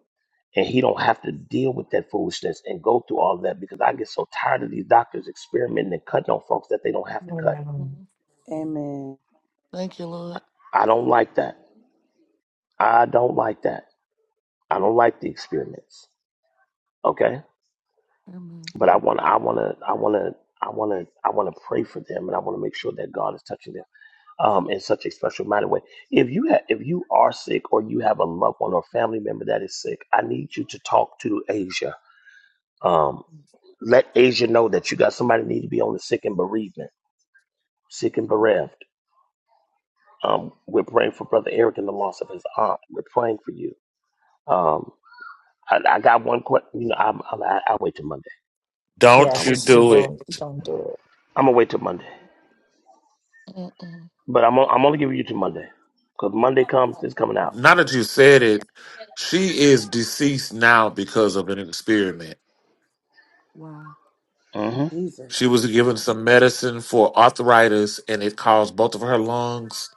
and he don't have to deal with that foolishness and go through all that because I get so tired of these doctors experimenting and cutting on folks that they don't have to Oh, cut. hmm no. Amen. Thank you, Lord. I don't like that. I don't like that. I don't like the experiments. Okay. Amen. But I want, I want to, I want to, I want to, I want to pray for them, and I want to make sure that God is touching them um, in such a special minded way. If you have, if you are sick, or you have a loved one or family member that is sick, I need you to talk to Asia. Um, let Asia know that you got somebody need to be on the sick and bereavement, sick and bereft. Um, we're praying for Brother Eric and the loss of his aunt. We're praying for you. Um, I, I got one question. You know, I'm, I'm, I- I'll wait till Monday. Don't I'll Yes, you wait. it's too do it. don't don't do it. I'm gonna wait till Monday. Mm-mm. But I'm, on- I'm only giving you to Monday. Because Monday comes, it's coming out. now that you said it, she is deceased now because of an experiment. Wow, hmm Jesus, She was given some medicine for arthritis, and it caused both of her lungs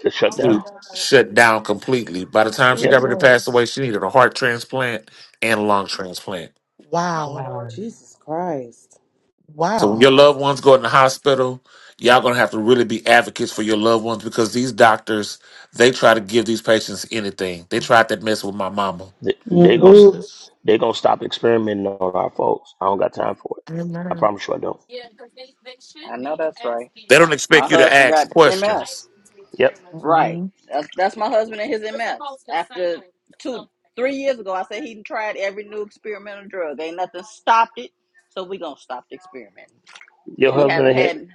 To shut down. to Jesus, shut down completely. By the time she Yep. got ready to pass away, Jesus. she needed a heart transplant and a lung transplant. Wow, Wow. Jesus Christ. So when wow, your loved ones go in the hospital, y'all gonna have to really be advocates for your loved ones because these doctors, they try to give these patients anything. They tried that mess with my mama. They, they Mm, gonna dude. Jesus. they gonna stop experimenting on our folks. I don't got time for it. I Amen. promise you I don't. I know that's right. They don't My expect you to husband ask got questions. MS. Yep. Right. hmm That's, that's my husband and his MS. After two, three years ago, I said he tried every new experimental drug. Ain't nothing stopped it. So we gonna stop the experiment. Your And he husband haven't a hit. had.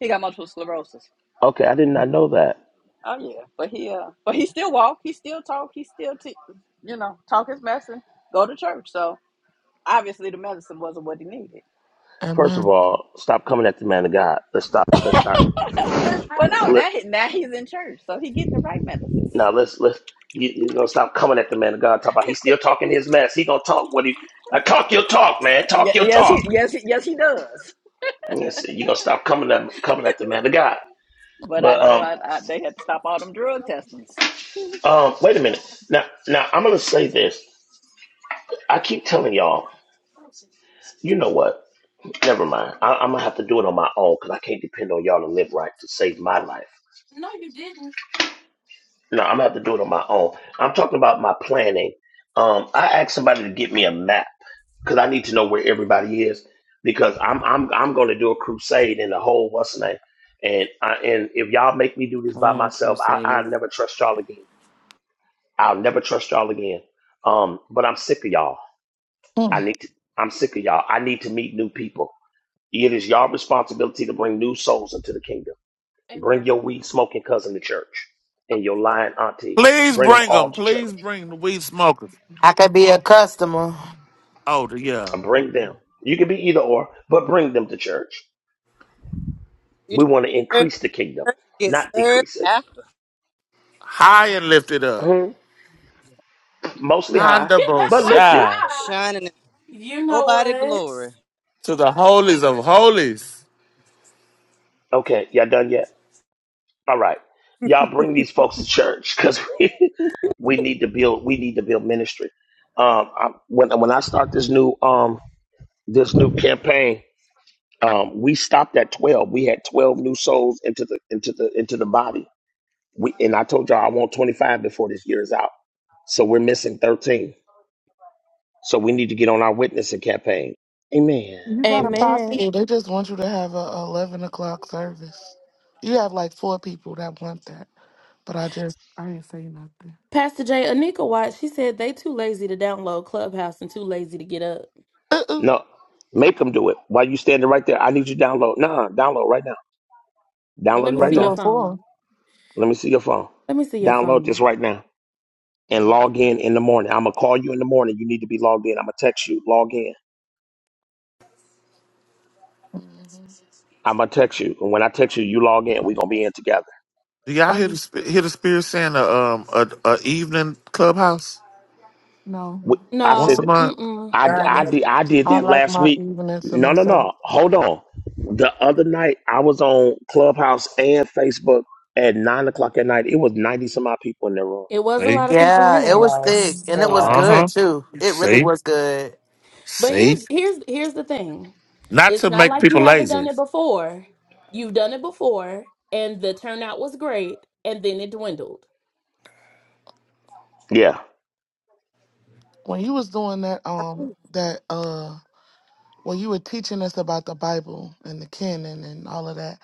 He got multiple sclerosis. Okay, I did not know that. Oh yeah, but he uh, but he still walk, he still talk, he still t- you know talk his medicine, go to church. So obviously the medicine wasn't what he needed. First of Amen. all, stop coming at the man of God. Let's stop. (laughs) Let's start. well, no, Let, now he, now he's in church, so he getting the right medicine. now let's let's. You, you're gonna stop coming at the man of God. Talk about he's still talking his mess. He gonna talk what he. I talk your talk, man. Ye- Talk your Yes, talk. he yes he, yes he does. Yes, You're gonna stop coming at coming at the man of God. But I But know um, I, I they had to stop all them drug testings. Um, wait a minute. Now, now I'm gonna say this. I keep telling y'all. You know what? Never mind. I, I'm gonna have to do it on my own because I can't depend on y'all to live right to save my life. No, I'm gonna have to do it on my own. I'm talking about my planning. Um, I asked somebody to get me a map because I need to know where everybody is because I'm I'm I'm gonna do a crusade in the whole what's the name. And I, and if y'all make me do this Come by on, myself, I, Crusade. I'll never trust y'all again. I'll never trust y'all again. Um, but I'm sick of y'all. I Mm. need to, I'm sick of y'all. I need to meet new people. It is y'all responsibility to bring new souls into the kingdom. Bring your weed smoking cousin to church and your lying auntie. Please Bring them bring all them. to church. Please bring the weed smokers. I could be a customer. Oh, yeah. Bring them. You can be either or, but bring them to church. You We want to trying to serve increase the kingdom, first and get not served decrease it. after. High and lifted up. Mhm. Mostly high, Honda but lift it. Boshai Shining in nobody glory. to the holies of holies. Okay, y'all done yet? All right. Y'all bring these folks to church because (laughs) we, we need to build. We need to build ministry. Um, I, when when I start this new um this new campaign, um, we stopped at twelve. We had twelve new souls into the into the into the body. We and I told y'all I want twenty five before this year is out. So we're missing thirteen. So we need to get on our witnessing campaign. Amen. You got a Amen. posse. They just want you to have a eleven o'clock service. You have like four people that want that, but I just I didn't say nothing. (laughs) No, make them do it. While you standing right there, I need you to download. Nah, download right now. Download it Or right do now. it for. Let me see your phone. Download this right now and Mm-hmm. log in in the morning. I'm gonna call you in the morning. You need to be logged in. I'm gonna text you. Log in. I'm gonna text you, and when I text you, you log in. We're gonna be in together. Do y'all I hear the, be sp- hear the spirit saying a, um, a, a evening clubhouse no, Wh- I once a said, month? I, Right. I, no. did, I did I that like last my week. evenings to No, no, myself. no. Hold on. The other night, I was on Clubhouse and Facebook at nine o'clock at night. It was 90 some odd people in the room. See? Yeah, It it was thick was. Mm. and It it was was. good Uh-huh. too. It really See? was good. See? Not to make people lazy. Yeah. When you was doing that, um, that uh, when you were teaching us about the Bible and the canon and all of that,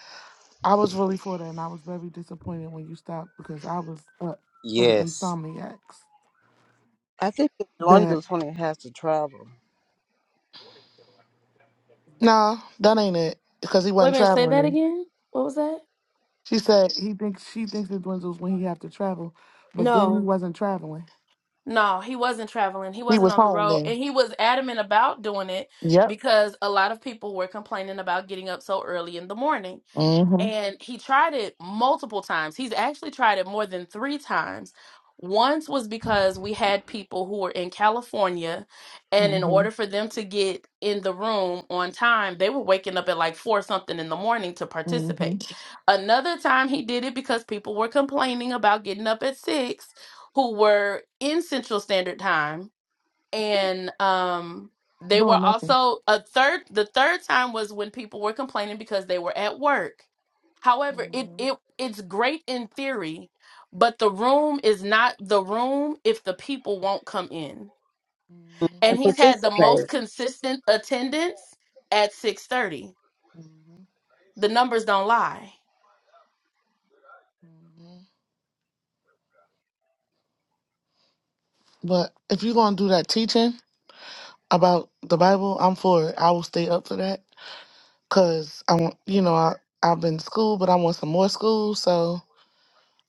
I was really for that, and I was very disappointed when you stopped because I was up for the Yes. insomniacs. I think it That wonders when it has to travel. no, that ain't it because he wasn't traveling. Then. She said he thinks she thinks it dwindles when he have to travel, but then he wasn't traveling. He was home then. Yep. hmm hmm hmm Doing nothing. hmm hmm And participate. hmm But if you're gonna do that teaching about the Bible, I'm for it. I will stay up for that because I want, you know, I I've been to school, but I want some more school, so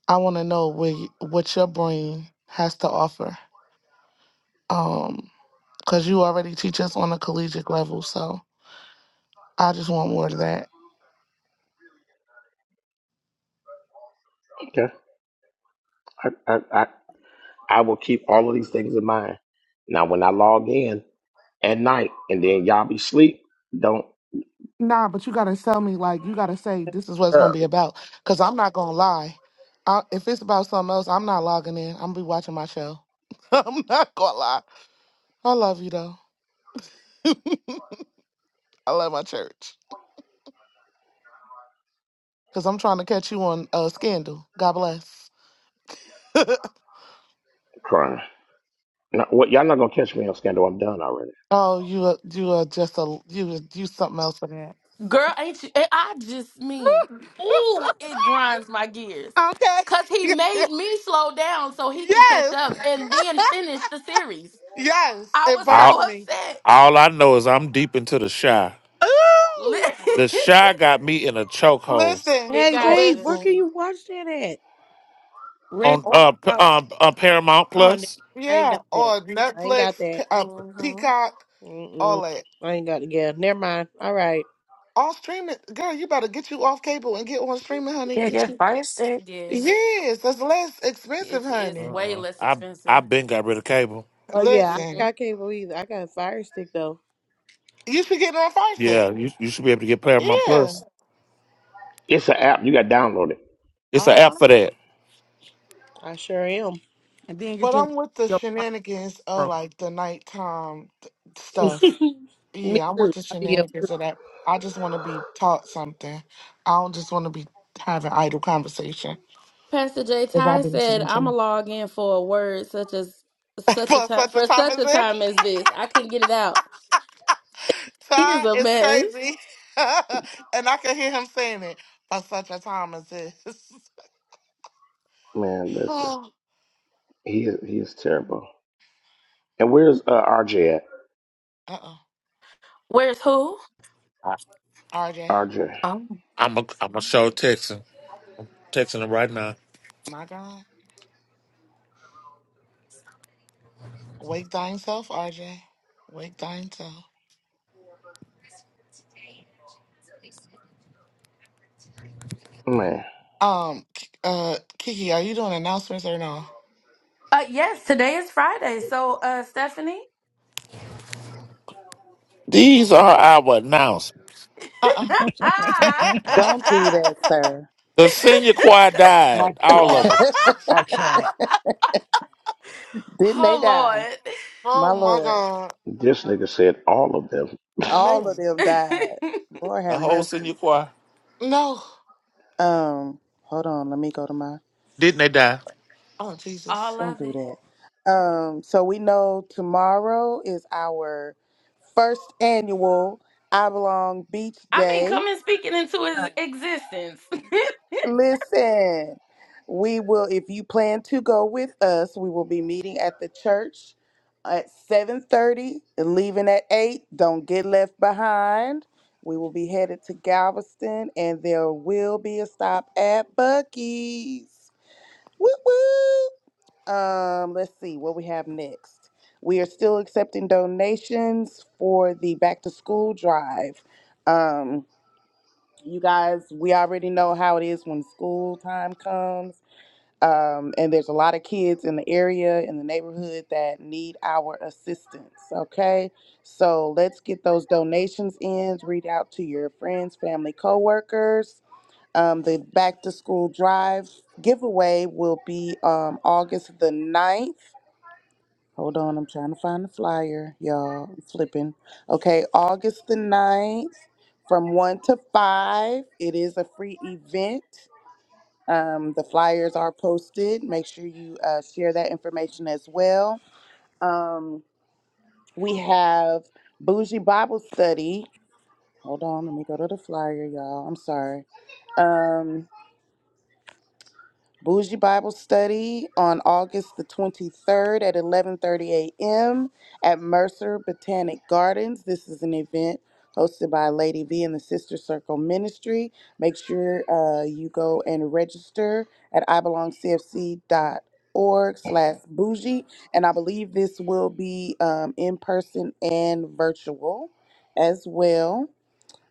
I want to know where you, what your brain has to offer. Um, because you already teach us on a collegiate level, so I just want more of that. Okay. I, I, I, I will keep all of these things in mind. Now, when I log in at night and then y'all be sleep, don't Nah, but you gotta tell me, like, you gotta say this is what it's gonna be about. Cause I'm not gonna lie. I, if it's about something else, I'm not logging in. I'm gonna be watching my show. (laughs) I'm not gonna lie. I love you though. (laughs) I love my church. Cause I'm trying to catch you on uh, Scandal. God bless. (laughs) cry. No, what, y'all not going to catch me on scandal. I'm done already. oh, you are, you are just a you you something else for that. (laughs) okay. (laughs) yes. (laughs) yes. It burns All, me. all I know is I'm deep into the shy. Ooh. The shy got me in a chokehold Listen, Hey, Oh, wait, where can listen. you watch that at? Red, on Or, uh, p- out, um, uh, Paramount Oh, no, Plus. I ain't yeah, got that. or I ain't Netflix, got that. P- uh, Peacock, all Mm-mm. that. I ain't got it. Yeah, never mind. All right. All streaming. Girl, you better get you off cable and get on streaming, honey. Yeah, Get get you. fire stick. Yes, that's less expensive, honey. Uh-uh. I I been got rid of cable. Oh, yeah, I ain't Listen, got cable either. I got a fire stick, though. you should get on Farsight. Yeah, you you should be able to get Paramount Yeah. Plus. It's an app. You got to download it. It's an Uh-huh. app for that. I sure am. and then get But your I'm with the your. shenanigans of like the nighttime th- stuff. Me Yeah, I'm with too. the i be up too. shenanigans of that. I just want to be taught something. I don't just want to be having idle conversation. Because I've been listening to him. (laughs) for such a time as this. Time is crazy. (laughs) and I can hear him saying it for such a time as this. (laughs) Man, listen. uh He is, he is terrible. And where's uh, RJ at? oh. I, RJ, RJ. I'm a I'm a show texting texting them right now. my God. Wake thine self, RJ. Wake thine self. Man, Um, K- uh, Kiki, are you doing announcements or no? These are our announcements. Uh (laughs) I uh Don't (laughs) do that, sir. The senior choir died. All of them. can't. I can't. Didn't they die? oh My my Lord, God. this nigga said all of them. all of Man. them died. Lord The have whole mercy. senior choir. No. Um, hold on. Let me go to my Didn't they die? Oh, Jesus. Don't do that. Um, so we know tomorrow is our first annual I Belong Beach Day. Listen, we will, if you plan to go with us, we will be meeting at the church at 7.30 and leaving at 8. Don't get left behind. We will be headed to Galveston and there will be a stop at Bucky's. Woo woo! Um, let's see what we have next. We are still accepting donations for the back to school drive. Um, you guys, we already know how it is when school time comes. Um, and there's a lot of kids in the area, in the neighborhood that need our assistance. Okay. So let's get those donations in, read out to your friends, family, coworkers. Um, the back to school drive giveaway will be um, August the ninth. Hold on, I'm trying to find the flyer, y'all. I'm flipping. Okay, August the ninth, from 1 to 5. It is a free event. Um, the flyers are posted. Make sure you uh, share that information as well. Um, we have Bougie Bible Study. Hold on, let me go to the flyer, y'all. I'm sorry. Um, Bougie Bible Study on August the 23rd at 11:30 a.m. at Mercer Botanic Gardens. This is an event hosted by Lady V and the Sister Circle Ministry. Make sure uh, you go and register at ibelongcfc.org slash bougie. And I believe this will be um, in person and virtual as well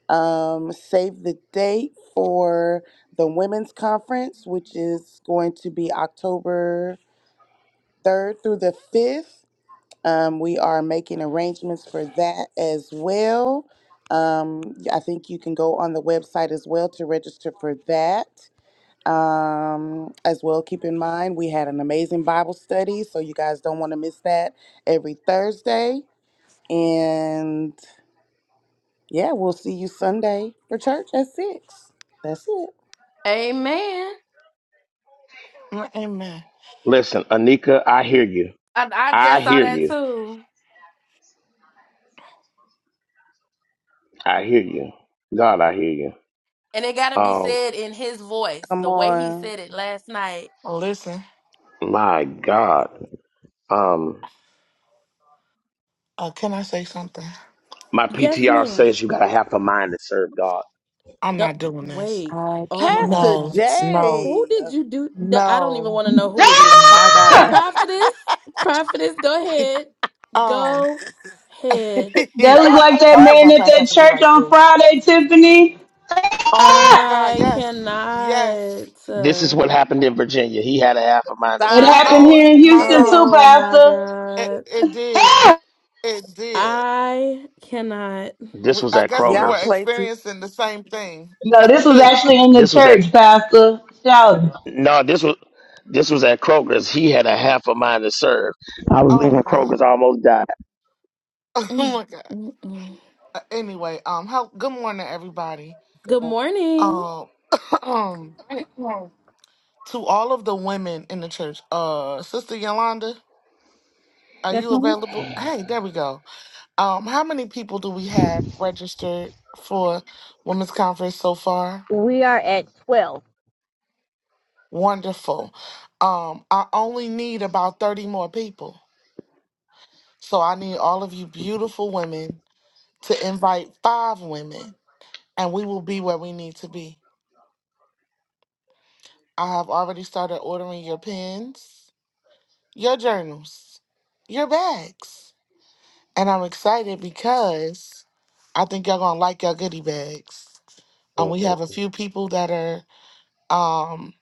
um, save the date for the women's conference, which is going to be October 3rd through the 5th. Um, we are making arrangements for that as well. Um, I think you can go on the website as well to register for that. Um, as well, keep in mind we had an amazing Bible study, so you guys don't want to miss that every Thursday. And yeah, we'll see you Sunday for church at six. That's it. Mm, Amen. Listen, Anika, I hear you. I hear you. I hear you. God, I hear you. Oh Come on. Listen, my God. Um, uh, can I say something? my PTR says you got a half a mind to serve God. I'm not doing this. I Pastor No, can't. no, J. no. Ah! My God. It, um, (laughs) That look like that why does man our at past that have to be church like on this? Friday, Tiffany. (laughs) Oh my Ah! God! Yes, yes. This is what happened in Virginia. He had a half a mind to It serve Stop the happened Lord. here in Oh my Houston it. too, God! Pastor. It it did. It did. This We, was I at guess we Y'all were Kroger's. play too experiencing the same thing. No, this (laughs) was actually in the This was at church, Pastor. Shout. no. This was this was at Kroger's. He had a half a mind to serve. I was oh leaving God! Kroger's. I almost died. (laughs) Oh my God! Uh, Anyway, um, how, good morning, everybody. much. Um, (coughs) (clears throat) to Yeah. all of the women in the church. Uh, Sister Yolanda. Are Yes, you ma'am. available? Hey, there we go. Um, how many people do we have registered for women's conference so far? We are at 12. Wonderful. Um, I only need about 30 more people. So I need all of you beautiful women to invite five women and we will be where we need to be. I have already started ordering your pens, your journals, your bags. And I'm excited because I think y'all gonna like your goodie bags. Um, we have a few people that are um,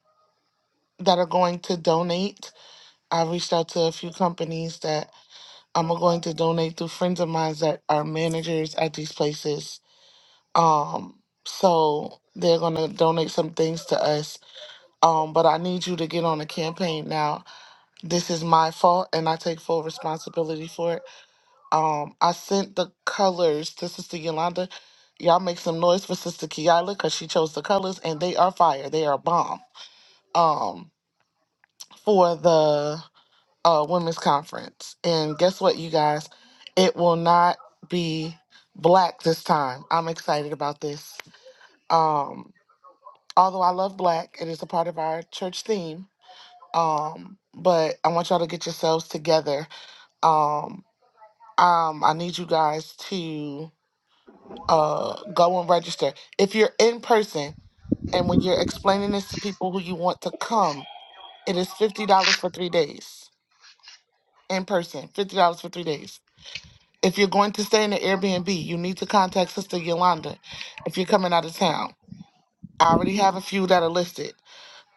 that are going to donate. I reached out to a few companies that um, are going to donate through friends of mine that are managers at these places. Um, so they're going to donate some things to us. Um, but I need you to get on a campaign now. This is my fault, and I take full responsibility for it. Um, I sent the colors to Sister Yolanda. Y'all make some noise for Sister Kiala because she chose the colors, and they are fire. They are bomb. um for the uh women's conference. And guess what you guys? It will not be black this time. I'm excited about this. Um although I love black, it is a part of our church theme. Um but I want y'all to get yourselves together. Um um I need you guys to uh go and register. If you're in person and when you're explaining this to people who you want to come, it is $50 for 3 days in person, $50 for three days. If you're going to stay in the Airbnb, you need to contact Sister Yolanda if you're coming out of town. I already have a few that are listed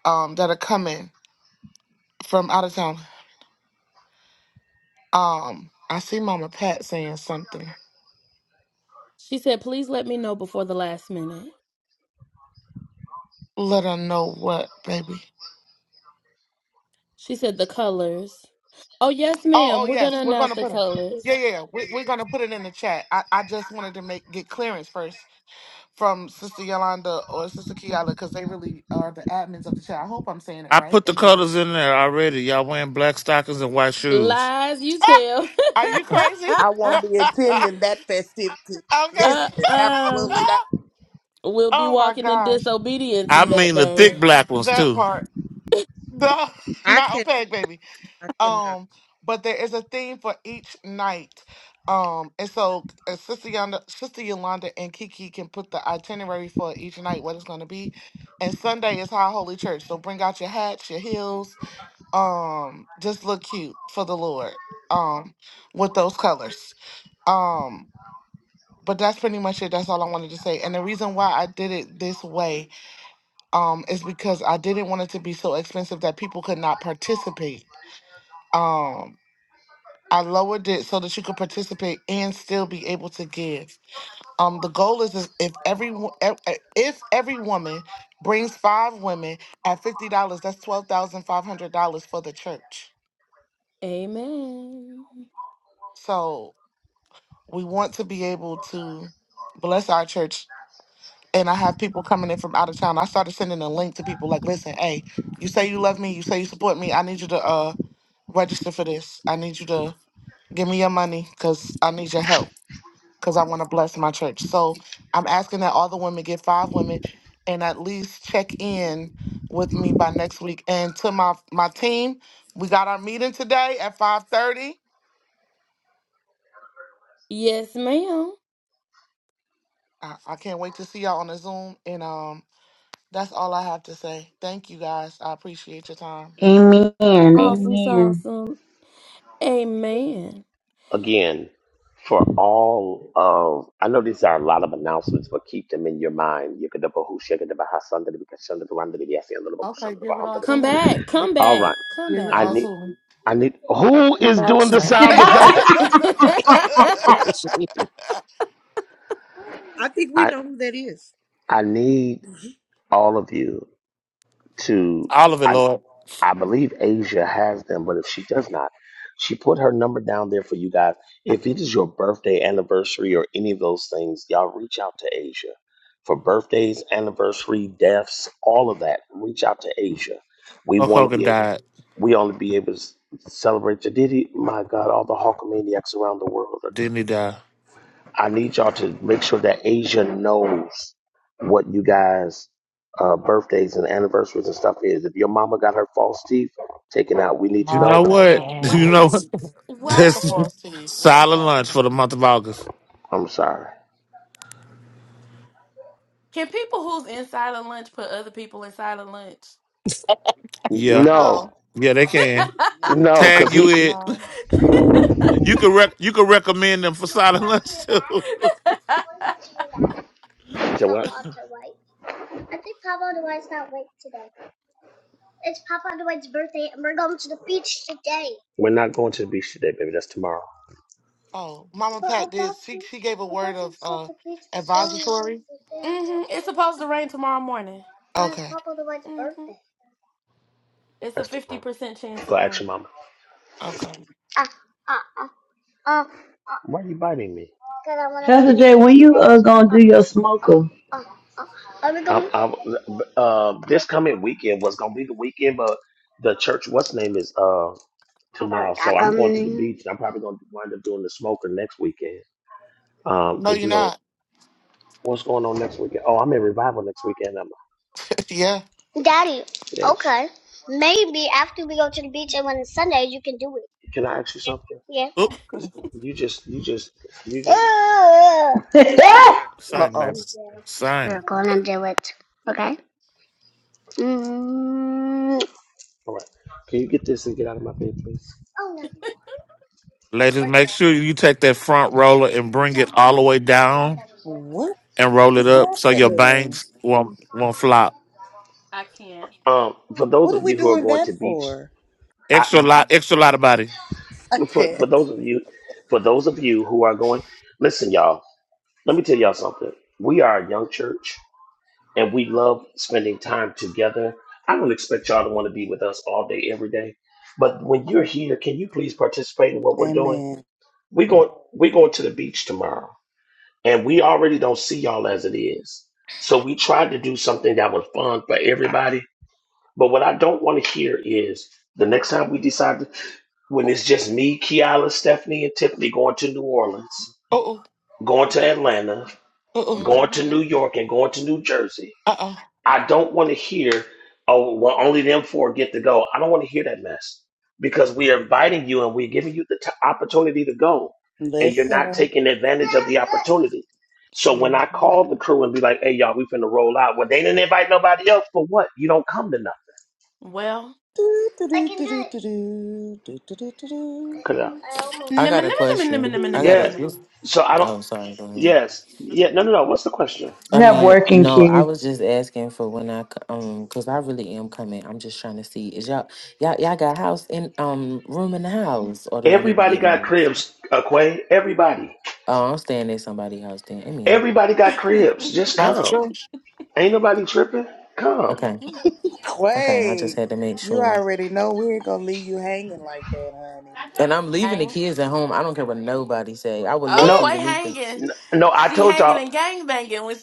um, that are coming from out of town. Um, I see Mama Pat saying something. Let her know what, baby. Oh, oh yes, we're gonna put it. Yeah, yeah, yeah. we, we're gonna put it in the chat. I, I just wanted to make get clearance first from Sister Yolanda or Sister Kiala because they really are the admins of the chat. I hope I'm saying it I right. put the Anyway, colors in there already. Y'all wearing black stockings and white shoes. (laughs) Are you crazy? I (laughs) won't okay. be attending that festivity. (laughs) Listen, absolutely not. oh my gosh. I mean the thick black ones That too. part. No, (laughs) I not can opaque, baby. I cannot. Um, but there is a theme for each night. Um, and so uh, Sister Yolanda, Sister Yolanda and Kiki can put the itinerary for each night, what it's gonna be. And Sunday is High Holy Church. So bring out your hats, your heels, um, just look cute for the Lord. Um, with those colors. Um. but that's pretty much it. That's all I wanted to say. And the reason why I did it this way um, is because I didn't want it to be so expensive that people could not participate. Um, I lowered it so that you could participate and still be able to give. Um, the goal is is if every wo- ev- eh, if every woman brings five women at fifty dollars, that's twelve thousand five hundred dollars for the church. So we want to be able to bless our church and I have people coming in from out of town. I started sending a link to people like, listen, hey, you say you love me, you say you support me. I need you to uh register for this. I need you to give me your money because I need your help because I want to bless my church. So I'm asking that all the women get five women and at least check in with me by next week. And to my my team, we got our meeting today at 5:30. I, I can't wait to see y'all on the Zoom. And um, that's all I have to say. Thank you guys. I appreciate your time. Amen. Amen. again for all of I know these are a lot of announcements, but keep them in your mind. (laughs) Yekadabahu, shekadabaha, sandadabi, kashandadabarandadabi, yasi, andadabako, Okay, give it all to him. Give, All right. give it I all need to him. I need who I'm is back, doing the sir. sound (laughs) (laughs) (laughs) effects? I think we I know who that is. I need all of you to All of it, Lord. I believe Asia has them, but if she does not, she put her number down there for you guys. If it is your birthday, anniversary, or any of those things, y'all reach out to Asia for birthdays, anniversary, deaths, all of that. Reach out to Asia. We Hulk want to Hogan be able. died. We only be able to s- celebrate the Did My God, all the Hulkamaniacs around the world Didn't he die? I need y'all to make sure that Asia knows what you guys uh, birthdays and anniversaries and stuff is. If your mama got her false teeth taken out, we need to You know know oh I my that. what? God. (laughs) You can't. know what? Not the Just false teeth. What is silent lunch happening? for the month of August. I'm sorry. N- Yeah, No, No. yeah, they can no, cause tag he. you in. Um, You can rec- you can recommend them for silent lunch too. So what? We're not going to the beach today, baby. That's tomorrow. oh, Mama Pat did. She, she gave a word of uh advisory. Okay. That's tomorrow. Go ask your mama. Okay. Why are you biting me? Pastor Jay, when you uh, gonna do your smoker? I'm, I'm, uh, this coming weekend was gonna be the weekend, but the church, what's name is? uh, tomorrow. So I'm going to the Um, beach. and I'm probably going to wind up doing the smoker next weekend. Um, No, because you're you know not. what's going on next weekend. Oh, I'm in revival next weekend. I'm (laughs) yeah. yes. Can I ask you something? (laughs) Oop, Because you just, you just, you just. (laughs) you Same, ladies. We're Same, gonna do it. Okay. All right. Can you get this and get out of my bed, please? ladies. Make sure you take that front roller and bring it all the way down What and roll it is up so your happening? bangs won't won't flop. Um, for those What of are we you who are doing going that to beach, for? Extra I lot, extra lot of body. (laughs) I for can't. for those of you, for those of you who are going, listen, y'all. Let me tell y'all something. We are a young church. and we love spending time together. I don't expect y'all to want to be with us all day, every day. But when you're here, can you please participate in what we're doing? Amen. We're going we're going to the beach tomorrow. And we already don't see y'all as it is. So we tried to do something that was fun for everybody. But what I don't want to hear is the next time we decide to, when it's just me, Kiala, Stephanie, and Tiffany going to New Orleans, Uh-oh. going to Atlanta, Uh-oh. going to New York, and going to New Jersey Uh-oh. I don't want to hear, oh, well, only them four get to go. I don't want to hear that mess because we are inviting you and we're giving you the t- opportunity to go, and you're not Listen. taking advantage of the opportunity. So when I call the crew and be like, "Hey, y'all, we finna roll out," well, they didn't invite nobody else for what? You don't come to nothing. Do, do, do, do, do, do, do, do, do, do, 'Cause I- do, I got a question. I do, got a. yeah. do. this- So I don't. Oh, sorry. Go ahead. Yes. Yeah. No. No. No. What's the question? I have mean, working no, I kids. was just asking for when I c- um, cause I really am coming. I'm just trying to see is y'all y'all y'all got house in um room in the house, or do I need to Everybody get me got one? cribs, uh, Quay. Everybody. Oh, I'm staying at somebody' house then. Amen. Everybody got cribs. Just That's come. true. (gasps) Ain't nobody tripping. Come. Okay. Okay. I just Quay, had to make you sure. already know we ain't gonna leave you hanging like that, honey. And I'm leaving the kids at home. I don't care what nobody say. I would love for No. you to meet them. N- No, I told y'all.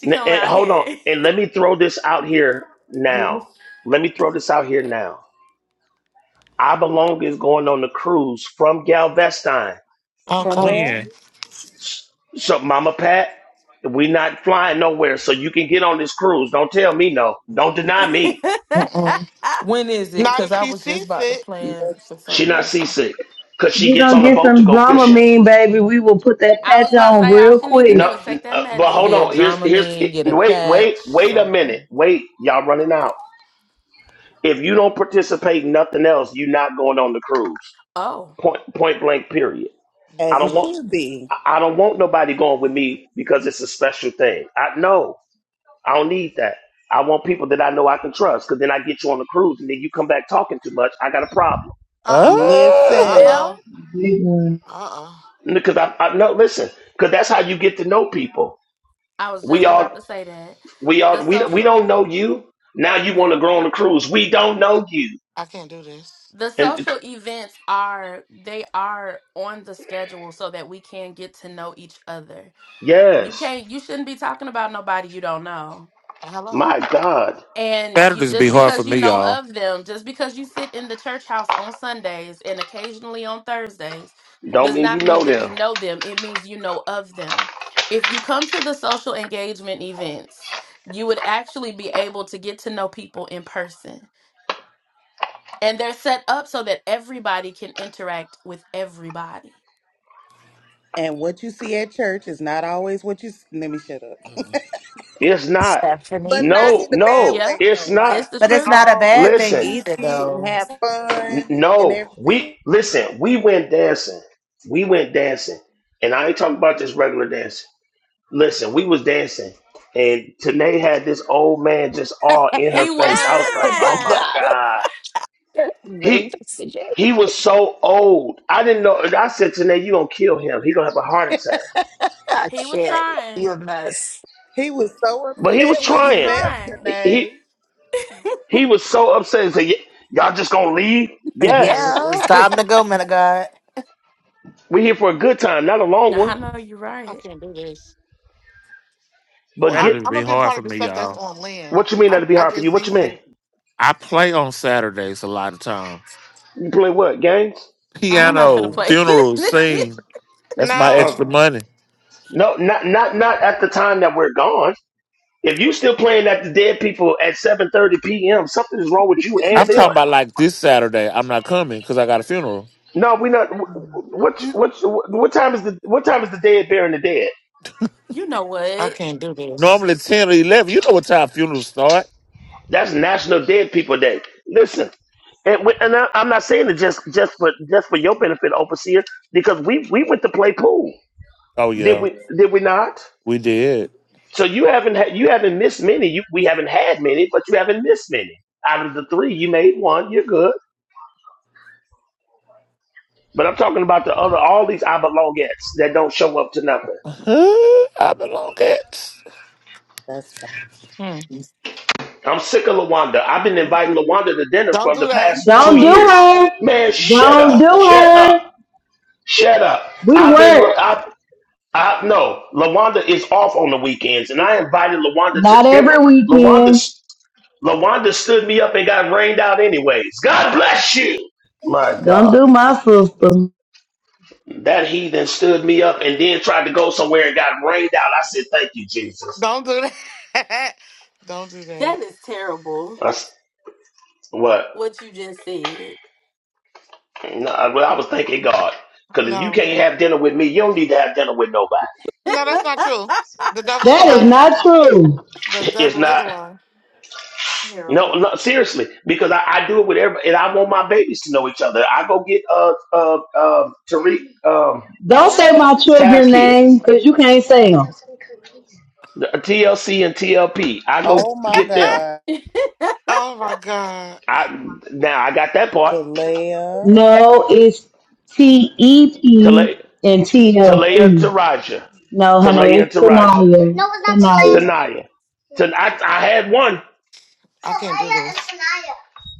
n- And hold on, and let me throw this out here Oh, yes. now. Let me throw this out here now. I belong is going on the cruise from Galveston. From okay. where? When? S- So, Mama Pat, we not flying nowhere, so you can get on this cruise. Don't tell me no. Don't deny me. Mm-mm. When is it? Not Because if I she was just sees about to it. plan for She something not else. seasick because she We're gets gonna on the get boat to some go fishing. Dramamine, baby. We will put that patch on real quick. No, n- uh, but hold Yeah, on. Here's here's eh, Dramamine, get a wait patch, wait wait a something. minute. Wait, y'all running out. If you don't participate in nothing else, you're not going on the cruise. Point point blank. Period. I As it don't want should be. I I don't want nobody going with me because it's a special thing. I know I don't need that. I want people that I know I can trust. Because then I get you on the cruise, and then you come back talking too much. I got a problem. Uh-oh. Uh, Listen, Uh-oh. Big one. Uh-oh. Because I, I no listen. Because that's how you get to know people. We all we all we we don't know you. Now you want to go on the cruise. We don't know you. I can't do this. And yes, Hello, my God, Saturdays be hard for me, y'all. don't mean you know them. and what you see at church is not always what you. s- Let me shut up. It's not. But Stephanie. not in No, the bad no, way it's though. Like not. But we it's not a all bad thing Listen. either, goofy and though. have N- fun and No, we everything. listen. We went dancing. We went dancing, and I ain't talking about just regular dancing. Listen, we was dancing, and Tanae had this old man just all in (laughs) her face. I was like, Oh my oh my God. god, Really? he That's the day. he was so old. I didn't know. and I said, Tanae, you gonna kill him. He gonna have a heart attack. I can't. You're a mess. he was so But he was upset when you trying. left He he, today. he was so upset. He said, "Y- y'all just gonna leave? Like, It Yes, Yeah, was time to go, man of God. we here for a good time, not a long one. I can't do this. Well, But I'm get Saturdays I'm be gonna be a hard part for of the me, stuff that's y'all. on land. what you mean I that'll be I hard for get you. What you mean? seasick. I play on Saturdays a lot of time. You play what games? I'm not doing piano this. funeral scene. That's my Uh, No, extra money. no, not not not at the time that we're gone. If you still playing at the dead people at seven thirty p.m., something is wrong with you and I'm talking them. about like this Saturday. I'm not coming because I got a funeral. No, we not. What what what time is the what time is the dead burying the dead? I can't do this. Normally ten or eleven. You know what time funerals start? That's National Dead People Day. Listen, and we, and I, I'm not saying it just just for just for your benefit, overseer, because we we went to play pool. Oh Did yeah, we did we not? we did. So you haven't ha- you haven't missed many. You, we haven't had many, but you haven't missed many. Out of the three, you made one. You're good. But I'm talking about the other, all these I belongettes that don't show up to nothing. (laughs) I belong it. That's fine. Hmm. I'm sick of Lawanda. I've been inviting Lawanda to dinner Don't for do the that. past two Don't Don't do do years. her. Luanda. Man, shut Don't Don't up, do do it. shut up, her. shut up. We I've been look. work. I, I no. Lawanda is off on the weekends, and I invited Lawanda to Not dinner. every weekend. Lawanda's LaWanda stood me up and got rained out anyways. God bless you. My God. Don't do my (laughs) sister. That heathen stood me up and then tried to go somewhere and got rained out. I said, "Thank you, Jesus." Don't do that. (laughs) Don't do that. I s what? No, I, well, I was thanking God because if you No, can't have dinner with me, you don't need to have dinner with nobody. no, that's not true. The devil's a That is liar. not true. The (laughs) It's devil is a not. liar. No, no, seriously, because I, I do it with everybody, and I want my babies to know each other. I go get uh uh um Tariq um Don't What? say my Tab's children's name kids, because you can't say 'em. the TLC and T L P. I go Oh my get them. (laughs) God, oh my god, I now I got that part. Delia. No, it's T E to P let. and T L Talaya and C. Taraja. No, honey, Talaya it's and Taraja. Tanaya. No, it's not Talaya. Tanaya. Tanaya. Tan- I, I had one. I can't do this.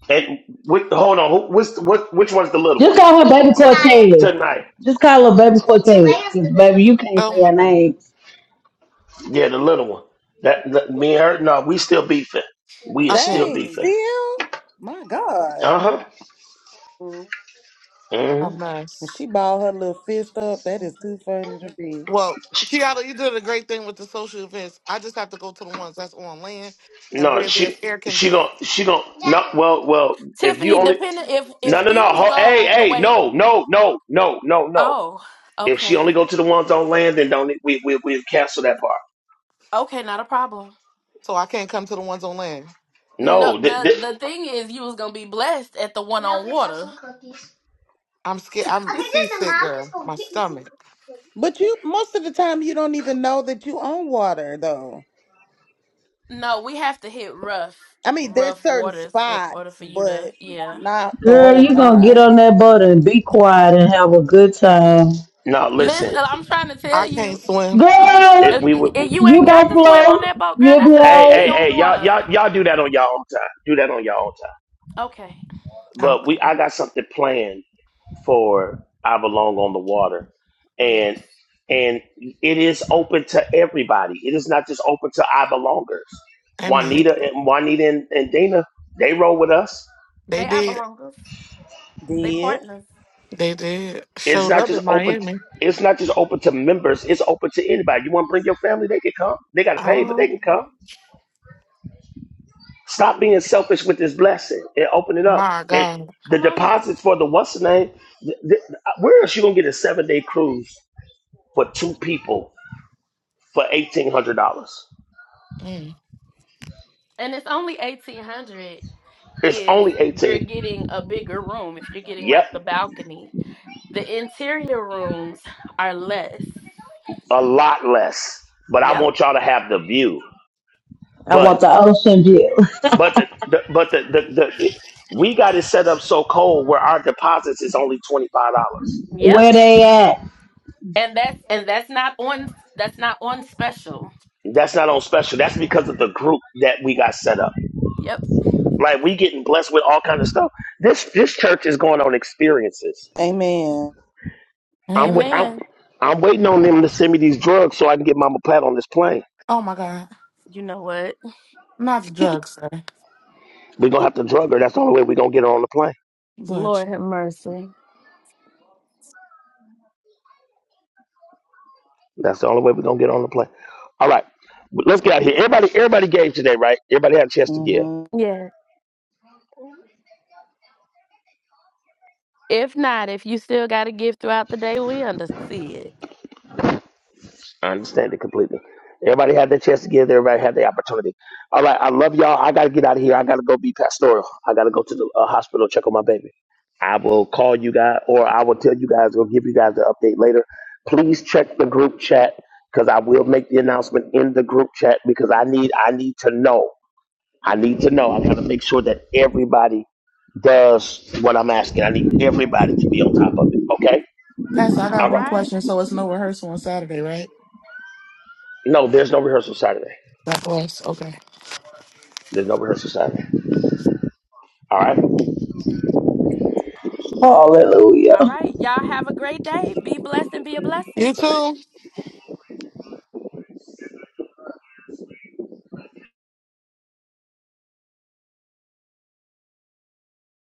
And with, hold on, who, which, what, which one's the little Just one? call her baby Cortez. Tonight. Just call her baby Cortez. 'Cause, baby, you can't Oh say her my god, name. Yeah, the little one. That, that- me and her. No, we still beefing. We are I can't. still Dang, beefing. still? My God. Uh huh. A Mm-hmm. And she mess. balled her little fist up. That is too funny to be. Well, Kiara, you did a great thing with the social events. I just have to go to the ones that's on land and No, where there's she air she don't conditioning. she don't. No, well well. If you only no no no. Ho, hey hey no no no no no no. If she only go to the ones on land, then don't we we we cancel that part. So I can't come to the ones on land. No, th- th- I'm scared. I'm seasick, girl. My stomach. But you, most of the time, you don't even know that you own water, though. I mean, there's certain spots, but not the Girl, whole you gonna get time. on that boat and be quiet and have a good time. No, listen. I can't swim. Girl, It, we would. We, you gonna float. You'll be hey, all hey, right. hey, y'all, y'all, y'all do that on y'all own time. Do that on y'all own time. But we, Okay. I got something planned for I belong on the water, and and it is open to everybody. It is not just open to I belongers. Amen. Juanita and Juanita and, and Dana, they roll with us. They did. Did? They did. It's Showed not up just in open. t- Miami. it's not just open to members. It's open to anybody. You want to bring your family? They can come. They got to pay, but they Oh can come. Stop being selfish with this blessing and open it up. my And God. the deposits for the what's the name? th- th- Where else you gonna get a seven day cruise for two people for eighteen hundred dollars? Mm. It's only eighteen. Yep, a lot less. But I want y'all to have the view. I want But the ocean view. but the, the but the, the the we got it set up so cold where our deposits is only twenty five dollars. (laughs) Where they at? That's not on special. That's because of the group that we got set up. Like we getting blessed with all kind of stuff. This this church is going on experiences. Amen. I'm Amen. wait, I'm I'm waiting on them to send me these drugs so I can get Mama Pat on this plane. Oh my God. Not the drugs, sir. We're gonna have to drug her. That's the only way we're gonna get her on the plane. Look, That's the only way we're gonna get her on the plane. All right. Let's get out of here. Everybody everybody gave today, right? Everybody had a chance to give. Mm-hmm. I understand it completely. Everybody had their chance to give. Everybody had the opportunity. All right, I love y'all. I gotta get out of here. I gotta go be pastoral. I gotta go to the uh, hospital check on my baby. I will call you guys, or I will tell you guys, or give you guys the update later. Please check the group chat because I will make the announcement in the group chat because I need I need to know. I need to know. I gotta make sure that everybody does what I'm asking. I need everybody to be on top of it. Okay. Pastor, I got All one right. question. So it's no rehearsal on Saturday, right? No, there's no rehearsal Saturday. That was okay. There's no rehearsal Saturday. All right. Hallelujah. You too.